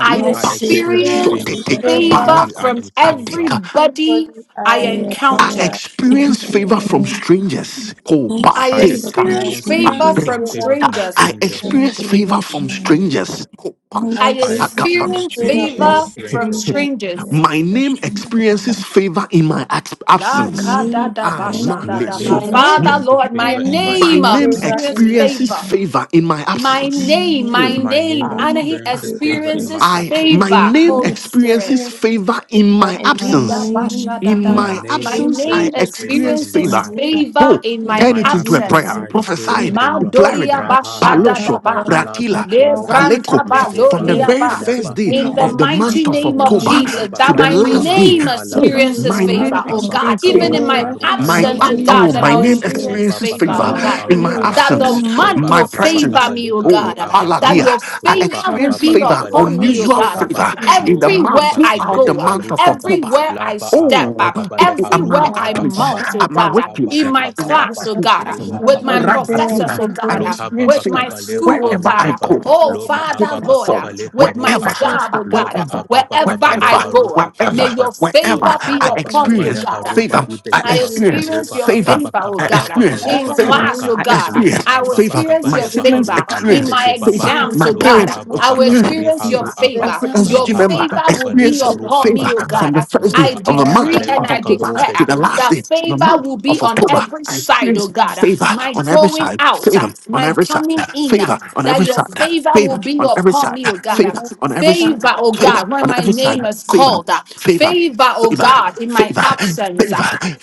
[SPEAKER 5] I
[SPEAKER 4] I
[SPEAKER 8] I
[SPEAKER 2] Receive
[SPEAKER 8] experience
[SPEAKER 2] from
[SPEAKER 4] experience
[SPEAKER 5] experience
[SPEAKER 8] favor from
[SPEAKER 1] shotete,
[SPEAKER 2] everybody and
[SPEAKER 4] favor
[SPEAKER 5] favor
[SPEAKER 8] everybody
[SPEAKER 1] palago,
[SPEAKER 8] I
[SPEAKER 5] from
[SPEAKER 2] comes
[SPEAKER 8] encounter.
[SPEAKER 1] pateka.
[SPEAKER 5] everybody
[SPEAKER 4] everybody
[SPEAKER 5] I
[SPEAKER 4] I
[SPEAKER 2] to
[SPEAKER 1] I
[SPEAKER 2] everyone
[SPEAKER 5] encounter.
[SPEAKER 4] encounter.
[SPEAKER 2] and
[SPEAKER 1] experience favor from
[SPEAKER 2] everyone.
[SPEAKER 1] strangers. Ko,
[SPEAKER 2] And
[SPEAKER 1] pa,
[SPEAKER 5] I
[SPEAKER 8] I
[SPEAKER 1] te,
[SPEAKER 2] favor from
[SPEAKER 4] I
[SPEAKER 1] to,
[SPEAKER 5] experience
[SPEAKER 8] experience
[SPEAKER 1] pa,
[SPEAKER 8] favor
[SPEAKER 5] favor
[SPEAKER 4] experience
[SPEAKER 2] strangers
[SPEAKER 8] from
[SPEAKER 5] from
[SPEAKER 8] favor
[SPEAKER 4] favor
[SPEAKER 8] from
[SPEAKER 4] from my
[SPEAKER 1] I
[SPEAKER 5] strangers.
[SPEAKER 4] friends.
[SPEAKER 8] strangers.
[SPEAKER 2] and
[SPEAKER 1] experience favor from
[SPEAKER 2] devotion.
[SPEAKER 1] strangers. Ko, pa,
[SPEAKER 4] I
[SPEAKER 2] And
[SPEAKER 5] I
[SPEAKER 1] ta,
[SPEAKER 4] experience
[SPEAKER 8] I
[SPEAKER 2] favor
[SPEAKER 1] pa,
[SPEAKER 2] from
[SPEAKER 1] pa.
[SPEAKER 8] experience
[SPEAKER 5] experience
[SPEAKER 4] favor
[SPEAKER 8] favor from
[SPEAKER 4] from
[SPEAKER 5] favor
[SPEAKER 2] strangers
[SPEAKER 5] from
[SPEAKER 8] strangers.
[SPEAKER 4] strangers.
[SPEAKER 2] and
[SPEAKER 5] strangers.
[SPEAKER 1] My name
[SPEAKER 2] devotion of
[SPEAKER 1] experiences
[SPEAKER 2] Allah.
[SPEAKER 1] favor in my abs-
[SPEAKER 5] La
[SPEAKER 2] My
[SPEAKER 1] absence.
[SPEAKER 5] ka da
[SPEAKER 2] name is
[SPEAKER 5] da
[SPEAKER 1] Ah,
[SPEAKER 5] ba sha
[SPEAKER 2] spent
[SPEAKER 5] da
[SPEAKER 8] My
[SPEAKER 1] man,
[SPEAKER 5] da ba.
[SPEAKER 4] My
[SPEAKER 1] so.
[SPEAKER 8] name
[SPEAKER 2] favor
[SPEAKER 4] name
[SPEAKER 2] in
[SPEAKER 5] Father,
[SPEAKER 2] my
[SPEAKER 8] experiences
[SPEAKER 5] Lord, my
[SPEAKER 8] favor in
[SPEAKER 2] husband.
[SPEAKER 8] my
[SPEAKER 4] experiences
[SPEAKER 1] My
[SPEAKER 5] name
[SPEAKER 2] But
[SPEAKER 1] name
[SPEAKER 8] absence.
[SPEAKER 2] God,
[SPEAKER 4] favor
[SPEAKER 5] experience
[SPEAKER 4] in my
[SPEAKER 1] experiences
[SPEAKER 5] favor.
[SPEAKER 2] my
[SPEAKER 1] favor in my
[SPEAKER 5] My
[SPEAKER 1] absence.
[SPEAKER 5] name,
[SPEAKER 1] Hmm.
[SPEAKER 5] my
[SPEAKER 2] name is
[SPEAKER 8] My name
[SPEAKER 5] name,
[SPEAKER 1] Ah.
[SPEAKER 5] and
[SPEAKER 2] spent
[SPEAKER 5] he
[SPEAKER 8] experiences favor
[SPEAKER 2] favor.
[SPEAKER 8] in my
[SPEAKER 5] experiences
[SPEAKER 1] I
[SPEAKER 8] absence.
[SPEAKER 1] my
[SPEAKER 4] my
[SPEAKER 5] favor.
[SPEAKER 1] name
[SPEAKER 4] name
[SPEAKER 5] Holy Spirit.
[SPEAKER 1] experiences
[SPEAKER 4] experiences
[SPEAKER 1] favor in
[SPEAKER 4] favor
[SPEAKER 1] my
[SPEAKER 4] in
[SPEAKER 2] My
[SPEAKER 4] my eyes.
[SPEAKER 1] absence.
[SPEAKER 2] name is
[SPEAKER 1] In
[SPEAKER 2] spent
[SPEAKER 8] My
[SPEAKER 1] my
[SPEAKER 5] Nidabashadadaba.
[SPEAKER 8] name
[SPEAKER 4] Fear
[SPEAKER 5] My
[SPEAKER 1] absence,
[SPEAKER 4] of
[SPEAKER 1] I
[SPEAKER 2] favor.
[SPEAKER 5] name
[SPEAKER 4] God,
[SPEAKER 8] experiences
[SPEAKER 2] in
[SPEAKER 4] My
[SPEAKER 2] My
[SPEAKER 8] favor
[SPEAKER 1] experience
[SPEAKER 8] in my
[SPEAKER 4] my
[SPEAKER 1] favor.
[SPEAKER 5] experiences
[SPEAKER 4] name
[SPEAKER 8] absence.
[SPEAKER 5] favor
[SPEAKER 1] Oh,
[SPEAKER 5] in
[SPEAKER 8] In
[SPEAKER 5] my
[SPEAKER 2] husband.
[SPEAKER 1] turn
[SPEAKER 8] my
[SPEAKER 2] My
[SPEAKER 1] it into
[SPEAKER 4] experiences
[SPEAKER 1] a
[SPEAKER 2] name is
[SPEAKER 8] absence,
[SPEAKER 1] prayer.
[SPEAKER 5] absence.
[SPEAKER 4] favor
[SPEAKER 8] I
[SPEAKER 2] spent Is
[SPEAKER 8] experience
[SPEAKER 1] Prophesy
[SPEAKER 2] favor.
[SPEAKER 1] it,
[SPEAKER 4] in my
[SPEAKER 8] favor.
[SPEAKER 1] declare it.
[SPEAKER 5] Madoria
[SPEAKER 4] eyes.
[SPEAKER 8] Rahala
[SPEAKER 2] Now,
[SPEAKER 1] Palosho,
[SPEAKER 4] My
[SPEAKER 8] bakalaba
[SPEAKER 2] Lord,
[SPEAKER 4] name
[SPEAKER 8] kalaba
[SPEAKER 2] I
[SPEAKER 1] Ratila,
[SPEAKER 2] pray
[SPEAKER 4] Kappa,
[SPEAKER 2] for
[SPEAKER 8] koroba
[SPEAKER 1] Paleko.
[SPEAKER 4] David,
[SPEAKER 2] I
[SPEAKER 8] lehe
[SPEAKER 1] From the
[SPEAKER 4] Yim,
[SPEAKER 2] declare
[SPEAKER 8] baru
[SPEAKER 1] very
[SPEAKER 2] that
[SPEAKER 5] Yebrantaba-lodiaba.
[SPEAKER 1] first
[SPEAKER 8] alaba
[SPEAKER 1] day
[SPEAKER 2] even
[SPEAKER 5] In
[SPEAKER 2] my
[SPEAKER 5] the
[SPEAKER 4] Shalom,
[SPEAKER 1] of the
[SPEAKER 8] leki
[SPEAKER 2] actions
[SPEAKER 5] mighty
[SPEAKER 1] month of
[SPEAKER 5] name of
[SPEAKER 8] bakarola
[SPEAKER 1] October
[SPEAKER 2] need
[SPEAKER 4] Shalom,
[SPEAKER 5] Jesus,
[SPEAKER 4] David,
[SPEAKER 8] ababa
[SPEAKER 1] to
[SPEAKER 5] that
[SPEAKER 1] the
[SPEAKER 5] my
[SPEAKER 2] favors,
[SPEAKER 8] kaliba
[SPEAKER 1] last
[SPEAKER 4] David.
[SPEAKER 1] day.
[SPEAKER 5] name
[SPEAKER 8] aruha
[SPEAKER 1] Oh,
[SPEAKER 8] laba
[SPEAKER 2] even
[SPEAKER 4] In
[SPEAKER 5] experiences
[SPEAKER 4] the
[SPEAKER 1] my
[SPEAKER 2] my
[SPEAKER 1] name
[SPEAKER 8] roba
[SPEAKER 5] favor,
[SPEAKER 4] mind
[SPEAKER 5] oh
[SPEAKER 4] of
[SPEAKER 2] actions
[SPEAKER 4] my
[SPEAKER 8] ababa
[SPEAKER 5] God.
[SPEAKER 1] experiences
[SPEAKER 5] Even
[SPEAKER 4] favor,
[SPEAKER 1] favor.
[SPEAKER 5] in
[SPEAKER 8] kabale
[SPEAKER 5] my
[SPEAKER 2] forward,
[SPEAKER 4] wherever
[SPEAKER 8] karu
[SPEAKER 2] I
[SPEAKER 4] my
[SPEAKER 1] My
[SPEAKER 4] name
[SPEAKER 5] absence,
[SPEAKER 8] akaba
[SPEAKER 1] up,
[SPEAKER 5] oh
[SPEAKER 2] need
[SPEAKER 5] God,
[SPEAKER 1] oh,
[SPEAKER 4] is
[SPEAKER 5] that
[SPEAKER 1] my
[SPEAKER 5] I'll
[SPEAKER 8] lahi
[SPEAKER 1] name
[SPEAKER 4] mentioned,
[SPEAKER 2] favors.
[SPEAKER 8] beki
[SPEAKER 5] experience
[SPEAKER 1] experiences
[SPEAKER 8] baba
[SPEAKER 5] favor,
[SPEAKER 2] In
[SPEAKER 1] favor
[SPEAKER 5] oh
[SPEAKER 2] my
[SPEAKER 8] kalaba
[SPEAKER 5] God.
[SPEAKER 1] in my
[SPEAKER 8] aruha
[SPEAKER 4] every
[SPEAKER 2] name, of
[SPEAKER 5] That
[SPEAKER 8] laba
[SPEAKER 5] the
[SPEAKER 4] favor
[SPEAKER 1] absence,
[SPEAKER 2] Jesus,
[SPEAKER 8] leba
[SPEAKER 5] month
[SPEAKER 4] matters
[SPEAKER 1] my
[SPEAKER 5] will
[SPEAKER 4] for
[SPEAKER 8] ababa
[SPEAKER 5] favor
[SPEAKER 1] presence.
[SPEAKER 4] me
[SPEAKER 5] me,
[SPEAKER 8] kabale
[SPEAKER 5] oh
[SPEAKER 4] in the
[SPEAKER 8] karu
[SPEAKER 1] Oh,
[SPEAKER 5] God.
[SPEAKER 4] name of
[SPEAKER 5] That
[SPEAKER 4] Jesus.
[SPEAKER 1] Paladia,
[SPEAKER 8] abakaba
[SPEAKER 5] your
[SPEAKER 1] I
[SPEAKER 8] roba
[SPEAKER 5] favor
[SPEAKER 4] My
[SPEAKER 5] will
[SPEAKER 1] experience
[SPEAKER 8] ababa
[SPEAKER 4] name
[SPEAKER 5] be
[SPEAKER 1] favor,
[SPEAKER 8] kabale
[SPEAKER 5] upon
[SPEAKER 4] experiences
[SPEAKER 5] me,
[SPEAKER 8] haru
[SPEAKER 5] oh
[SPEAKER 1] unusual
[SPEAKER 5] God.
[SPEAKER 4] favor
[SPEAKER 8] akaba
[SPEAKER 1] favor
[SPEAKER 4] in my
[SPEAKER 1] in the
[SPEAKER 8] lora
[SPEAKER 4] eyes.
[SPEAKER 1] month
[SPEAKER 5] Everywhere I
[SPEAKER 8] abaki
[SPEAKER 1] throughout the
[SPEAKER 8] bele
[SPEAKER 5] go, uh,
[SPEAKER 1] month
[SPEAKER 8] haru
[SPEAKER 1] of
[SPEAKER 8] kaba
[SPEAKER 1] October.
[SPEAKER 5] everywhere I
[SPEAKER 8] Laba
[SPEAKER 5] step,
[SPEAKER 8] ababa
[SPEAKER 5] uh,
[SPEAKER 1] Oh, in,
[SPEAKER 8] kabale
[SPEAKER 1] in, at
[SPEAKER 4] And
[SPEAKER 1] my
[SPEAKER 5] everywhere
[SPEAKER 8] haruba
[SPEAKER 5] I
[SPEAKER 1] workplace,
[SPEAKER 8] abakaba.
[SPEAKER 5] mount, oh
[SPEAKER 1] at my
[SPEAKER 5] God. uh,
[SPEAKER 8] Ruha
[SPEAKER 1] workplace,
[SPEAKER 5] In
[SPEAKER 8] baba
[SPEAKER 5] my
[SPEAKER 1] in every
[SPEAKER 5] class,
[SPEAKER 8] kabalaba.
[SPEAKER 5] oh God. uh,
[SPEAKER 4] with
[SPEAKER 1] application,
[SPEAKER 8] Ruha
[SPEAKER 4] your
[SPEAKER 5] With my
[SPEAKER 4] hand
[SPEAKER 8] bakelebe
[SPEAKER 4] there,
[SPEAKER 5] professors,
[SPEAKER 8] kiba.
[SPEAKER 5] oh
[SPEAKER 1] Rabadina, I
[SPEAKER 5] God. uh,
[SPEAKER 4] Kabir,
[SPEAKER 8] lohaba
[SPEAKER 1] experience
[SPEAKER 8] baba
[SPEAKER 5] With my
[SPEAKER 1] favor
[SPEAKER 4] with
[SPEAKER 8] kabaleba
[SPEAKER 5] school, oh
[SPEAKER 4] all
[SPEAKER 1] wherever
[SPEAKER 5] God.
[SPEAKER 1] I
[SPEAKER 5] uh,
[SPEAKER 8] aruhaba.
[SPEAKER 1] go,
[SPEAKER 4] and
[SPEAKER 5] Oh,
[SPEAKER 4] hair and
[SPEAKER 8] Loba
[SPEAKER 1] every
[SPEAKER 4] arm,
[SPEAKER 5] Father,
[SPEAKER 8] ababa
[SPEAKER 5] Lord,
[SPEAKER 1] platform,
[SPEAKER 5] uh,
[SPEAKER 8] kabale
[SPEAKER 5] with
[SPEAKER 4] and
[SPEAKER 8] haru
[SPEAKER 5] my
[SPEAKER 4] the
[SPEAKER 1] wherever,
[SPEAKER 8] aba.
[SPEAKER 4] queen
[SPEAKER 5] job,
[SPEAKER 1] uh,
[SPEAKER 5] oh
[SPEAKER 4] before
[SPEAKER 5] God,
[SPEAKER 8] Loba
[SPEAKER 5] uh,
[SPEAKER 1] wherever
[SPEAKER 8] ababa
[SPEAKER 5] wherever
[SPEAKER 8] kabale
[SPEAKER 5] I
[SPEAKER 1] wherever,
[SPEAKER 4] you,
[SPEAKER 8] haru
[SPEAKER 5] go, uh, may
[SPEAKER 1] wherever,
[SPEAKER 8] akalaba.
[SPEAKER 5] your favor
[SPEAKER 1] wherever
[SPEAKER 4] and
[SPEAKER 8] Loba
[SPEAKER 5] be
[SPEAKER 4] that
[SPEAKER 1] I
[SPEAKER 8] ababa
[SPEAKER 5] upon me, oh
[SPEAKER 8] kabale
[SPEAKER 1] experience
[SPEAKER 4] and
[SPEAKER 5] God. uh,
[SPEAKER 8] haruba
[SPEAKER 1] favor, I
[SPEAKER 5] I
[SPEAKER 8] ibekeba.
[SPEAKER 4] that
[SPEAKER 1] experience
[SPEAKER 5] experience
[SPEAKER 8] Roba
[SPEAKER 5] your
[SPEAKER 1] favor,
[SPEAKER 5] favor,
[SPEAKER 8] ababa
[SPEAKER 5] oh
[SPEAKER 1] I
[SPEAKER 8] kabalaba
[SPEAKER 5] God,
[SPEAKER 1] experience
[SPEAKER 8] haruba
[SPEAKER 5] in
[SPEAKER 4] Wherever my
[SPEAKER 1] favor,
[SPEAKER 5] class,
[SPEAKER 4] name
[SPEAKER 8] abaka.
[SPEAKER 5] oh
[SPEAKER 1] I
[SPEAKER 4] is
[SPEAKER 5] God.
[SPEAKER 8] Loba
[SPEAKER 1] experience
[SPEAKER 5] I will
[SPEAKER 8] ababa
[SPEAKER 1] favor.
[SPEAKER 5] experience
[SPEAKER 1] My
[SPEAKER 8] kabalé
[SPEAKER 5] your
[SPEAKER 4] you
[SPEAKER 8] kabaleba
[SPEAKER 1] siblings
[SPEAKER 8] haru
[SPEAKER 5] favor
[SPEAKER 4] shall
[SPEAKER 5] in
[SPEAKER 1] experience
[SPEAKER 5] my
[SPEAKER 4] answer for
[SPEAKER 8] alibekebaba.
[SPEAKER 1] favor,
[SPEAKER 4] me
[SPEAKER 5] exams, oh
[SPEAKER 1] my
[SPEAKER 4] in the
[SPEAKER 8] Loba
[SPEAKER 1] parents
[SPEAKER 5] God.
[SPEAKER 4] name of
[SPEAKER 5] I
[SPEAKER 8] ababa
[SPEAKER 5] will
[SPEAKER 4] Jesus.
[SPEAKER 8] kabale
[SPEAKER 1] experience
[SPEAKER 5] experience your
[SPEAKER 8] haru
[SPEAKER 1] favor,
[SPEAKER 4] The
[SPEAKER 8] aba.
[SPEAKER 5] favor.
[SPEAKER 1] every
[SPEAKER 4] air
[SPEAKER 5] Your
[SPEAKER 1] SG
[SPEAKER 8] Rahaba
[SPEAKER 1] member
[SPEAKER 5] favor will
[SPEAKER 8] bakabale
[SPEAKER 1] experience
[SPEAKER 5] be
[SPEAKER 4] Shiva,
[SPEAKER 8] haru
[SPEAKER 5] upon me,
[SPEAKER 1] favor
[SPEAKER 5] oh
[SPEAKER 8] abakaba
[SPEAKER 1] from
[SPEAKER 5] God.
[SPEAKER 1] the first day
[SPEAKER 8] Loba
[SPEAKER 5] I
[SPEAKER 1] of the month
[SPEAKER 5] decree and
[SPEAKER 8] abakaleba
[SPEAKER 1] of
[SPEAKER 5] I
[SPEAKER 4] Abraham,
[SPEAKER 1] October
[SPEAKER 4] Jaya,
[SPEAKER 8] karube
[SPEAKER 1] to
[SPEAKER 5] declare
[SPEAKER 1] the last
[SPEAKER 5] that
[SPEAKER 1] day of the
[SPEAKER 5] favor
[SPEAKER 1] month
[SPEAKER 5] will be
[SPEAKER 1] of
[SPEAKER 5] on
[SPEAKER 1] October.
[SPEAKER 5] every
[SPEAKER 1] I pray
[SPEAKER 5] side, oh God.
[SPEAKER 1] favor
[SPEAKER 5] My
[SPEAKER 1] on every
[SPEAKER 5] going
[SPEAKER 1] side,
[SPEAKER 5] out,
[SPEAKER 1] favor on
[SPEAKER 5] my
[SPEAKER 1] every side,
[SPEAKER 5] coming in,
[SPEAKER 1] favor on
[SPEAKER 5] that
[SPEAKER 1] every
[SPEAKER 5] your
[SPEAKER 1] side,
[SPEAKER 5] favor will
[SPEAKER 1] favor
[SPEAKER 5] be
[SPEAKER 1] on every
[SPEAKER 5] upon
[SPEAKER 1] side,
[SPEAKER 5] me, oh God.
[SPEAKER 1] favor
[SPEAKER 4] Abraham,
[SPEAKER 1] on every side,
[SPEAKER 5] Favor, oh
[SPEAKER 4] Shankar,
[SPEAKER 1] favor
[SPEAKER 5] God, when
[SPEAKER 1] on
[SPEAKER 5] my
[SPEAKER 1] every side,
[SPEAKER 5] name is
[SPEAKER 1] favor,
[SPEAKER 5] called.
[SPEAKER 1] favor.
[SPEAKER 5] Favor, oh
[SPEAKER 1] Favor,
[SPEAKER 5] God, in my
[SPEAKER 1] favor, favor,
[SPEAKER 5] absence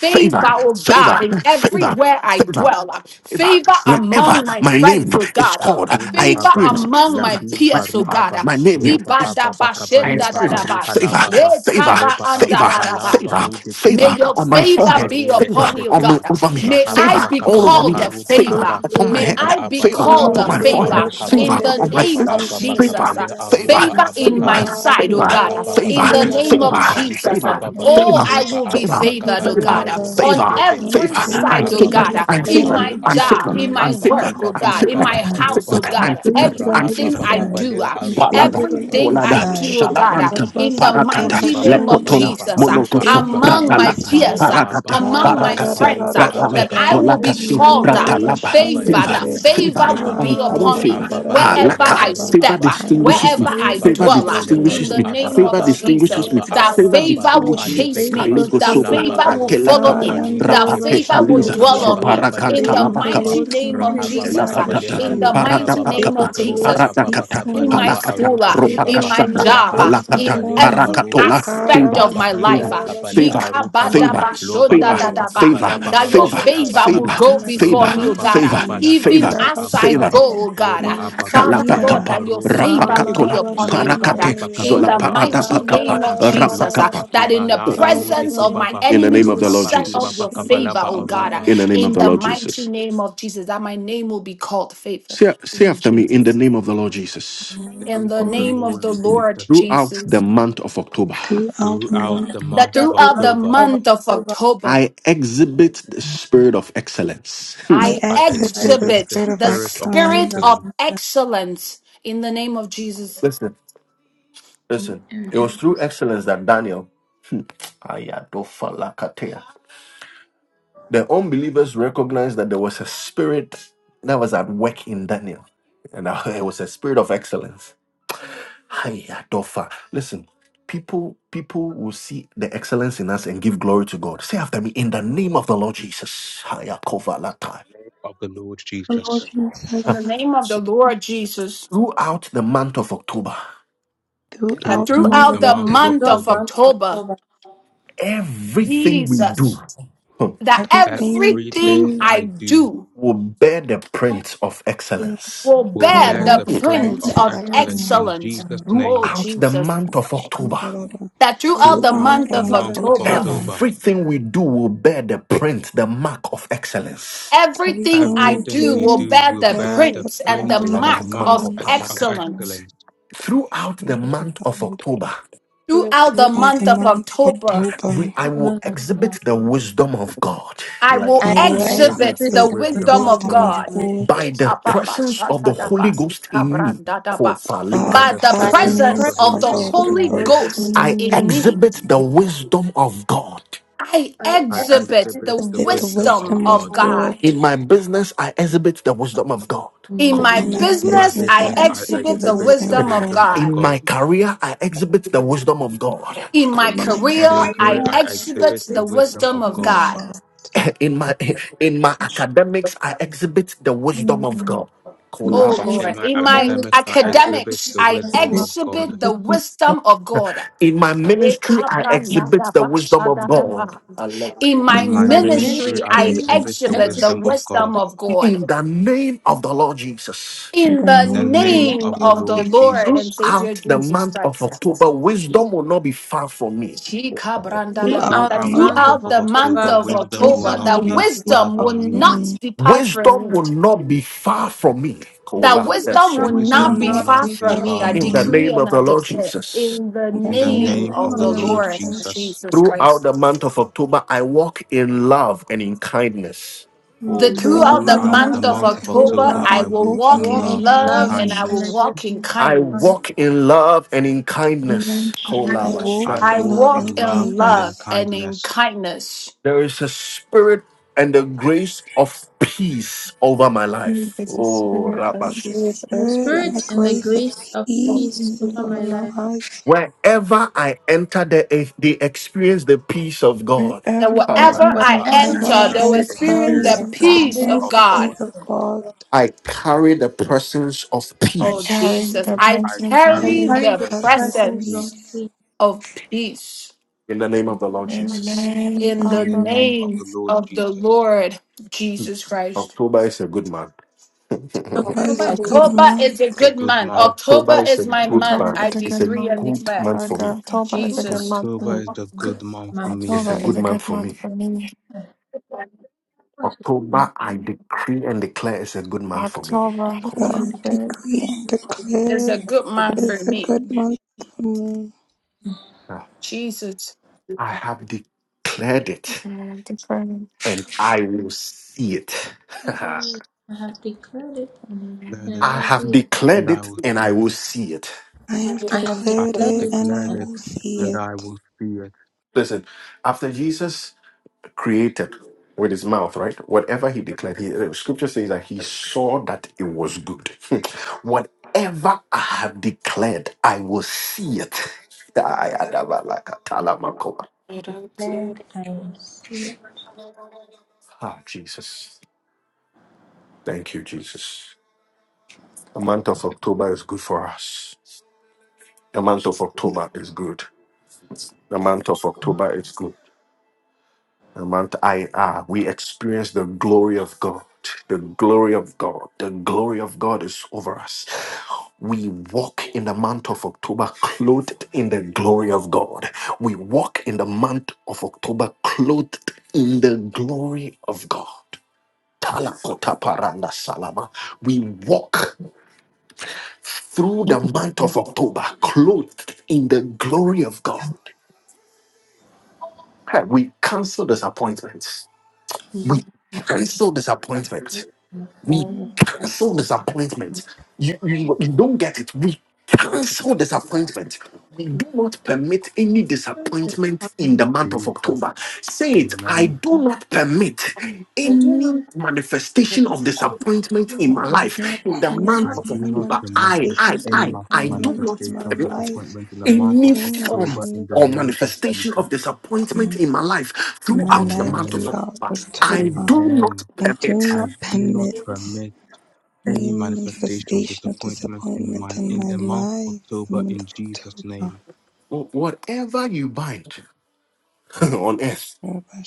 [SPEAKER 5] favor, oh God,
[SPEAKER 1] favor,
[SPEAKER 5] in
[SPEAKER 1] favor,
[SPEAKER 5] everywhere I
[SPEAKER 1] favor,
[SPEAKER 5] dwell. Uh,
[SPEAKER 1] favor.
[SPEAKER 5] Favor
[SPEAKER 1] Whenever
[SPEAKER 5] among my
[SPEAKER 1] my name
[SPEAKER 5] friends, oh
[SPEAKER 1] is
[SPEAKER 5] God. Uh,
[SPEAKER 8] ba
[SPEAKER 1] called, I
[SPEAKER 8] aruba
[SPEAKER 5] Favor
[SPEAKER 8] aba
[SPEAKER 1] experience
[SPEAKER 5] among
[SPEAKER 1] favor.
[SPEAKER 5] my
[SPEAKER 8] lahi
[SPEAKER 5] peers, oh
[SPEAKER 8] baru
[SPEAKER 1] Whenever
[SPEAKER 5] God.
[SPEAKER 8] aba
[SPEAKER 5] Uh,
[SPEAKER 1] my name is
[SPEAKER 8] roba
[SPEAKER 1] called,
[SPEAKER 8] aba
[SPEAKER 1] I
[SPEAKER 8] bakabale ba
[SPEAKER 1] experience
[SPEAKER 8] aru
[SPEAKER 5] Dibadabashendadadaba.
[SPEAKER 1] favor,
[SPEAKER 8] halaba ba
[SPEAKER 1] favor,
[SPEAKER 8] roba aba
[SPEAKER 1] favor,
[SPEAKER 8] hala
[SPEAKER 5] Ekaba
[SPEAKER 1] favor,
[SPEAKER 8] baru
[SPEAKER 5] May
[SPEAKER 8] gikiba
[SPEAKER 1] favor
[SPEAKER 5] your
[SPEAKER 1] on my
[SPEAKER 8] laba
[SPEAKER 5] favor
[SPEAKER 1] forehead,
[SPEAKER 5] be
[SPEAKER 8] karule
[SPEAKER 1] favor
[SPEAKER 5] upon
[SPEAKER 8] ebe
[SPEAKER 5] you,
[SPEAKER 1] on my
[SPEAKER 5] God.
[SPEAKER 8] kiba
[SPEAKER 1] over me,
[SPEAKER 5] May
[SPEAKER 2] no
[SPEAKER 8] rahaba
[SPEAKER 5] I
[SPEAKER 1] favor
[SPEAKER 2] matter
[SPEAKER 5] be
[SPEAKER 1] all over
[SPEAKER 2] what
[SPEAKER 8] bakabale
[SPEAKER 5] called
[SPEAKER 1] me,
[SPEAKER 5] a
[SPEAKER 8] haruba
[SPEAKER 1] favor
[SPEAKER 2] you
[SPEAKER 5] favor.
[SPEAKER 8] aba
[SPEAKER 1] upon my
[SPEAKER 5] May
[SPEAKER 2] deliver,
[SPEAKER 8] loba
[SPEAKER 5] I
[SPEAKER 1] head,
[SPEAKER 5] be
[SPEAKER 8] aba
[SPEAKER 1] favor
[SPEAKER 5] called
[SPEAKER 1] upon
[SPEAKER 5] a
[SPEAKER 2] you
[SPEAKER 8] bakabale
[SPEAKER 1] my
[SPEAKER 8] ba
[SPEAKER 1] forehead,
[SPEAKER 2] deliver,
[SPEAKER 5] favor
[SPEAKER 4] Abhayava,
[SPEAKER 8] aru haba
[SPEAKER 2] shine,
[SPEAKER 5] in
[SPEAKER 1] favor
[SPEAKER 5] the
[SPEAKER 1] on my
[SPEAKER 2] deliver,
[SPEAKER 8] loba
[SPEAKER 5] name of
[SPEAKER 2] son,
[SPEAKER 1] face,
[SPEAKER 8] aba
[SPEAKER 2] deliver,
[SPEAKER 5] Jesus.
[SPEAKER 1] favor,
[SPEAKER 5] uh,
[SPEAKER 8] bakabale
[SPEAKER 2] deliver.
[SPEAKER 1] favor,
[SPEAKER 8] aruba
[SPEAKER 5] Favor
[SPEAKER 8] aba
[SPEAKER 5] in
[SPEAKER 1] favor,
[SPEAKER 5] my
[SPEAKER 8] kaba
[SPEAKER 2] Ah,
[SPEAKER 5] side,
[SPEAKER 2] you
[SPEAKER 5] oh
[SPEAKER 1] favor,
[SPEAKER 8] roba
[SPEAKER 1] favor,
[SPEAKER 5] God. uh,
[SPEAKER 8] aba
[SPEAKER 2] deliver,
[SPEAKER 1] favor,
[SPEAKER 5] In
[SPEAKER 2] son,
[SPEAKER 5] the
[SPEAKER 8] bakabale
[SPEAKER 5] name
[SPEAKER 2] deliver,
[SPEAKER 5] of
[SPEAKER 8] haruba ibe
[SPEAKER 5] Jesus. uh,
[SPEAKER 1] favor,
[SPEAKER 8] kibaba
[SPEAKER 2] favored
[SPEAKER 5] Oh,
[SPEAKER 1] favor.
[SPEAKER 5] I
[SPEAKER 8] roba
[SPEAKER 5] will
[SPEAKER 2] on
[SPEAKER 5] be
[SPEAKER 8] aba
[SPEAKER 1] Favor,
[SPEAKER 5] favored, oh
[SPEAKER 8] bakabale
[SPEAKER 1] favor,
[SPEAKER 5] God. uh,
[SPEAKER 8] haruba
[SPEAKER 5] On
[SPEAKER 1] favor,
[SPEAKER 8] ilebe
[SPEAKER 5] every
[SPEAKER 1] favor.
[SPEAKER 8] roba
[SPEAKER 1] I'm
[SPEAKER 5] side, oh
[SPEAKER 8] aba
[SPEAKER 1] favored.
[SPEAKER 5] God. uh,
[SPEAKER 1] I'm
[SPEAKER 8] bakabale
[SPEAKER 5] In
[SPEAKER 1] favored.
[SPEAKER 5] my
[SPEAKER 8] haru
[SPEAKER 1] I'm
[SPEAKER 8] aba
[SPEAKER 5] job,
[SPEAKER 1] favored.
[SPEAKER 5] in
[SPEAKER 1] I'm
[SPEAKER 5] my
[SPEAKER 8] Laba
[SPEAKER 1] favored.
[SPEAKER 5] work, oh
[SPEAKER 8] kiba
[SPEAKER 1] I'm
[SPEAKER 5] God. In
[SPEAKER 8] bakaba
[SPEAKER 1] favored.
[SPEAKER 5] my
[SPEAKER 1] I'm
[SPEAKER 5] house,
[SPEAKER 8] haruba
[SPEAKER 5] oh
[SPEAKER 1] favored. I'm
[SPEAKER 8] aba
[SPEAKER 5] God.
[SPEAKER 1] favored. I'm
[SPEAKER 8] rahaba
[SPEAKER 5] Everything
[SPEAKER 1] favored.
[SPEAKER 5] I do,
[SPEAKER 8] bakabale
[SPEAKER 5] uh,
[SPEAKER 8] aru
[SPEAKER 1] Palaga,
[SPEAKER 8] alekiba
[SPEAKER 5] everything
[SPEAKER 2] every
[SPEAKER 5] I
[SPEAKER 1] Polada,
[SPEAKER 2] side.
[SPEAKER 5] do, oh God
[SPEAKER 1] Shalamanta,
[SPEAKER 2] Rabba
[SPEAKER 5] in the
[SPEAKER 2] Suka
[SPEAKER 1] Parakata,
[SPEAKER 5] mighty
[SPEAKER 4] Shiva,
[SPEAKER 8] Liba
[SPEAKER 5] name of
[SPEAKER 8] bakaba
[SPEAKER 2] Pashande.
[SPEAKER 1] Lekotolo,
[SPEAKER 8] laba
[SPEAKER 5] Jesus, uh,
[SPEAKER 2] I'm
[SPEAKER 8] haruba
[SPEAKER 1] Monokoso,
[SPEAKER 2] favored on
[SPEAKER 5] among
[SPEAKER 4] Abhayava,
[SPEAKER 8] abakaba
[SPEAKER 2] every
[SPEAKER 5] my
[SPEAKER 1] Bratalata,
[SPEAKER 2] side.
[SPEAKER 5] peers,
[SPEAKER 8] roba
[SPEAKER 5] uh,
[SPEAKER 1] Parakata,
[SPEAKER 2] Ra
[SPEAKER 5] among
[SPEAKER 8] abakaba
[SPEAKER 2] ra
[SPEAKER 5] my
[SPEAKER 8] le
[SPEAKER 2] ra
[SPEAKER 1] Parakasi,
[SPEAKER 2] ra ra
[SPEAKER 5] friends,
[SPEAKER 8] haruba
[SPEAKER 5] uh,
[SPEAKER 2] ra ra ra
[SPEAKER 1] Bratale,
[SPEAKER 5] that
[SPEAKER 2] ra.
[SPEAKER 5] I will
[SPEAKER 8] abakaba
[SPEAKER 5] be
[SPEAKER 1] Polakasi,
[SPEAKER 5] called
[SPEAKER 8] roba
[SPEAKER 5] uh,
[SPEAKER 2] Yandere
[SPEAKER 1] Bratalaba,
[SPEAKER 8] abakaba le
[SPEAKER 5] favor,
[SPEAKER 1] Fever,
[SPEAKER 5] that
[SPEAKER 2] Bashandere.
[SPEAKER 8] haruba
[SPEAKER 1] Fever,
[SPEAKER 5] favor will
[SPEAKER 8] ikeba
[SPEAKER 5] be
[SPEAKER 2] Ah,
[SPEAKER 1] Uncommon
[SPEAKER 5] upon
[SPEAKER 8] loba
[SPEAKER 5] me
[SPEAKER 1] Fever,
[SPEAKER 2] Yandara ba
[SPEAKER 8] abakaba
[SPEAKER 2] ba
[SPEAKER 5] wherever
[SPEAKER 8] le
[SPEAKER 2] ba
[SPEAKER 1] Alaka.
[SPEAKER 5] I
[SPEAKER 2] ba
[SPEAKER 8] haru
[SPEAKER 2] ba.
[SPEAKER 1] Favor
[SPEAKER 5] step, uh,
[SPEAKER 8] aba
[SPEAKER 2] I am the
[SPEAKER 1] distinguishes me.
[SPEAKER 8] laba
[SPEAKER 5] wherever I
[SPEAKER 8] kiba
[SPEAKER 2] favored
[SPEAKER 1] Favor
[SPEAKER 2] of
[SPEAKER 5] dwell,
[SPEAKER 2] the
[SPEAKER 8] bakaba
[SPEAKER 5] uh,
[SPEAKER 8] le
[SPEAKER 5] in
[SPEAKER 2] Lord.
[SPEAKER 1] distinguishes
[SPEAKER 8] haru
[SPEAKER 5] the
[SPEAKER 1] me.
[SPEAKER 5] name
[SPEAKER 2] Ra
[SPEAKER 1] Favor
[SPEAKER 5] of
[SPEAKER 8] abakaba
[SPEAKER 2] ra ba,
[SPEAKER 5] Jesus.
[SPEAKER 1] distinguishes me.
[SPEAKER 8] laba
[SPEAKER 5] That
[SPEAKER 2] Yandara ba.
[SPEAKER 1] Favor
[SPEAKER 8] akiba
[SPEAKER 5] favor
[SPEAKER 2] I
[SPEAKER 8] baru
[SPEAKER 5] will
[SPEAKER 2] am
[SPEAKER 1] distinguishes me.
[SPEAKER 5] chase
[SPEAKER 2] the
[SPEAKER 5] me,
[SPEAKER 2] favor
[SPEAKER 8] alebekeba
[SPEAKER 1] Kaligo
[SPEAKER 2] of the
[SPEAKER 5] that
[SPEAKER 1] sobra,
[SPEAKER 8] laba
[SPEAKER 2] Lord.
[SPEAKER 5] favor will
[SPEAKER 8] oru
[SPEAKER 1] akela
[SPEAKER 5] follow
[SPEAKER 2] I
[SPEAKER 1] kapa,
[SPEAKER 5] me,
[SPEAKER 8] habaka
[SPEAKER 2] am
[SPEAKER 5] that
[SPEAKER 2] David
[SPEAKER 8] libekeba
[SPEAKER 1] rapate
[SPEAKER 5] favor will
[SPEAKER 1] kaliza,
[SPEAKER 5] dwell
[SPEAKER 8] lohaba
[SPEAKER 2] Bashandelia.
[SPEAKER 5] on me,
[SPEAKER 1] sopara
[SPEAKER 8] bakaba
[SPEAKER 2] The
[SPEAKER 8] le
[SPEAKER 5] in
[SPEAKER 2] favor
[SPEAKER 5] the
[SPEAKER 8] aru
[SPEAKER 2] of the
[SPEAKER 1] kanta
[SPEAKER 8] kaba
[SPEAKER 5] mighty
[SPEAKER 2] Lord
[SPEAKER 5] name of
[SPEAKER 4] in
[SPEAKER 2] surrounds
[SPEAKER 4] this
[SPEAKER 8] rahaba
[SPEAKER 2] me
[SPEAKER 4] month
[SPEAKER 5] Jesus,
[SPEAKER 2] like
[SPEAKER 5] uh,
[SPEAKER 4] of
[SPEAKER 2] a
[SPEAKER 8] bakaba le
[SPEAKER 1] Elapakata,
[SPEAKER 5] in
[SPEAKER 4] October,
[SPEAKER 5] the
[SPEAKER 8] haru
[SPEAKER 2] shield.
[SPEAKER 5] mighty
[SPEAKER 8] bakaba
[SPEAKER 5] name
[SPEAKER 2] Favor
[SPEAKER 1] paratapakapa,
[SPEAKER 2] of
[SPEAKER 5] of
[SPEAKER 2] the Lord
[SPEAKER 8] roba
[SPEAKER 5] Jesus
[SPEAKER 2] speaks
[SPEAKER 1] paratakata,
[SPEAKER 2] for
[SPEAKER 8] abakaba
[SPEAKER 5] in my
[SPEAKER 2] me.
[SPEAKER 8] laba
[SPEAKER 1] palakata,
[SPEAKER 5] school,
[SPEAKER 8] aruba
[SPEAKER 5] ah,
[SPEAKER 2] Favor
[SPEAKER 5] in
[SPEAKER 8] kibaba
[SPEAKER 2] of the
[SPEAKER 5] my
[SPEAKER 1] ropakasata,
[SPEAKER 2] Lord
[SPEAKER 5] job, ah,
[SPEAKER 2] goes
[SPEAKER 1] palakata,
[SPEAKER 5] in
[SPEAKER 2] before
[SPEAKER 8] Lahabakabaleba
[SPEAKER 2] me.
[SPEAKER 5] every
[SPEAKER 8] Aruba,
[SPEAKER 1] barakatola,
[SPEAKER 5] aspect
[SPEAKER 1] favor,
[SPEAKER 5] of my
[SPEAKER 8] Lahabakiba
[SPEAKER 5] life.
[SPEAKER 1] favor,
[SPEAKER 5] ah.
[SPEAKER 8] Bakabale
[SPEAKER 2] Karabasandarabasha.
[SPEAKER 1] favor,
[SPEAKER 8] Arukaba,
[SPEAKER 2] In
[SPEAKER 1] favor,
[SPEAKER 2] my
[SPEAKER 8] Loba
[SPEAKER 2] school,
[SPEAKER 5] Likabadabashondadadaba.
[SPEAKER 1] favor,
[SPEAKER 8] Ababakabalaba
[SPEAKER 2] in
[SPEAKER 5] That
[SPEAKER 2] my
[SPEAKER 5] your
[SPEAKER 1] favor,
[SPEAKER 8] Haruba
[SPEAKER 5] favor
[SPEAKER 2] church,
[SPEAKER 5] will
[SPEAKER 1] favor, favor,
[SPEAKER 8] Abakaba,
[SPEAKER 2] in
[SPEAKER 5] go
[SPEAKER 2] my
[SPEAKER 5] before
[SPEAKER 8] Loba
[SPEAKER 5] me, O God, ah.
[SPEAKER 1] favor,
[SPEAKER 2] community,
[SPEAKER 8] Ababakabala
[SPEAKER 5] even
[SPEAKER 1] favor,
[SPEAKER 8] Haruba
[SPEAKER 5] as I
[SPEAKER 1] favor, favor,
[SPEAKER 8] Abakaba,
[SPEAKER 5] go,
[SPEAKER 2] Rabasate,
[SPEAKER 5] O God.
[SPEAKER 8] Loba
[SPEAKER 2] in
[SPEAKER 5] ah.
[SPEAKER 2] my
[SPEAKER 5] Father,
[SPEAKER 8] Ababakabale
[SPEAKER 5] Lord,
[SPEAKER 2] career.
[SPEAKER 1] talapakapa,
[SPEAKER 5] that your
[SPEAKER 8] Haruba
[SPEAKER 5] favor will
[SPEAKER 8] Ibekeba,
[SPEAKER 5] be
[SPEAKER 1] rapakatola,
[SPEAKER 5] upon me, O
[SPEAKER 8] Loba
[SPEAKER 5] God, ah.
[SPEAKER 1] parakate,
[SPEAKER 5] in
[SPEAKER 2] Kandarabashandereya.
[SPEAKER 1] zola
[SPEAKER 5] the
[SPEAKER 8] Ababakabaleba
[SPEAKER 5] mighty
[SPEAKER 8] Aruha
[SPEAKER 1] paratapakapa,
[SPEAKER 5] name
[SPEAKER 8] Bakaba,
[SPEAKER 5] of Jesus. ah.
[SPEAKER 1] rapakapa.
[SPEAKER 5] That
[SPEAKER 2] Kandarabarabaraba.
[SPEAKER 5] in
[SPEAKER 8] Lohabakiba
[SPEAKER 5] the
[SPEAKER 8] La Arude
[SPEAKER 5] presence of my
[SPEAKER 8] Kibaba,
[SPEAKER 5] enemies, you
[SPEAKER 2] Rabababababaraba.
[SPEAKER 5] set
[SPEAKER 8] Lohabakiba
[SPEAKER 5] up your favor,
[SPEAKER 8] Bakabalaba
[SPEAKER 5] O God, ah.
[SPEAKER 8] Aruba.
[SPEAKER 5] in the mighty name of Jesus, that my name will be called favor.
[SPEAKER 1] Say, say
[SPEAKER 5] In
[SPEAKER 1] after me
[SPEAKER 5] Jesus'
[SPEAKER 1] in the name of the Lord Jesus,
[SPEAKER 5] in
[SPEAKER 8] Name
[SPEAKER 5] the
[SPEAKER 8] of the
[SPEAKER 5] name of
[SPEAKER 8] Lord
[SPEAKER 5] the Lord
[SPEAKER 8] Jesus.
[SPEAKER 5] Jesus,
[SPEAKER 1] month of October.
[SPEAKER 2] Throughout the
[SPEAKER 8] Throughout
[SPEAKER 2] morning.
[SPEAKER 8] the
[SPEAKER 5] that
[SPEAKER 8] month
[SPEAKER 4] during
[SPEAKER 8] of
[SPEAKER 4] the
[SPEAKER 5] throughout
[SPEAKER 4] month
[SPEAKER 5] the
[SPEAKER 8] October,
[SPEAKER 4] of
[SPEAKER 5] month of
[SPEAKER 4] October,
[SPEAKER 5] October,
[SPEAKER 1] I exhibit the spirit of excellence.
[SPEAKER 2] May
[SPEAKER 5] I
[SPEAKER 8] I
[SPEAKER 2] acts up
[SPEAKER 4] an
[SPEAKER 2] the
[SPEAKER 8] exhibit
[SPEAKER 5] exhibit
[SPEAKER 8] the
[SPEAKER 2] spirit
[SPEAKER 4] ethnic
[SPEAKER 2] of
[SPEAKER 5] the
[SPEAKER 8] spirit of
[SPEAKER 4] group
[SPEAKER 5] spirit
[SPEAKER 2] excellence.
[SPEAKER 4] of
[SPEAKER 8] excellence
[SPEAKER 5] of
[SPEAKER 4] Muslims
[SPEAKER 5] excellence in the name of Jesus,
[SPEAKER 1] Listen,
[SPEAKER 4] in
[SPEAKER 1] listen.
[SPEAKER 4] the
[SPEAKER 1] It was through
[SPEAKER 4] offices
[SPEAKER 1] excellence that Daniel, hmm, Ayadofalakatea. the unbelievers recognized that there was a spirit that was at work in Daniel, and uh, it was a spirit of excellence. Ayadofa. Listen, people, people will see the excellence in us and give glory to God. Say after me, in the name of the Lord Jesus. Ayakofalatai.
[SPEAKER 8] of the Lord
[SPEAKER 2] The Lord
[SPEAKER 8] Jesus
[SPEAKER 5] in the
[SPEAKER 2] Jesus,
[SPEAKER 5] name of the Lord Jesus,
[SPEAKER 1] Throughout the month of October,
[SPEAKER 5] that
[SPEAKER 2] throughout the
[SPEAKER 8] throughout
[SPEAKER 4] during
[SPEAKER 2] month
[SPEAKER 5] throughout
[SPEAKER 8] the
[SPEAKER 2] of
[SPEAKER 5] the
[SPEAKER 8] month of
[SPEAKER 5] month
[SPEAKER 4] the
[SPEAKER 2] October,
[SPEAKER 5] of
[SPEAKER 8] October.
[SPEAKER 4] month of
[SPEAKER 5] October,
[SPEAKER 4] October,
[SPEAKER 1] everything we do.
[SPEAKER 5] Jesus, that
[SPEAKER 2] everything we
[SPEAKER 5] everything
[SPEAKER 8] Everything
[SPEAKER 2] do
[SPEAKER 5] I
[SPEAKER 8] I do
[SPEAKER 5] do
[SPEAKER 1] will bear the print of
[SPEAKER 4] everything
[SPEAKER 1] excellence.
[SPEAKER 5] will
[SPEAKER 8] will
[SPEAKER 2] will
[SPEAKER 1] Kind
[SPEAKER 5] bear
[SPEAKER 8] bear
[SPEAKER 4] to
[SPEAKER 5] the
[SPEAKER 2] bow
[SPEAKER 8] the
[SPEAKER 2] the
[SPEAKER 4] that
[SPEAKER 8] print
[SPEAKER 5] print
[SPEAKER 2] curtain
[SPEAKER 8] of
[SPEAKER 2] to
[SPEAKER 5] of
[SPEAKER 4] group
[SPEAKER 8] excellence
[SPEAKER 2] excellence.
[SPEAKER 4] of
[SPEAKER 8] in
[SPEAKER 5] excellence.
[SPEAKER 8] Jesus'
[SPEAKER 4] Muslims.
[SPEAKER 5] Oh,
[SPEAKER 8] name
[SPEAKER 1] Throughout the
[SPEAKER 5] Jesus,
[SPEAKER 1] month of October,
[SPEAKER 5] that throughout the
[SPEAKER 8] throughout
[SPEAKER 2] Throughout
[SPEAKER 5] month
[SPEAKER 2] the
[SPEAKER 8] the
[SPEAKER 5] of
[SPEAKER 2] month
[SPEAKER 4] Throughout the
[SPEAKER 2] of
[SPEAKER 8] month of
[SPEAKER 4] month of
[SPEAKER 5] October,
[SPEAKER 4] October,
[SPEAKER 2] October,
[SPEAKER 8] October.
[SPEAKER 1] everything we do will bear the print, the mark of excellence.
[SPEAKER 5] Everything
[SPEAKER 2] everything
[SPEAKER 5] I
[SPEAKER 2] I
[SPEAKER 8] Everything
[SPEAKER 5] do
[SPEAKER 8] we
[SPEAKER 5] will
[SPEAKER 2] do
[SPEAKER 8] do
[SPEAKER 5] bear
[SPEAKER 2] will
[SPEAKER 8] will
[SPEAKER 5] the
[SPEAKER 8] bear
[SPEAKER 2] bow
[SPEAKER 8] the
[SPEAKER 2] the
[SPEAKER 5] print and
[SPEAKER 8] print
[SPEAKER 5] the
[SPEAKER 2] print of
[SPEAKER 8] or
[SPEAKER 5] mark
[SPEAKER 8] mark
[SPEAKER 4] throughout
[SPEAKER 5] of
[SPEAKER 8] ec- of
[SPEAKER 2] excellence.
[SPEAKER 1] Alakomakopalakat.
[SPEAKER 5] excellence.
[SPEAKER 8] excellence.
[SPEAKER 1] Throughout the month of October,
[SPEAKER 10] Yep,
[SPEAKER 5] Throughout the
[SPEAKER 2] Throughout the
[SPEAKER 5] month of
[SPEAKER 2] month of
[SPEAKER 5] October,
[SPEAKER 1] we,
[SPEAKER 2] October,
[SPEAKER 1] I
[SPEAKER 4] the
[SPEAKER 1] will
[SPEAKER 4] month of October,
[SPEAKER 1] exhibit the wisdom of God
[SPEAKER 5] I will
[SPEAKER 8] I
[SPEAKER 2] I
[SPEAKER 4] I
[SPEAKER 8] will
[SPEAKER 2] will
[SPEAKER 4] will
[SPEAKER 1] Ladiposha.
[SPEAKER 8] exhibit
[SPEAKER 5] exhibit
[SPEAKER 4] exhibit
[SPEAKER 8] the
[SPEAKER 5] the
[SPEAKER 2] exhibit
[SPEAKER 4] the
[SPEAKER 2] the
[SPEAKER 8] wisdom
[SPEAKER 5] wisdom
[SPEAKER 8] of
[SPEAKER 4] wisdom
[SPEAKER 5] of
[SPEAKER 4] of
[SPEAKER 2] wisdom
[SPEAKER 8] God.
[SPEAKER 2] of
[SPEAKER 5] God.
[SPEAKER 4] God
[SPEAKER 5] By
[SPEAKER 2] God
[SPEAKER 1] by the presence of the Holy Ghost in me.
[SPEAKER 2] by
[SPEAKER 8] By
[SPEAKER 1] Kofalika.
[SPEAKER 2] the
[SPEAKER 8] the
[SPEAKER 5] the
[SPEAKER 4] by the
[SPEAKER 8] presence of
[SPEAKER 5] presence
[SPEAKER 8] the
[SPEAKER 2] presence
[SPEAKER 5] of
[SPEAKER 2] of
[SPEAKER 8] Holy
[SPEAKER 5] the
[SPEAKER 4] presence
[SPEAKER 2] the
[SPEAKER 8] Ghost
[SPEAKER 4] of
[SPEAKER 2] Holy
[SPEAKER 5] Holy
[SPEAKER 8] in
[SPEAKER 4] the
[SPEAKER 8] me,
[SPEAKER 4] Holy
[SPEAKER 2] Ghost
[SPEAKER 5] Ghost
[SPEAKER 4] Ghost.
[SPEAKER 1] I
[SPEAKER 2] in
[SPEAKER 5] in
[SPEAKER 2] me.
[SPEAKER 5] me,
[SPEAKER 4] Amen.
[SPEAKER 1] exhibit the wisdom of God.
[SPEAKER 5] I
[SPEAKER 4] I
[SPEAKER 8] I
[SPEAKER 4] exhibit
[SPEAKER 5] exhibit
[SPEAKER 4] the
[SPEAKER 5] the
[SPEAKER 8] exhibit the
[SPEAKER 2] Exhibit the
[SPEAKER 4] wisdom
[SPEAKER 8] wisdom of
[SPEAKER 5] wisdom
[SPEAKER 2] wisdom
[SPEAKER 5] of
[SPEAKER 2] of
[SPEAKER 4] of
[SPEAKER 8] God.
[SPEAKER 2] God.
[SPEAKER 5] God.
[SPEAKER 1] In my business, I exhibit the wisdom of God.
[SPEAKER 5] In
[SPEAKER 4] Mm.
[SPEAKER 5] my
[SPEAKER 2] In
[SPEAKER 4] And
[SPEAKER 2] my
[SPEAKER 4] your
[SPEAKER 8] In my
[SPEAKER 5] business,
[SPEAKER 4] business
[SPEAKER 2] business,
[SPEAKER 4] and
[SPEAKER 2] I
[SPEAKER 5] I
[SPEAKER 8] business, I
[SPEAKER 2] exhibit
[SPEAKER 5] exhibit
[SPEAKER 2] the
[SPEAKER 5] the
[SPEAKER 4] excellence
[SPEAKER 8] exhibit
[SPEAKER 4] was
[SPEAKER 2] wisdom
[SPEAKER 8] the
[SPEAKER 2] of
[SPEAKER 5] wisdom of
[SPEAKER 8] wisdom
[SPEAKER 2] God.
[SPEAKER 8] of
[SPEAKER 5] God.
[SPEAKER 1] In
[SPEAKER 8] God.
[SPEAKER 1] my career, I exhibit the wisdom of God.
[SPEAKER 5] In my
[SPEAKER 2] In
[SPEAKER 1] Kolaba.
[SPEAKER 2] my
[SPEAKER 4] in
[SPEAKER 5] career,
[SPEAKER 8] In my
[SPEAKER 4] my
[SPEAKER 2] career,
[SPEAKER 8] career,
[SPEAKER 5] I
[SPEAKER 2] I
[SPEAKER 4] career,
[SPEAKER 8] I
[SPEAKER 4] I
[SPEAKER 8] exhibit
[SPEAKER 5] exhibit
[SPEAKER 8] the
[SPEAKER 5] the
[SPEAKER 4] fit the
[SPEAKER 8] wisdom
[SPEAKER 5] wisdom
[SPEAKER 8] of
[SPEAKER 4] wisdom
[SPEAKER 5] of
[SPEAKER 4] of
[SPEAKER 8] God.
[SPEAKER 2] exhibit
[SPEAKER 5] God.
[SPEAKER 2] God.
[SPEAKER 1] In my in my academics, I exhibit the wisdom of
[SPEAKER 4] Mm.
[SPEAKER 1] God.
[SPEAKER 2] In my
[SPEAKER 5] Oh
[SPEAKER 2] academic,
[SPEAKER 4] In
[SPEAKER 1] Kolabas.
[SPEAKER 8] In
[SPEAKER 4] my
[SPEAKER 5] Lord,
[SPEAKER 8] my
[SPEAKER 5] in my
[SPEAKER 8] academics,
[SPEAKER 4] academics,
[SPEAKER 8] I
[SPEAKER 4] I
[SPEAKER 8] exhibit
[SPEAKER 5] academics,
[SPEAKER 8] the
[SPEAKER 4] execute the
[SPEAKER 5] I
[SPEAKER 8] wisdom
[SPEAKER 4] wisdom
[SPEAKER 2] the
[SPEAKER 4] of
[SPEAKER 8] of God.
[SPEAKER 5] exhibit the
[SPEAKER 2] wisdom of God.
[SPEAKER 5] wisdom of God.
[SPEAKER 1] In my ministry, I exhibit the wisdom of God. Amen.
[SPEAKER 5] In
[SPEAKER 8] In
[SPEAKER 5] my
[SPEAKER 2] In my
[SPEAKER 4] In
[SPEAKER 8] my
[SPEAKER 4] my
[SPEAKER 8] ministry,
[SPEAKER 5] ministry,
[SPEAKER 4] ministry,
[SPEAKER 8] I
[SPEAKER 5] I
[SPEAKER 2] ministry, I
[SPEAKER 4] I
[SPEAKER 8] exhibit the
[SPEAKER 2] exhibit
[SPEAKER 5] exhibit the
[SPEAKER 4] execute
[SPEAKER 8] wisdom of
[SPEAKER 2] the
[SPEAKER 8] God.
[SPEAKER 5] wisdom of
[SPEAKER 2] wisdom
[SPEAKER 5] God.
[SPEAKER 1] In the name of the Lord Jesus,
[SPEAKER 2] of
[SPEAKER 5] In
[SPEAKER 2] the
[SPEAKER 5] the
[SPEAKER 8] In the
[SPEAKER 4] in the
[SPEAKER 2] name
[SPEAKER 8] name
[SPEAKER 4] name
[SPEAKER 2] of
[SPEAKER 5] name
[SPEAKER 8] of
[SPEAKER 2] the
[SPEAKER 8] the
[SPEAKER 2] Lord
[SPEAKER 5] of
[SPEAKER 4] of
[SPEAKER 5] the
[SPEAKER 8] Lord
[SPEAKER 4] the
[SPEAKER 2] Jesus.
[SPEAKER 5] Lord
[SPEAKER 8] Jesus.
[SPEAKER 5] and Savior
[SPEAKER 1] out the
[SPEAKER 5] Jesus
[SPEAKER 1] month of
[SPEAKER 5] Christ.
[SPEAKER 1] October, wisdom will not be far from me.
[SPEAKER 2] Throughout
[SPEAKER 5] Chikabrandadaba.
[SPEAKER 4] throughout
[SPEAKER 5] That
[SPEAKER 2] the
[SPEAKER 4] the
[SPEAKER 8] Throughout the
[SPEAKER 2] month,
[SPEAKER 4] month
[SPEAKER 8] month
[SPEAKER 4] of
[SPEAKER 5] throughout
[SPEAKER 8] of
[SPEAKER 5] the month
[SPEAKER 8] October,
[SPEAKER 4] October.
[SPEAKER 5] of
[SPEAKER 2] your
[SPEAKER 8] wisdom will
[SPEAKER 2] wisdom
[SPEAKER 5] October,
[SPEAKER 4] Wisdom
[SPEAKER 8] not
[SPEAKER 4] will
[SPEAKER 2] will
[SPEAKER 5] that
[SPEAKER 4] not
[SPEAKER 2] not
[SPEAKER 8] be
[SPEAKER 4] be
[SPEAKER 2] be
[SPEAKER 8] far
[SPEAKER 4] far
[SPEAKER 5] wisdom
[SPEAKER 2] far
[SPEAKER 5] will
[SPEAKER 8] from
[SPEAKER 4] from
[SPEAKER 2] from
[SPEAKER 8] me.
[SPEAKER 4] me.
[SPEAKER 5] not
[SPEAKER 2] me.
[SPEAKER 5] depart from
[SPEAKER 1] Wisdom will
[SPEAKER 5] me.
[SPEAKER 1] not be far from me.
[SPEAKER 5] That wisdom
[SPEAKER 1] Kolabas.
[SPEAKER 5] will
[SPEAKER 4] Wisdom
[SPEAKER 2] Wisdom
[SPEAKER 4] will
[SPEAKER 5] not
[SPEAKER 8] Wisdom
[SPEAKER 2] will
[SPEAKER 5] be
[SPEAKER 8] will
[SPEAKER 2] not
[SPEAKER 4] not
[SPEAKER 5] far
[SPEAKER 8] not
[SPEAKER 2] be
[SPEAKER 4] be
[SPEAKER 8] be
[SPEAKER 2] far
[SPEAKER 5] from me.
[SPEAKER 2] from
[SPEAKER 8] far
[SPEAKER 5] I
[SPEAKER 4] far
[SPEAKER 2] me.
[SPEAKER 1] In
[SPEAKER 4] from
[SPEAKER 8] from
[SPEAKER 4] me.
[SPEAKER 1] the
[SPEAKER 8] me.
[SPEAKER 5] decree
[SPEAKER 1] name
[SPEAKER 5] and
[SPEAKER 1] of
[SPEAKER 5] I
[SPEAKER 1] the Lord
[SPEAKER 5] declare
[SPEAKER 1] Jesus.
[SPEAKER 5] in the
[SPEAKER 2] In the
[SPEAKER 8] In the
[SPEAKER 4] In
[SPEAKER 2] name
[SPEAKER 4] the
[SPEAKER 5] name
[SPEAKER 8] name
[SPEAKER 2] of the
[SPEAKER 4] name
[SPEAKER 8] of
[SPEAKER 5] of
[SPEAKER 4] of
[SPEAKER 8] the
[SPEAKER 5] the
[SPEAKER 2] Lord
[SPEAKER 4] the
[SPEAKER 8] Lord
[SPEAKER 4] Lord.
[SPEAKER 5] Lord
[SPEAKER 2] Jesus.
[SPEAKER 8] Jesus.
[SPEAKER 5] Jesus
[SPEAKER 1] Throughout the
[SPEAKER 5] Christ.
[SPEAKER 1] month of October, I walk in love and in kindness.
[SPEAKER 5] That
[SPEAKER 4] Mm.
[SPEAKER 2] Throughout
[SPEAKER 5] throughout
[SPEAKER 2] the
[SPEAKER 5] the
[SPEAKER 4] Throughout
[SPEAKER 11] is
[SPEAKER 4] the
[SPEAKER 8] Throughout
[SPEAKER 2] month
[SPEAKER 8] the
[SPEAKER 5] month
[SPEAKER 4] month
[SPEAKER 2] of
[SPEAKER 5] of
[SPEAKER 8] month of
[SPEAKER 4] of
[SPEAKER 5] October,
[SPEAKER 2] October,
[SPEAKER 8] October,
[SPEAKER 4] October,
[SPEAKER 5] I
[SPEAKER 2] I
[SPEAKER 8] I
[SPEAKER 5] will
[SPEAKER 11] the
[SPEAKER 8] walk
[SPEAKER 2] walk
[SPEAKER 4] I
[SPEAKER 5] walk
[SPEAKER 8] in
[SPEAKER 2] in
[SPEAKER 4] walk
[SPEAKER 5] in
[SPEAKER 2] love
[SPEAKER 4] in
[SPEAKER 8] love
[SPEAKER 2] and
[SPEAKER 8] and
[SPEAKER 5] love
[SPEAKER 4] love
[SPEAKER 5] and I
[SPEAKER 4] and
[SPEAKER 5] will
[SPEAKER 4] I
[SPEAKER 2] kindness.
[SPEAKER 8] kindness.
[SPEAKER 4] walk
[SPEAKER 5] walk in
[SPEAKER 4] in
[SPEAKER 1] I
[SPEAKER 4] kindness.
[SPEAKER 5] kindness.
[SPEAKER 1] walk in love and in kindness.
[SPEAKER 4] I
[SPEAKER 2] I
[SPEAKER 1] Kolaba
[SPEAKER 4] want
[SPEAKER 2] walk
[SPEAKER 8] I
[SPEAKER 5] I
[SPEAKER 2] in
[SPEAKER 4] love
[SPEAKER 8] walk
[SPEAKER 2] love
[SPEAKER 4] and
[SPEAKER 8] in
[SPEAKER 5] walk
[SPEAKER 2] and
[SPEAKER 4] hope,
[SPEAKER 8] love
[SPEAKER 5] in
[SPEAKER 8] and in
[SPEAKER 5] love
[SPEAKER 2] kindness
[SPEAKER 5] and in
[SPEAKER 8] kindness.
[SPEAKER 5] kindness.
[SPEAKER 1] There is a spirit and the grace of peace over my life. Oh,
[SPEAKER 11] spirit
[SPEAKER 2] with
[SPEAKER 11] of
[SPEAKER 1] Rabash.
[SPEAKER 2] the
[SPEAKER 11] grace
[SPEAKER 4] the
[SPEAKER 11] of
[SPEAKER 2] spirit and the
[SPEAKER 4] Spirit
[SPEAKER 11] peace.
[SPEAKER 4] and the
[SPEAKER 8] The
[SPEAKER 2] grace of
[SPEAKER 4] grace of peace
[SPEAKER 2] peace
[SPEAKER 4] over
[SPEAKER 2] over
[SPEAKER 4] my
[SPEAKER 2] my
[SPEAKER 4] life
[SPEAKER 2] life.
[SPEAKER 1] Wherever I enter, they, they experience the peace of God.
[SPEAKER 5] That
[SPEAKER 11] Wherever I
[SPEAKER 1] Kaya.
[SPEAKER 5] wherever
[SPEAKER 8] Wherever
[SPEAKER 4] wherever
[SPEAKER 5] I
[SPEAKER 8] I
[SPEAKER 2] Ever
[SPEAKER 4] I
[SPEAKER 5] enter,
[SPEAKER 2] I
[SPEAKER 5] they
[SPEAKER 8] enter,
[SPEAKER 5] will
[SPEAKER 8] they
[SPEAKER 4] go.
[SPEAKER 2] enter
[SPEAKER 5] experience
[SPEAKER 4] May
[SPEAKER 2] the
[SPEAKER 4] I
[SPEAKER 5] the
[SPEAKER 8] experience the peace
[SPEAKER 5] peace of
[SPEAKER 2] experience
[SPEAKER 4] experience
[SPEAKER 8] of
[SPEAKER 2] the
[SPEAKER 8] God.
[SPEAKER 5] God.
[SPEAKER 2] peace
[SPEAKER 4] the
[SPEAKER 2] of
[SPEAKER 4] peace of
[SPEAKER 2] God
[SPEAKER 4] God.
[SPEAKER 1] I carry the presence.
[SPEAKER 5] Oh,
[SPEAKER 11] carry
[SPEAKER 5] Jesus,
[SPEAKER 11] the
[SPEAKER 5] I
[SPEAKER 8] I
[SPEAKER 11] presence
[SPEAKER 2] and
[SPEAKER 11] of
[SPEAKER 4] I
[SPEAKER 11] peace
[SPEAKER 8] carry
[SPEAKER 5] carry
[SPEAKER 8] the
[SPEAKER 2] carry the
[SPEAKER 4] carry
[SPEAKER 5] the
[SPEAKER 4] the
[SPEAKER 8] presence of
[SPEAKER 2] presence of
[SPEAKER 4] presence
[SPEAKER 8] peace
[SPEAKER 4] of
[SPEAKER 5] presence
[SPEAKER 2] peace
[SPEAKER 4] peace
[SPEAKER 5] of peace.
[SPEAKER 4] in my
[SPEAKER 11] in
[SPEAKER 4] mind
[SPEAKER 11] the name
[SPEAKER 2] in
[SPEAKER 5] in
[SPEAKER 8] in
[SPEAKER 5] the
[SPEAKER 2] me.
[SPEAKER 11] of
[SPEAKER 8] the
[SPEAKER 4] and
[SPEAKER 11] the
[SPEAKER 8] name
[SPEAKER 11] Lord.
[SPEAKER 8] of
[SPEAKER 5] name
[SPEAKER 8] the Lord
[SPEAKER 4] body.
[SPEAKER 5] of the
[SPEAKER 8] Jesus.
[SPEAKER 5] Lord Jesus Christ.
[SPEAKER 2] For both a
[SPEAKER 4] October is a
[SPEAKER 2] good
[SPEAKER 4] good
[SPEAKER 5] October
[SPEAKER 2] month,
[SPEAKER 5] is a
[SPEAKER 8] The
[SPEAKER 5] good
[SPEAKER 8] good
[SPEAKER 5] month.
[SPEAKER 8] month.
[SPEAKER 1] October
[SPEAKER 5] October
[SPEAKER 1] is a
[SPEAKER 5] is my
[SPEAKER 1] good
[SPEAKER 5] month.
[SPEAKER 11] October
[SPEAKER 5] I
[SPEAKER 11] is
[SPEAKER 1] month.
[SPEAKER 11] a
[SPEAKER 1] It's
[SPEAKER 11] good
[SPEAKER 1] a
[SPEAKER 5] decree and
[SPEAKER 11] month.
[SPEAKER 1] good
[SPEAKER 5] declare
[SPEAKER 1] month for
[SPEAKER 11] Oct-
[SPEAKER 1] me.
[SPEAKER 4] month.
[SPEAKER 11] October is a good
[SPEAKER 4] October
[SPEAKER 5] Jesus
[SPEAKER 11] month for
[SPEAKER 4] is
[SPEAKER 8] October
[SPEAKER 4] a
[SPEAKER 11] me.
[SPEAKER 8] is the good
[SPEAKER 4] good
[SPEAKER 8] month for
[SPEAKER 4] month
[SPEAKER 8] me.
[SPEAKER 1] It's
[SPEAKER 4] for
[SPEAKER 1] a
[SPEAKER 11] October is
[SPEAKER 1] good
[SPEAKER 4] me.
[SPEAKER 11] a
[SPEAKER 1] month
[SPEAKER 11] good
[SPEAKER 1] for
[SPEAKER 11] month
[SPEAKER 1] me.
[SPEAKER 11] for me.
[SPEAKER 4] What a
[SPEAKER 1] October
[SPEAKER 4] good month.
[SPEAKER 1] decree and declare is a good month for me.
[SPEAKER 11] October,
[SPEAKER 4] Decree
[SPEAKER 1] Kola.
[SPEAKER 4] and
[SPEAKER 2] that
[SPEAKER 11] I'm
[SPEAKER 2] I
[SPEAKER 4] declare
[SPEAKER 2] decree and
[SPEAKER 5] is
[SPEAKER 2] declare
[SPEAKER 5] a good
[SPEAKER 2] it
[SPEAKER 4] for
[SPEAKER 5] month
[SPEAKER 4] me.
[SPEAKER 5] for
[SPEAKER 2] is a
[SPEAKER 5] me.
[SPEAKER 2] good month for me.
[SPEAKER 5] Jesus,
[SPEAKER 1] I have declared it. and I will see it. I
[SPEAKER 4] Amen. I have declared it
[SPEAKER 11] Mm.
[SPEAKER 8] Declare
[SPEAKER 4] and I'll
[SPEAKER 8] it,
[SPEAKER 1] have
[SPEAKER 4] see it.
[SPEAKER 8] and
[SPEAKER 1] declared
[SPEAKER 8] I
[SPEAKER 1] it
[SPEAKER 8] will
[SPEAKER 1] and
[SPEAKER 8] see
[SPEAKER 1] I
[SPEAKER 8] it.
[SPEAKER 1] will see it.
[SPEAKER 2] I have
[SPEAKER 4] I have
[SPEAKER 8] I
[SPEAKER 2] declared
[SPEAKER 8] have
[SPEAKER 4] declared
[SPEAKER 2] it
[SPEAKER 4] it
[SPEAKER 2] and I
[SPEAKER 8] declared
[SPEAKER 4] and
[SPEAKER 8] it,
[SPEAKER 2] will
[SPEAKER 4] I'll see
[SPEAKER 2] see
[SPEAKER 8] and
[SPEAKER 4] it.
[SPEAKER 8] I
[SPEAKER 2] it.
[SPEAKER 8] will see it.
[SPEAKER 1] Listen, after Jesus created with his mouth, right? Whatever he declared, he, uh, scripture says that he saw that it was good. Whatever I have declared, I will see it.
[SPEAKER 10] it out
[SPEAKER 4] Declared I will see
[SPEAKER 1] Ah, Jesus. Thank you, Jesus. The month of October is good for us. The month of October is good. The month of October is good. And Mount I ah, we experience the glory of God. The glory of God. The glory of God is over us. We walk in the month of October clothed in the glory of God. We walk in the month of October clothed in the glory of God. Talakota paranda salama. We walk through the month of October clothed in the glory of God. Hey, We cancel disappointments.
[SPEAKER 4] it.
[SPEAKER 1] We
[SPEAKER 4] I
[SPEAKER 1] cancel disappointments.
[SPEAKER 4] do
[SPEAKER 1] We cancel disappointment. You, you, you don't get it. We cancel disappointment. We do not permit any disappointment in the month of
[SPEAKER 8] Jesus,
[SPEAKER 1] October. Say it. I
[SPEAKER 8] amen.
[SPEAKER 1] do not permit
[SPEAKER 4] not
[SPEAKER 1] any manifestation of disappointment in my
[SPEAKER 4] understand
[SPEAKER 2] not
[SPEAKER 1] life in the
[SPEAKER 8] I
[SPEAKER 4] how
[SPEAKER 1] month
[SPEAKER 2] permit
[SPEAKER 1] of
[SPEAKER 8] do
[SPEAKER 2] any
[SPEAKER 8] not
[SPEAKER 1] October.
[SPEAKER 8] permit
[SPEAKER 1] I,
[SPEAKER 2] manifestation
[SPEAKER 1] I,
[SPEAKER 2] of
[SPEAKER 8] any
[SPEAKER 1] I,
[SPEAKER 8] ma-
[SPEAKER 1] I do
[SPEAKER 2] disappointment
[SPEAKER 1] not
[SPEAKER 2] in
[SPEAKER 8] manifestation
[SPEAKER 2] my
[SPEAKER 8] of
[SPEAKER 1] permit
[SPEAKER 2] life.
[SPEAKER 8] disappointment in the month of
[SPEAKER 1] any
[SPEAKER 2] Do not
[SPEAKER 1] form
[SPEAKER 8] October
[SPEAKER 2] permit
[SPEAKER 8] in the
[SPEAKER 1] or
[SPEAKER 8] name of
[SPEAKER 1] manifestation
[SPEAKER 8] Jesus.
[SPEAKER 1] of disappointment
[SPEAKER 2] me
[SPEAKER 1] in my life
[SPEAKER 2] in my
[SPEAKER 1] throughout the
[SPEAKER 2] life
[SPEAKER 1] month of
[SPEAKER 8] Amen.
[SPEAKER 2] throughout
[SPEAKER 1] October. I
[SPEAKER 2] October.
[SPEAKER 1] do not
[SPEAKER 8] Amen.
[SPEAKER 2] I do
[SPEAKER 1] permit.
[SPEAKER 8] I
[SPEAKER 2] not
[SPEAKER 8] do not
[SPEAKER 2] permit
[SPEAKER 8] permit
[SPEAKER 2] any
[SPEAKER 8] any manifestation of
[SPEAKER 2] manifestation of
[SPEAKER 8] disappointment in
[SPEAKER 2] disappointment
[SPEAKER 8] man
[SPEAKER 2] in
[SPEAKER 8] in
[SPEAKER 2] my
[SPEAKER 8] the month of
[SPEAKER 2] life in the
[SPEAKER 8] October
[SPEAKER 2] month
[SPEAKER 8] in
[SPEAKER 2] of
[SPEAKER 8] Jesus'
[SPEAKER 2] October.
[SPEAKER 8] name.
[SPEAKER 1] Wh- Whatever you bind on earth,
[SPEAKER 2] I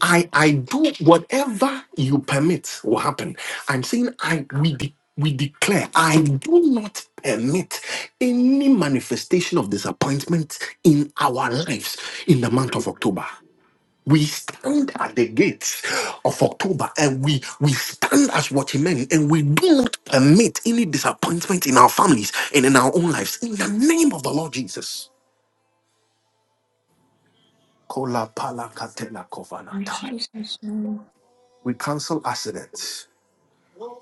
[SPEAKER 1] I I do whatever you permit will happen. I'm saying I we de- we declare I do not permit any manifestation of disappointment in our lives in the month of October. We stand at the gates of October and we we stand as watchmen and we do not permit any disappointment in our families and in our own lives in the name of the Lord Jesus. Kola pala katela kovanata.
[SPEAKER 4] Jesus' name.
[SPEAKER 1] We cancel accidents.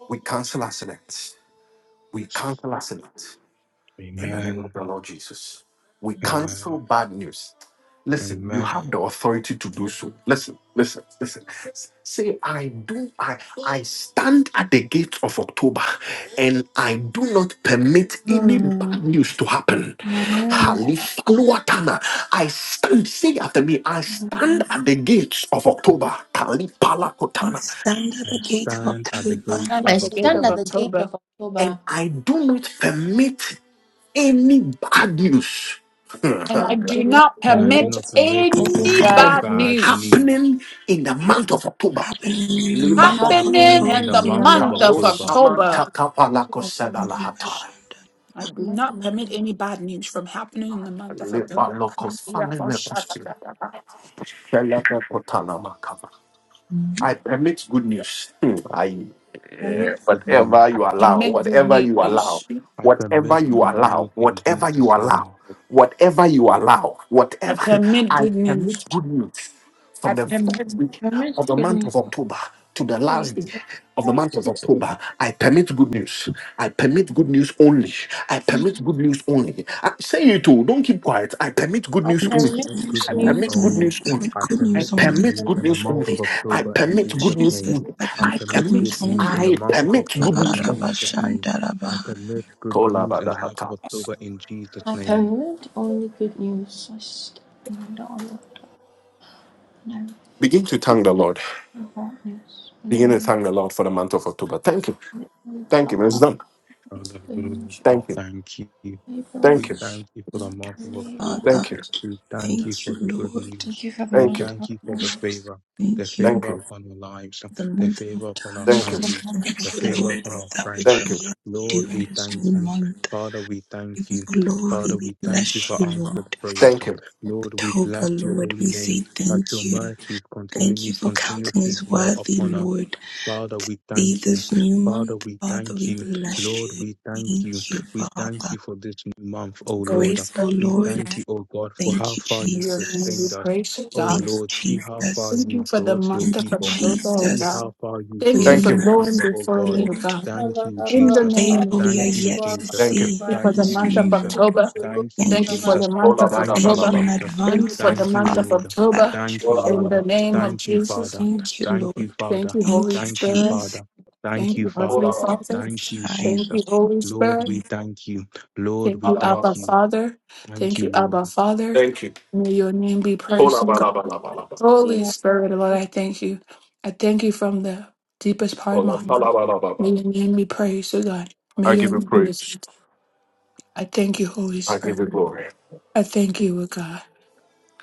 [SPEAKER 1] We cancel accidents. We cancel accidents in the name
[SPEAKER 8] Amen.
[SPEAKER 1] of the Lord Jesus. We
[SPEAKER 8] Amen.
[SPEAKER 1] cancel bad news. Listen, you
[SPEAKER 8] Amen.
[SPEAKER 1] have the authority to do so. Listen, listen, listen. Say, I do, I, I stand at the gate of October and I do not permit any
[SPEAKER 4] Mm.
[SPEAKER 1] bad news to happen. Halifaluatana. I stand, say after me, I stand at the gates of October. Kalipalakotana.
[SPEAKER 2] stand at
[SPEAKER 8] I
[SPEAKER 2] the gate of
[SPEAKER 8] stand at the
[SPEAKER 2] October,
[SPEAKER 8] gates
[SPEAKER 5] I'm
[SPEAKER 4] I
[SPEAKER 8] of
[SPEAKER 5] at the gate
[SPEAKER 4] stand
[SPEAKER 5] of
[SPEAKER 4] at
[SPEAKER 8] October
[SPEAKER 4] the gate
[SPEAKER 5] October.
[SPEAKER 4] of
[SPEAKER 1] and
[SPEAKER 4] October
[SPEAKER 1] I do not permit any bad news
[SPEAKER 5] And
[SPEAKER 4] and
[SPEAKER 5] I
[SPEAKER 4] I do
[SPEAKER 5] do
[SPEAKER 4] not
[SPEAKER 5] not
[SPEAKER 8] and I do
[SPEAKER 5] permit
[SPEAKER 4] permit
[SPEAKER 8] not permit
[SPEAKER 4] any
[SPEAKER 5] any
[SPEAKER 8] any
[SPEAKER 4] bad
[SPEAKER 1] from
[SPEAKER 5] bad
[SPEAKER 4] news
[SPEAKER 8] bad
[SPEAKER 5] news
[SPEAKER 8] news
[SPEAKER 1] happening in the month of October.
[SPEAKER 2] happening in the
[SPEAKER 1] Liba
[SPEAKER 2] month
[SPEAKER 1] Bokman
[SPEAKER 2] of
[SPEAKER 5] happening
[SPEAKER 8] happening
[SPEAKER 4] happening
[SPEAKER 8] in
[SPEAKER 5] in
[SPEAKER 8] the
[SPEAKER 2] October.
[SPEAKER 5] the
[SPEAKER 4] in the
[SPEAKER 8] month of
[SPEAKER 5] month
[SPEAKER 4] month
[SPEAKER 5] of
[SPEAKER 4] of
[SPEAKER 8] October.
[SPEAKER 4] October.
[SPEAKER 5] October.
[SPEAKER 4] Which is
[SPEAKER 1] Takapalako
[SPEAKER 4] the
[SPEAKER 2] With
[SPEAKER 1] Sedalahata.
[SPEAKER 5] I do
[SPEAKER 4] month
[SPEAKER 5] not
[SPEAKER 4] of
[SPEAKER 5] permit
[SPEAKER 4] October.
[SPEAKER 5] any bad news from happening in the month of
[SPEAKER 1] Liba
[SPEAKER 5] October.
[SPEAKER 1] Loko Fane Mekosina Tanamaka.
[SPEAKER 4] Mhm.
[SPEAKER 1] I,
[SPEAKER 8] That's
[SPEAKER 1] eh,
[SPEAKER 4] Permit
[SPEAKER 8] good
[SPEAKER 4] goodness.
[SPEAKER 8] news.
[SPEAKER 1] whatever
[SPEAKER 5] I
[SPEAKER 1] you allow,
[SPEAKER 5] permit
[SPEAKER 1] whatever
[SPEAKER 5] good
[SPEAKER 1] you allow,
[SPEAKER 5] news.
[SPEAKER 8] I
[SPEAKER 1] whatever
[SPEAKER 8] permit
[SPEAKER 1] you
[SPEAKER 8] good
[SPEAKER 1] allow,
[SPEAKER 8] news in
[SPEAKER 1] whatever you
[SPEAKER 8] Jesus' name.
[SPEAKER 1] allow, whatever you allow,
[SPEAKER 5] I
[SPEAKER 1] whatever
[SPEAKER 5] permit
[SPEAKER 1] I
[SPEAKER 5] good news.
[SPEAKER 1] permit good news
[SPEAKER 5] I
[SPEAKER 1] from the
[SPEAKER 5] permit
[SPEAKER 1] first week
[SPEAKER 4] Permit
[SPEAKER 1] of the month
[SPEAKER 4] goodness.
[SPEAKER 1] of October to the
[SPEAKER 4] Wait.
[SPEAKER 1] last day of the month of October. I permit good news. I permit good news only. I permit good news only. I, say it too. Don't keep quiet. I permit good
[SPEAKER 4] I
[SPEAKER 1] news only.
[SPEAKER 2] good
[SPEAKER 8] Permit
[SPEAKER 4] permit
[SPEAKER 8] good
[SPEAKER 2] news
[SPEAKER 4] good
[SPEAKER 1] I
[SPEAKER 8] news
[SPEAKER 4] news
[SPEAKER 2] only.
[SPEAKER 1] permit good
[SPEAKER 4] only.
[SPEAKER 8] only.
[SPEAKER 1] news only.
[SPEAKER 2] With
[SPEAKER 8] I
[SPEAKER 2] good
[SPEAKER 1] I
[SPEAKER 8] permit
[SPEAKER 2] news
[SPEAKER 8] good
[SPEAKER 2] only.
[SPEAKER 1] permit
[SPEAKER 8] news
[SPEAKER 4] Permit
[SPEAKER 1] good
[SPEAKER 8] in the
[SPEAKER 1] news
[SPEAKER 4] good
[SPEAKER 8] month of
[SPEAKER 1] only.
[SPEAKER 4] news
[SPEAKER 1] I
[SPEAKER 4] only.
[SPEAKER 8] October in
[SPEAKER 1] permit good
[SPEAKER 8] Jesus'
[SPEAKER 1] news
[SPEAKER 8] name.
[SPEAKER 2] Jesus,
[SPEAKER 1] only.
[SPEAKER 2] I've
[SPEAKER 8] I
[SPEAKER 1] I
[SPEAKER 8] permit
[SPEAKER 2] good
[SPEAKER 8] good
[SPEAKER 2] news
[SPEAKER 1] permit,
[SPEAKER 8] news in
[SPEAKER 2] only.
[SPEAKER 8] the
[SPEAKER 1] I
[SPEAKER 8] month of
[SPEAKER 1] permit good
[SPEAKER 8] October
[SPEAKER 1] news
[SPEAKER 8] in
[SPEAKER 1] only.
[SPEAKER 8] Jesus' name. I
[SPEAKER 2] Arabashandarabaha.
[SPEAKER 8] permit good news in the month of
[SPEAKER 1] Kolabadahatamas.
[SPEAKER 8] October in Jesus'
[SPEAKER 4] I
[SPEAKER 8] name.
[SPEAKER 4] permit only good news. I stand in the dollar. Never bad news. In the
[SPEAKER 1] Begin to
[SPEAKER 4] name
[SPEAKER 1] thank the Lord for the month of October. Thank you.
[SPEAKER 4] of the new
[SPEAKER 1] Thank you. It's
[SPEAKER 4] cover.
[SPEAKER 1] done.
[SPEAKER 8] Father, Lord,
[SPEAKER 4] Angel.
[SPEAKER 8] we
[SPEAKER 1] Thank you.
[SPEAKER 8] thank you.
[SPEAKER 4] April.
[SPEAKER 8] We
[SPEAKER 1] Thank you.
[SPEAKER 8] thank you for the
[SPEAKER 4] Shana,
[SPEAKER 8] month of
[SPEAKER 4] Leva.
[SPEAKER 8] October.
[SPEAKER 2] Father,
[SPEAKER 1] Thank you.
[SPEAKER 8] We thank you
[SPEAKER 2] thank
[SPEAKER 8] for
[SPEAKER 2] you,
[SPEAKER 8] the good
[SPEAKER 2] Lord.
[SPEAKER 4] Thank
[SPEAKER 8] news.
[SPEAKER 4] you for the
[SPEAKER 8] We
[SPEAKER 1] Thank
[SPEAKER 4] month
[SPEAKER 1] you.
[SPEAKER 4] of
[SPEAKER 8] thank you for the
[SPEAKER 4] October.
[SPEAKER 8] favor, the
[SPEAKER 2] Thank you.
[SPEAKER 1] Thank
[SPEAKER 8] favor
[SPEAKER 1] you.
[SPEAKER 8] upon our lives,
[SPEAKER 2] The
[SPEAKER 8] the
[SPEAKER 2] month of
[SPEAKER 8] favor upon our
[SPEAKER 4] Thank
[SPEAKER 1] Thank
[SPEAKER 4] you for
[SPEAKER 1] you.
[SPEAKER 4] the
[SPEAKER 8] families,
[SPEAKER 2] October,
[SPEAKER 4] month of
[SPEAKER 8] the
[SPEAKER 2] thank you,
[SPEAKER 8] favor
[SPEAKER 4] October.
[SPEAKER 2] Lord,
[SPEAKER 8] upon our
[SPEAKER 2] for that
[SPEAKER 8] friends.
[SPEAKER 2] which
[SPEAKER 1] Thank you.
[SPEAKER 2] you yet
[SPEAKER 8] Lord,
[SPEAKER 2] doing
[SPEAKER 8] we
[SPEAKER 2] this new
[SPEAKER 8] thank you.
[SPEAKER 2] month.
[SPEAKER 8] Father, we
[SPEAKER 2] We
[SPEAKER 8] thank
[SPEAKER 2] give
[SPEAKER 8] you.
[SPEAKER 2] you glory,
[SPEAKER 8] Father,
[SPEAKER 2] we
[SPEAKER 8] we thank you
[SPEAKER 2] bless
[SPEAKER 8] for
[SPEAKER 2] you,
[SPEAKER 8] answered
[SPEAKER 2] Lord.
[SPEAKER 8] prayers.
[SPEAKER 1] Thank you.
[SPEAKER 8] Lord, we bless
[SPEAKER 2] October,
[SPEAKER 8] your
[SPEAKER 2] Lord, we
[SPEAKER 8] holy
[SPEAKER 2] say
[SPEAKER 8] name that your
[SPEAKER 2] thank you.
[SPEAKER 8] mercies
[SPEAKER 2] Thank you
[SPEAKER 8] continually,
[SPEAKER 2] for counting
[SPEAKER 8] continuously
[SPEAKER 2] us
[SPEAKER 8] dwell
[SPEAKER 2] worthy,
[SPEAKER 8] upon us.
[SPEAKER 2] Lord.
[SPEAKER 8] Father, we
[SPEAKER 2] See
[SPEAKER 8] thank you.
[SPEAKER 2] this new
[SPEAKER 8] Father,
[SPEAKER 2] month,
[SPEAKER 8] we
[SPEAKER 2] Father,
[SPEAKER 8] thank
[SPEAKER 2] we
[SPEAKER 8] you.
[SPEAKER 2] bless
[SPEAKER 8] Lord,
[SPEAKER 2] you.
[SPEAKER 8] we thank you.
[SPEAKER 2] Thank you,
[SPEAKER 8] We thank
[SPEAKER 2] Father.
[SPEAKER 8] you for this new month, O
[SPEAKER 5] the
[SPEAKER 8] Lord.
[SPEAKER 2] Grateful,
[SPEAKER 8] We
[SPEAKER 5] resources
[SPEAKER 2] Lord.
[SPEAKER 8] thank you, O God, for
[SPEAKER 2] Thank
[SPEAKER 8] how
[SPEAKER 2] you,
[SPEAKER 8] far
[SPEAKER 5] in
[SPEAKER 8] you
[SPEAKER 5] your name. We
[SPEAKER 8] sustained
[SPEAKER 2] Jesus.
[SPEAKER 8] us.
[SPEAKER 5] praise you,
[SPEAKER 8] O
[SPEAKER 5] God.
[SPEAKER 2] Thank you,
[SPEAKER 8] Lord, see how far
[SPEAKER 2] Jesus.
[SPEAKER 5] Thank
[SPEAKER 8] you
[SPEAKER 5] you for the
[SPEAKER 8] brought your
[SPEAKER 5] month
[SPEAKER 2] Thank
[SPEAKER 5] of
[SPEAKER 2] you,
[SPEAKER 8] people.
[SPEAKER 5] October, oh
[SPEAKER 8] See
[SPEAKER 2] Jesus,
[SPEAKER 5] God.
[SPEAKER 8] how far you
[SPEAKER 2] for
[SPEAKER 5] Thank
[SPEAKER 2] your
[SPEAKER 5] you for
[SPEAKER 8] brought your
[SPEAKER 5] going
[SPEAKER 2] mercy.
[SPEAKER 8] people, O
[SPEAKER 5] before me,
[SPEAKER 8] God.
[SPEAKER 5] oh
[SPEAKER 2] Lord,
[SPEAKER 5] God.
[SPEAKER 8] Thank
[SPEAKER 4] Oh,
[SPEAKER 8] you,
[SPEAKER 5] In the
[SPEAKER 4] Baba.
[SPEAKER 8] Jesus.
[SPEAKER 5] name
[SPEAKER 4] Oh,
[SPEAKER 2] faithful
[SPEAKER 5] of
[SPEAKER 2] we are
[SPEAKER 4] thank
[SPEAKER 8] Thank
[SPEAKER 4] you,
[SPEAKER 5] Jesus,
[SPEAKER 8] you,
[SPEAKER 5] thank
[SPEAKER 2] yet
[SPEAKER 4] God,
[SPEAKER 2] to
[SPEAKER 4] for
[SPEAKER 8] Jesus.
[SPEAKER 4] the
[SPEAKER 2] see
[SPEAKER 5] you
[SPEAKER 4] prayer.
[SPEAKER 5] for
[SPEAKER 2] in
[SPEAKER 8] Thank
[SPEAKER 5] the
[SPEAKER 2] this
[SPEAKER 8] you,
[SPEAKER 5] month
[SPEAKER 2] new
[SPEAKER 5] of
[SPEAKER 8] Jesus.
[SPEAKER 4] Thank you
[SPEAKER 2] month.
[SPEAKER 4] because
[SPEAKER 5] October.
[SPEAKER 4] you're
[SPEAKER 8] Thank you,
[SPEAKER 5] Thank you
[SPEAKER 2] Thank
[SPEAKER 4] good.
[SPEAKER 5] for
[SPEAKER 2] you.
[SPEAKER 8] Jesus.
[SPEAKER 5] the month of
[SPEAKER 8] Thank you,
[SPEAKER 2] Thank
[SPEAKER 5] October.
[SPEAKER 2] you
[SPEAKER 1] Labadabalaba.
[SPEAKER 2] in
[SPEAKER 8] Jesus.
[SPEAKER 5] Thank you
[SPEAKER 2] advance,
[SPEAKER 5] for
[SPEAKER 2] oh
[SPEAKER 5] the
[SPEAKER 8] Thank you,
[SPEAKER 5] month of
[SPEAKER 2] Father,
[SPEAKER 8] Lord.
[SPEAKER 2] that
[SPEAKER 5] October.
[SPEAKER 2] which we
[SPEAKER 8] Thank you,
[SPEAKER 2] yet
[SPEAKER 5] In
[SPEAKER 8] Lord.
[SPEAKER 5] the name
[SPEAKER 2] do.
[SPEAKER 5] of
[SPEAKER 8] Thank you,
[SPEAKER 5] Jesus,
[SPEAKER 8] Father.
[SPEAKER 2] Thank you,
[SPEAKER 8] Thank
[SPEAKER 2] Lord.
[SPEAKER 8] you, Father.
[SPEAKER 5] thank you, Holy
[SPEAKER 2] Thank you,
[SPEAKER 8] Thank you,
[SPEAKER 5] Spirit.
[SPEAKER 2] Jesus.
[SPEAKER 8] Father. Thank
[SPEAKER 5] Thank
[SPEAKER 8] you,
[SPEAKER 5] you, Heavenly
[SPEAKER 8] Father.
[SPEAKER 5] Father.
[SPEAKER 8] Thank you,
[SPEAKER 2] Shine.
[SPEAKER 5] Thank
[SPEAKER 8] Jesus.
[SPEAKER 5] you, Holy
[SPEAKER 8] Lord,
[SPEAKER 5] Spirit.
[SPEAKER 8] we thank you. Lord,
[SPEAKER 5] Thank
[SPEAKER 8] we
[SPEAKER 5] you,
[SPEAKER 8] thank
[SPEAKER 5] Abba
[SPEAKER 8] you.
[SPEAKER 5] Father.
[SPEAKER 8] Thank
[SPEAKER 5] Thank
[SPEAKER 8] you,
[SPEAKER 5] you, Abba
[SPEAKER 8] Lord.
[SPEAKER 5] Father. May your name be
[SPEAKER 4] Mm.
[SPEAKER 5] praised, O God. Holy
[SPEAKER 4] Yeah.
[SPEAKER 5] Spirit, Lord, I thank you. I thank you from the deepest part of my heart. May your name be praised, O God. May
[SPEAKER 1] I
[SPEAKER 5] your
[SPEAKER 1] give
[SPEAKER 5] name be
[SPEAKER 1] it.
[SPEAKER 5] listened. I thank you, Holy Spirit. I thank you, O God,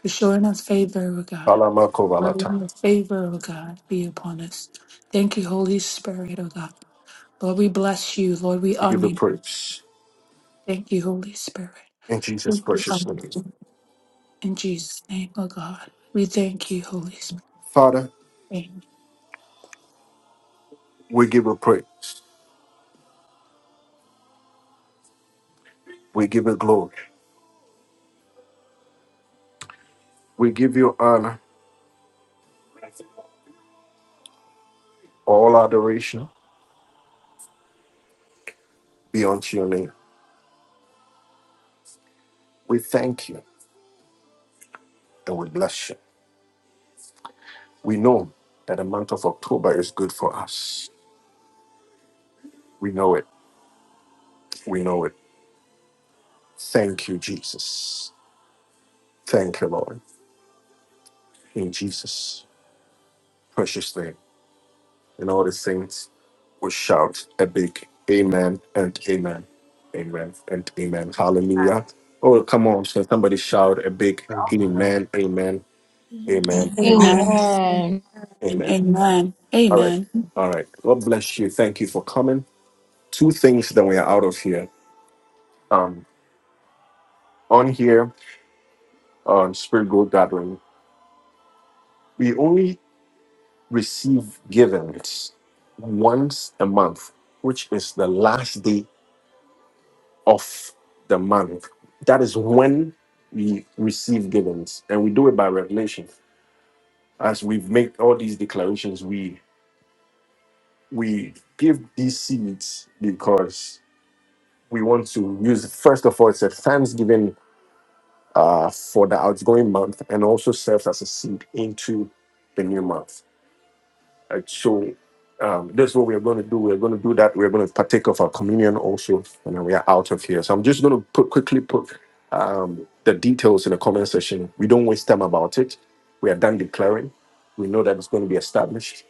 [SPEAKER 5] for showing us favor, O God.
[SPEAKER 1] Alamakovalata.
[SPEAKER 5] Letting the favor, O God, be upon us. Thank you, Holy Spirit, O God. Lord, we bless you. Lord, we
[SPEAKER 1] We give
[SPEAKER 5] honor
[SPEAKER 1] you
[SPEAKER 5] you.
[SPEAKER 1] praise.
[SPEAKER 5] Thank you, Holy Spirit.
[SPEAKER 1] In Jesus'
[SPEAKER 5] Thank you,
[SPEAKER 1] precious name.
[SPEAKER 5] Father. In Jesus' name, oh God, we thank you, Holy Spirit. Amen.
[SPEAKER 1] We give you praise. We give you glory. We give you honor. All adoration be unto your name. We thank you and we bless you. We know that the month of October is good for us. We know it. We know it. Thank you, Jesus. Thank you, Lord. In Jesus' precious name. And all the saints will shout a big amen and amen. Amen and amen. Hallelujah. Oh, come on. So somebody shout a big amen,
[SPEAKER 8] Amen.
[SPEAKER 1] amen, amen, amen,
[SPEAKER 5] Amen.
[SPEAKER 2] And
[SPEAKER 4] Amen.
[SPEAKER 1] amen.
[SPEAKER 5] Amen.
[SPEAKER 1] All right.
[SPEAKER 5] Amen.
[SPEAKER 1] All right. God bless you. Thank you for coming. two things that we are out of here. Um, on here on Spirit Gold Gathering, we only receive givings once a month, which is the last day of the month. That is when we receive givings, and we do it by revelation. As we've made all these declarations, we we give these seeds because we want to use. First of all, it's a thanksgiving uh, for the outgoing month, and also serves as a seed into the new month. So um, this is what we're going to do. We're going to do that. We're going to partake of our communion also, and then we are out of here. So I'm just going to put quickly put um, the details in the comment section. We don't waste time about it. We are done declaring. We know that it's going to be established.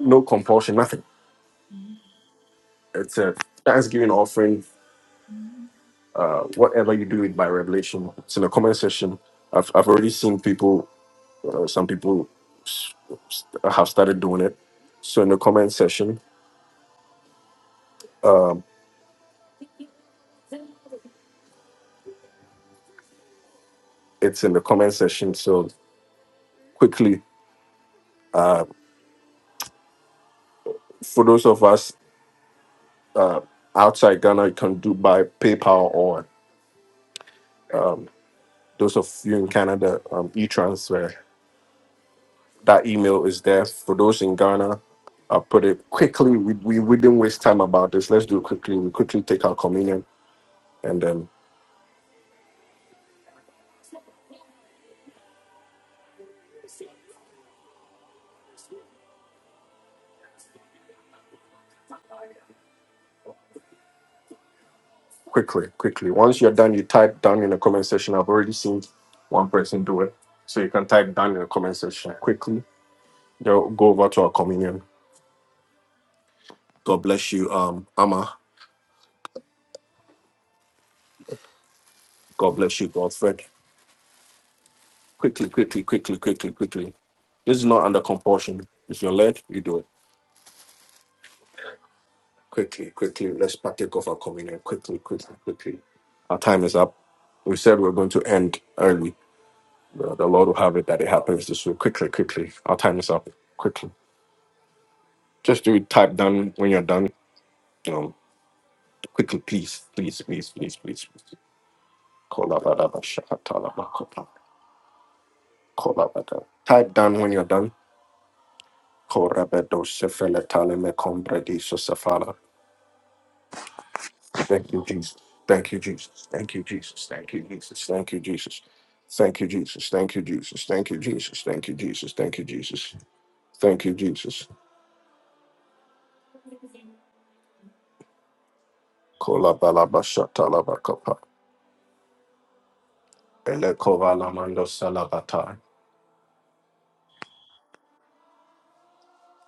[SPEAKER 1] No compulsion, nothing. It's a Thanksgiving offering. Uh, Whatever you do it by revelation. It's in the comment section. I've, I've already seen people. Uh, some people s- s- have started doing it. So in the comment section, it's in the comment section. So quickly for those of us uh, outside Ghana, you can do by PayPal or um, those of you in Canada, um, e-transfer. That email is there for those in Ghana. i put it quickly. We, we, we didn't waste time about this. Let's do it quickly. We quickly take our communion and then quickly, quickly. Once you're done, you type down in the comment section. I've already seen one person do it. So you can type down in the comment section quickly. Go go over to our communion. God bless you, um, Amma. God bless you, Godfred. Quickly, quickly, quickly, quickly, quickly. This is not under compulsion. If you're led, you do it. Quickly, quickly. Let's partake of our communion. Quickly, quickly, quickly. Our time is up. We said we're going to end early. The the Lord will have it that it happens this week. Quickly, quickly. Our time is up. Quickly. Just do it. type down when you're done. You know, quickly, please, please, please, please, please. please. Kolabadaba shakatalaba kopa- kolabada. Type down when you're done. Korabedo sefele taleme kombredi sosefala. Thank you, Jesus. Thank you, Jesus. Thank you, Jesus. Thank you, Jesus. Thank you, Jesus. Thank you, Jesus. Thank you, Jesus. Thank you, Jesus. Thank you, Jesus. Thank you, Jesus. Thank you, Jesus. Kola balaba shatalaba kopa. Ele kovala mando salabata.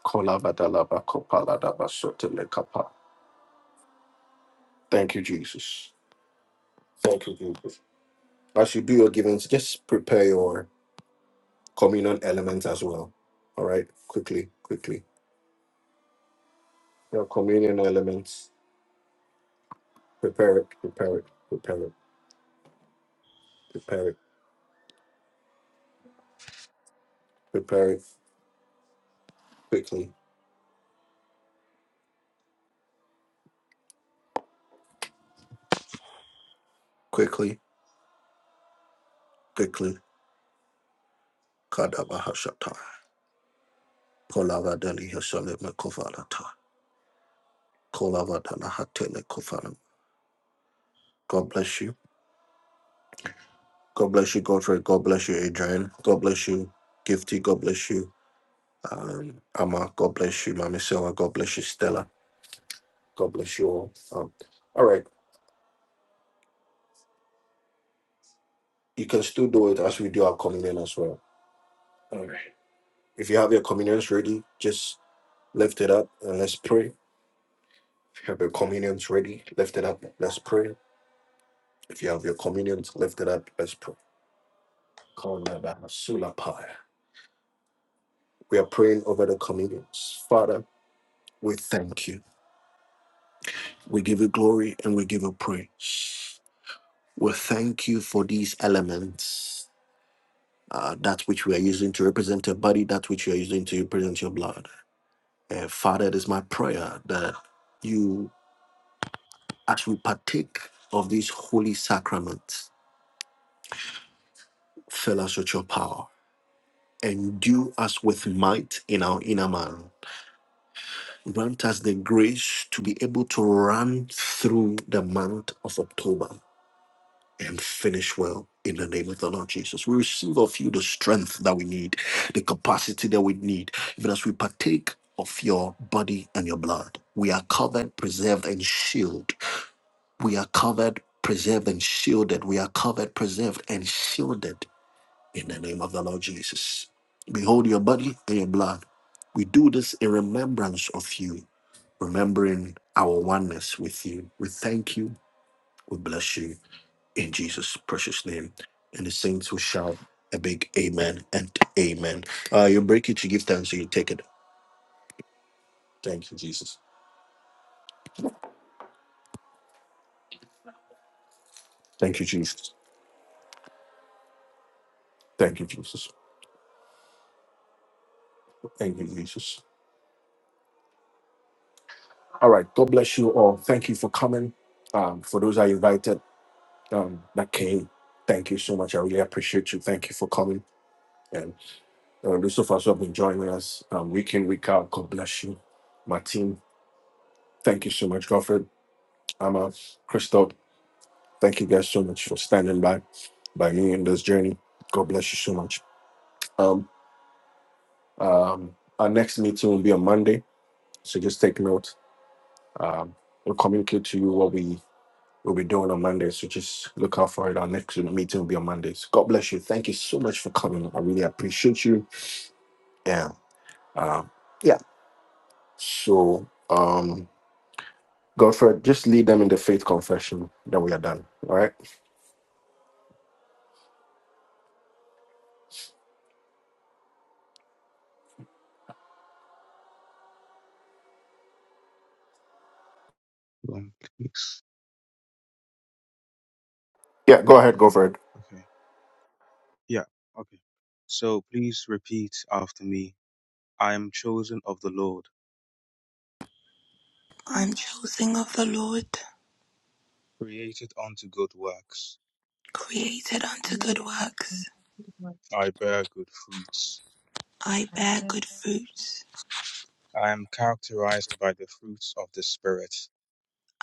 [SPEAKER 1] Kola badalaba kopa ladaba sotele kapa. Thank you, Jesus. Thank you, Jesus. As you do your givings, just prepare your communion elements as well. All right, quickly, quickly. Your communion elements. Prepare it. Prepare it. Prepare it Prepare it. Prepare it quickly. Quickly. Quickly. Kadabahashata. Kolava Deli Hasalema Kovalata. Kolava Dana Hatele Kovalam. God bless you. God bless you, Godfrey. God bless you, Adrian. God bless you, Gifty. God bless you, um, Amma. God bless you, Mami Silva. God bless you, Stella. God bless you all. Um, all right. You can still do it as we do our communion as well. All right. If you have your communions ready, just lift it up and let's pray. If you have your communions ready, lift it up. Let's pray. If you have your communions lifted up, let's pray. We are praying over the communions. Father, we thank you. We give you glory and we give you praise. We thank you for these elements, uh, that which we are using to represent your body, that which you are using to represent your blood. Uh, Father, it is my prayer that you, as we partake of these holy sacraments, fill us with your power. Endue us with might in our inner man Grant us the grace to be able to run through the month of October and finish well in the name of the Lord Jesus. We receive of you the strength that we need, the capacity that we need, even as we partake of your body and your blood. We are covered, preserved, and shielded. We are covered, preserved, and shielded. We are covered, preserved, and shielded in the name of the Lord Jesus. Behold your body and your blood. We do this in remembrance of you remembering our oneness with you. We thank you. We bless you in Jesus' precious name. And the saints will shout a big amen and amen. Uh, you break it, you give thanks, you take it. Thank you, Jesus. Thank you, Jesus. Thank you, Jesus. Thank you, Jesus. All right. God bless you all. Thank you for coming. Um, for those I invited um, that came, thank you so much. I really appreciate you. Thank you for coming. And uh, those of us who have been joining us um, week in, week out, God bless you. My team, thank you so much, Godfrey. Amma, Crystal, thank you guys so much for standing by by me in this journey. God bless you so much. Um, um, our next meeting will be on Monday, so just take note. Um, we'll communicate to you what we will be doing on Monday, so just look out for it. Our next meeting will be on Monday. So God bless you. Thank you so much for coming. I really appreciate you. Yeah. Um, yeah. So, um, Godfrey, just lead them in the faith confession. Then we are done. All right.
[SPEAKER 8] Lord, please.
[SPEAKER 1] Yeah. Go ahead, Godfrey.
[SPEAKER 8] Okay. Yeah. Okay. So please repeat after me. I am chosen of the Lord,
[SPEAKER 2] I'm chosen of the Lord,
[SPEAKER 8] created unto good works.
[SPEAKER 2] created unto good works.
[SPEAKER 8] I bear good fruits.
[SPEAKER 2] I
[SPEAKER 6] I
[SPEAKER 2] bear
[SPEAKER 6] felt
[SPEAKER 2] good fruits.
[SPEAKER 8] I am characterized by the fruits of the Spirit.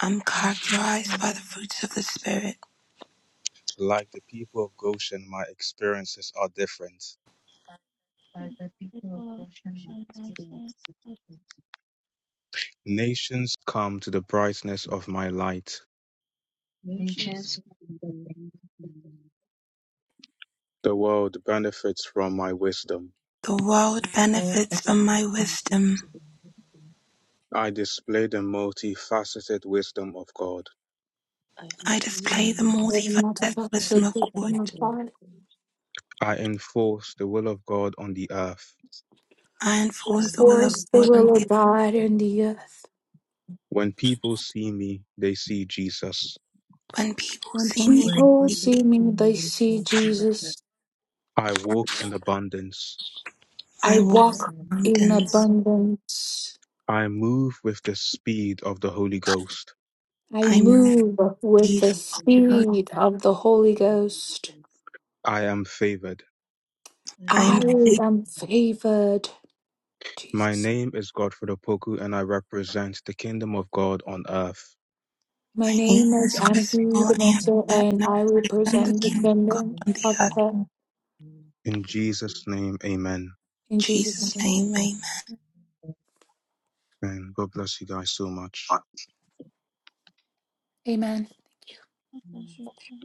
[SPEAKER 2] I'm
[SPEAKER 6] I am
[SPEAKER 2] characterized
[SPEAKER 6] affected
[SPEAKER 2] by the fruits of the Spirit.
[SPEAKER 8] Like the people of Goshen, my experiences are different.
[SPEAKER 6] by the deeper portion
[SPEAKER 12] worship
[SPEAKER 6] of
[SPEAKER 12] experience is a
[SPEAKER 6] experience.
[SPEAKER 8] Nations come to the brightness of my light.
[SPEAKER 12] Nations
[SPEAKER 6] Nations
[SPEAKER 12] can be
[SPEAKER 6] that they
[SPEAKER 12] to
[SPEAKER 6] keep
[SPEAKER 12] kingdom.
[SPEAKER 8] The world benefits from my wisdom.
[SPEAKER 2] The world
[SPEAKER 6] the Lord
[SPEAKER 2] benefits
[SPEAKER 6] and
[SPEAKER 12] The
[SPEAKER 2] from
[SPEAKER 12] very
[SPEAKER 2] my
[SPEAKER 6] on
[SPEAKER 12] benefits
[SPEAKER 6] his
[SPEAKER 12] from
[SPEAKER 2] wisdom.
[SPEAKER 12] my wisdom.
[SPEAKER 8] I display the multifaceted wisdom of God.
[SPEAKER 12] I
[SPEAKER 2] I
[SPEAKER 12] display
[SPEAKER 6] see
[SPEAKER 12] the
[SPEAKER 2] display the
[SPEAKER 6] that
[SPEAKER 5] Moving on to
[SPEAKER 12] magnificence
[SPEAKER 2] multifaceted
[SPEAKER 12] of
[SPEAKER 5] the
[SPEAKER 6] after
[SPEAKER 2] wisdom
[SPEAKER 5] episode
[SPEAKER 2] of
[SPEAKER 6] this
[SPEAKER 5] of
[SPEAKER 6] kind of
[SPEAKER 5] the
[SPEAKER 2] God.
[SPEAKER 12] wisdom
[SPEAKER 6] thing,
[SPEAKER 12] of
[SPEAKER 5] God,
[SPEAKER 12] God.
[SPEAKER 8] I enforce the will of God on the earth.
[SPEAKER 2] I
[SPEAKER 5] to
[SPEAKER 6] I
[SPEAKER 12] I
[SPEAKER 2] enforce the will of
[SPEAKER 12] review
[SPEAKER 6] fall
[SPEAKER 5] enforce the
[SPEAKER 12] the
[SPEAKER 2] God
[SPEAKER 6] from
[SPEAKER 2] on
[SPEAKER 5] will
[SPEAKER 2] the
[SPEAKER 12] ruin
[SPEAKER 5] of
[SPEAKER 12] of
[SPEAKER 5] God
[SPEAKER 6] the
[SPEAKER 5] in
[SPEAKER 12] kingdom.
[SPEAKER 5] the earth.
[SPEAKER 8] When people see me, they see Jesus.
[SPEAKER 2] earth. When people
[SPEAKER 5] When
[SPEAKER 2] see
[SPEAKER 12] And
[SPEAKER 2] me,
[SPEAKER 6] when
[SPEAKER 12] people
[SPEAKER 5] people
[SPEAKER 2] they see
[SPEAKER 12] see
[SPEAKER 5] see
[SPEAKER 6] people
[SPEAKER 2] me.
[SPEAKER 12] my
[SPEAKER 6] see
[SPEAKER 5] me,
[SPEAKER 6] me,
[SPEAKER 5] they
[SPEAKER 6] they see
[SPEAKER 5] see
[SPEAKER 12] refuges.
[SPEAKER 6] me.
[SPEAKER 5] Jesus.
[SPEAKER 8] I walk in abundance.
[SPEAKER 5] I
[SPEAKER 2] I
[SPEAKER 6] all of
[SPEAKER 12] I
[SPEAKER 2] walk
[SPEAKER 6] my
[SPEAKER 12] walk
[SPEAKER 2] in
[SPEAKER 5] walk
[SPEAKER 12] in the
[SPEAKER 6] needs.
[SPEAKER 5] in
[SPEAKER 12] kingdom.
[SPEAKER 2] mountains.
[SPEAKER 5] abundance.
[SPEAKER 8] I move with the speed of the Holy Ghost.
[SPEAKER 5] I
[SPEAKER 6] I
[SPEAKER 2] I
[SPEAKER 6] am
[SPEAKER 2] move
[SPEAKER 12] And
[SPEAKER 6] for
[SPEAKER 12] I
[SPEAKER 5] move
[SPEAKER 12] walk
[SPEAKER 5] with
[SPEAKER 12] in
[SPEAKER 2] speed.
[SPEAKER 5] the
[SPEAKER 12] the
[SPEAKER 6] the
[SPEAKER 12] stream
[SPEAKER 5] speed of the Holy
[SPEAKER 12] of the
[SPEAKER 5] Ghost.
[SPEAKER 12] miracles.
[SPEAKER 8] I am favored.
[SPEAKER 12] I
[SPEAKER 2] I
[SPEAKER 12] am
[SPEAKER 5] I
[SPEAKER 2] am
[SPEAKER 3] Thank
[SPEAKER 2] free.
[SPEAKER 12] favored
[SPEAKER 5] am favored.
[SPEAKER 8] My
[SPEAKER 5] Jesus.
[SPEAKER 8] name is Godfrey Opoku and I represent the kingdom of God on earth.
[SPEAKER 5] My
[SPEAKER 2] My name
[SPEAKER 5] name is
[SPEAKER 2] is
[SPEAKER 6] movement
[SPEAKER 5] Aniki
[SPEAKER 2] Crystal.
[SPEAKER 12] with
[SPEAKER 6] of
[SPEAKER 2] I am
[SPEAKER 12] my
[SPEAKER 5] Demosa,
[SPEAKER 6] the
[SPEAKER 2] set
[SPEAKER 12] glory.
[SPEAKER 5] and
[SPEAKER 2] and I
[SPEAKER 5] I will
[SPEAKER 12] I
[SPEAKER 2] represent the
[SPEAKER 5] present the
[SPEAKER 6] present
[SPEAKER 2] kingdom
[SPEAKER 12] represent
[SPEAKER 6] the
[SPEAKER 12] the
[SPEAKER 2] of God
[SPEAKER 5] kingdom
[SPEAKER 6] kingdom
[SPEAKER 12] kingdom of
[SPEAKER 2] on the
[SPEAKER 5] of
[SPEAKER 2] earth.
[SPEAKER 6] of
[SPEAKER 5] heaven
[SPEAKER 12] God.
[SPEAKER 8] In
[SPEAKER 12] Is a
[SPEAKER 8] Jesus'
[SPEAKER 12] different.
[SPEAKER 8] name, amen.
[SPEAKER 2] In
[SPEAKER 5] in Jesus'
[SPEAKER 2] Jesus'
[SPEAKER 5] name.
[SPEAKER 2] name,
[SPEAKER 6] the
[SPEAKER 2] amen.
[SPEAKER 6] earth.
[SPEAKER 8] And God bless you guys so much.
[SPEAKER 5] Amen.
[SPEAKER 3] you, Lord.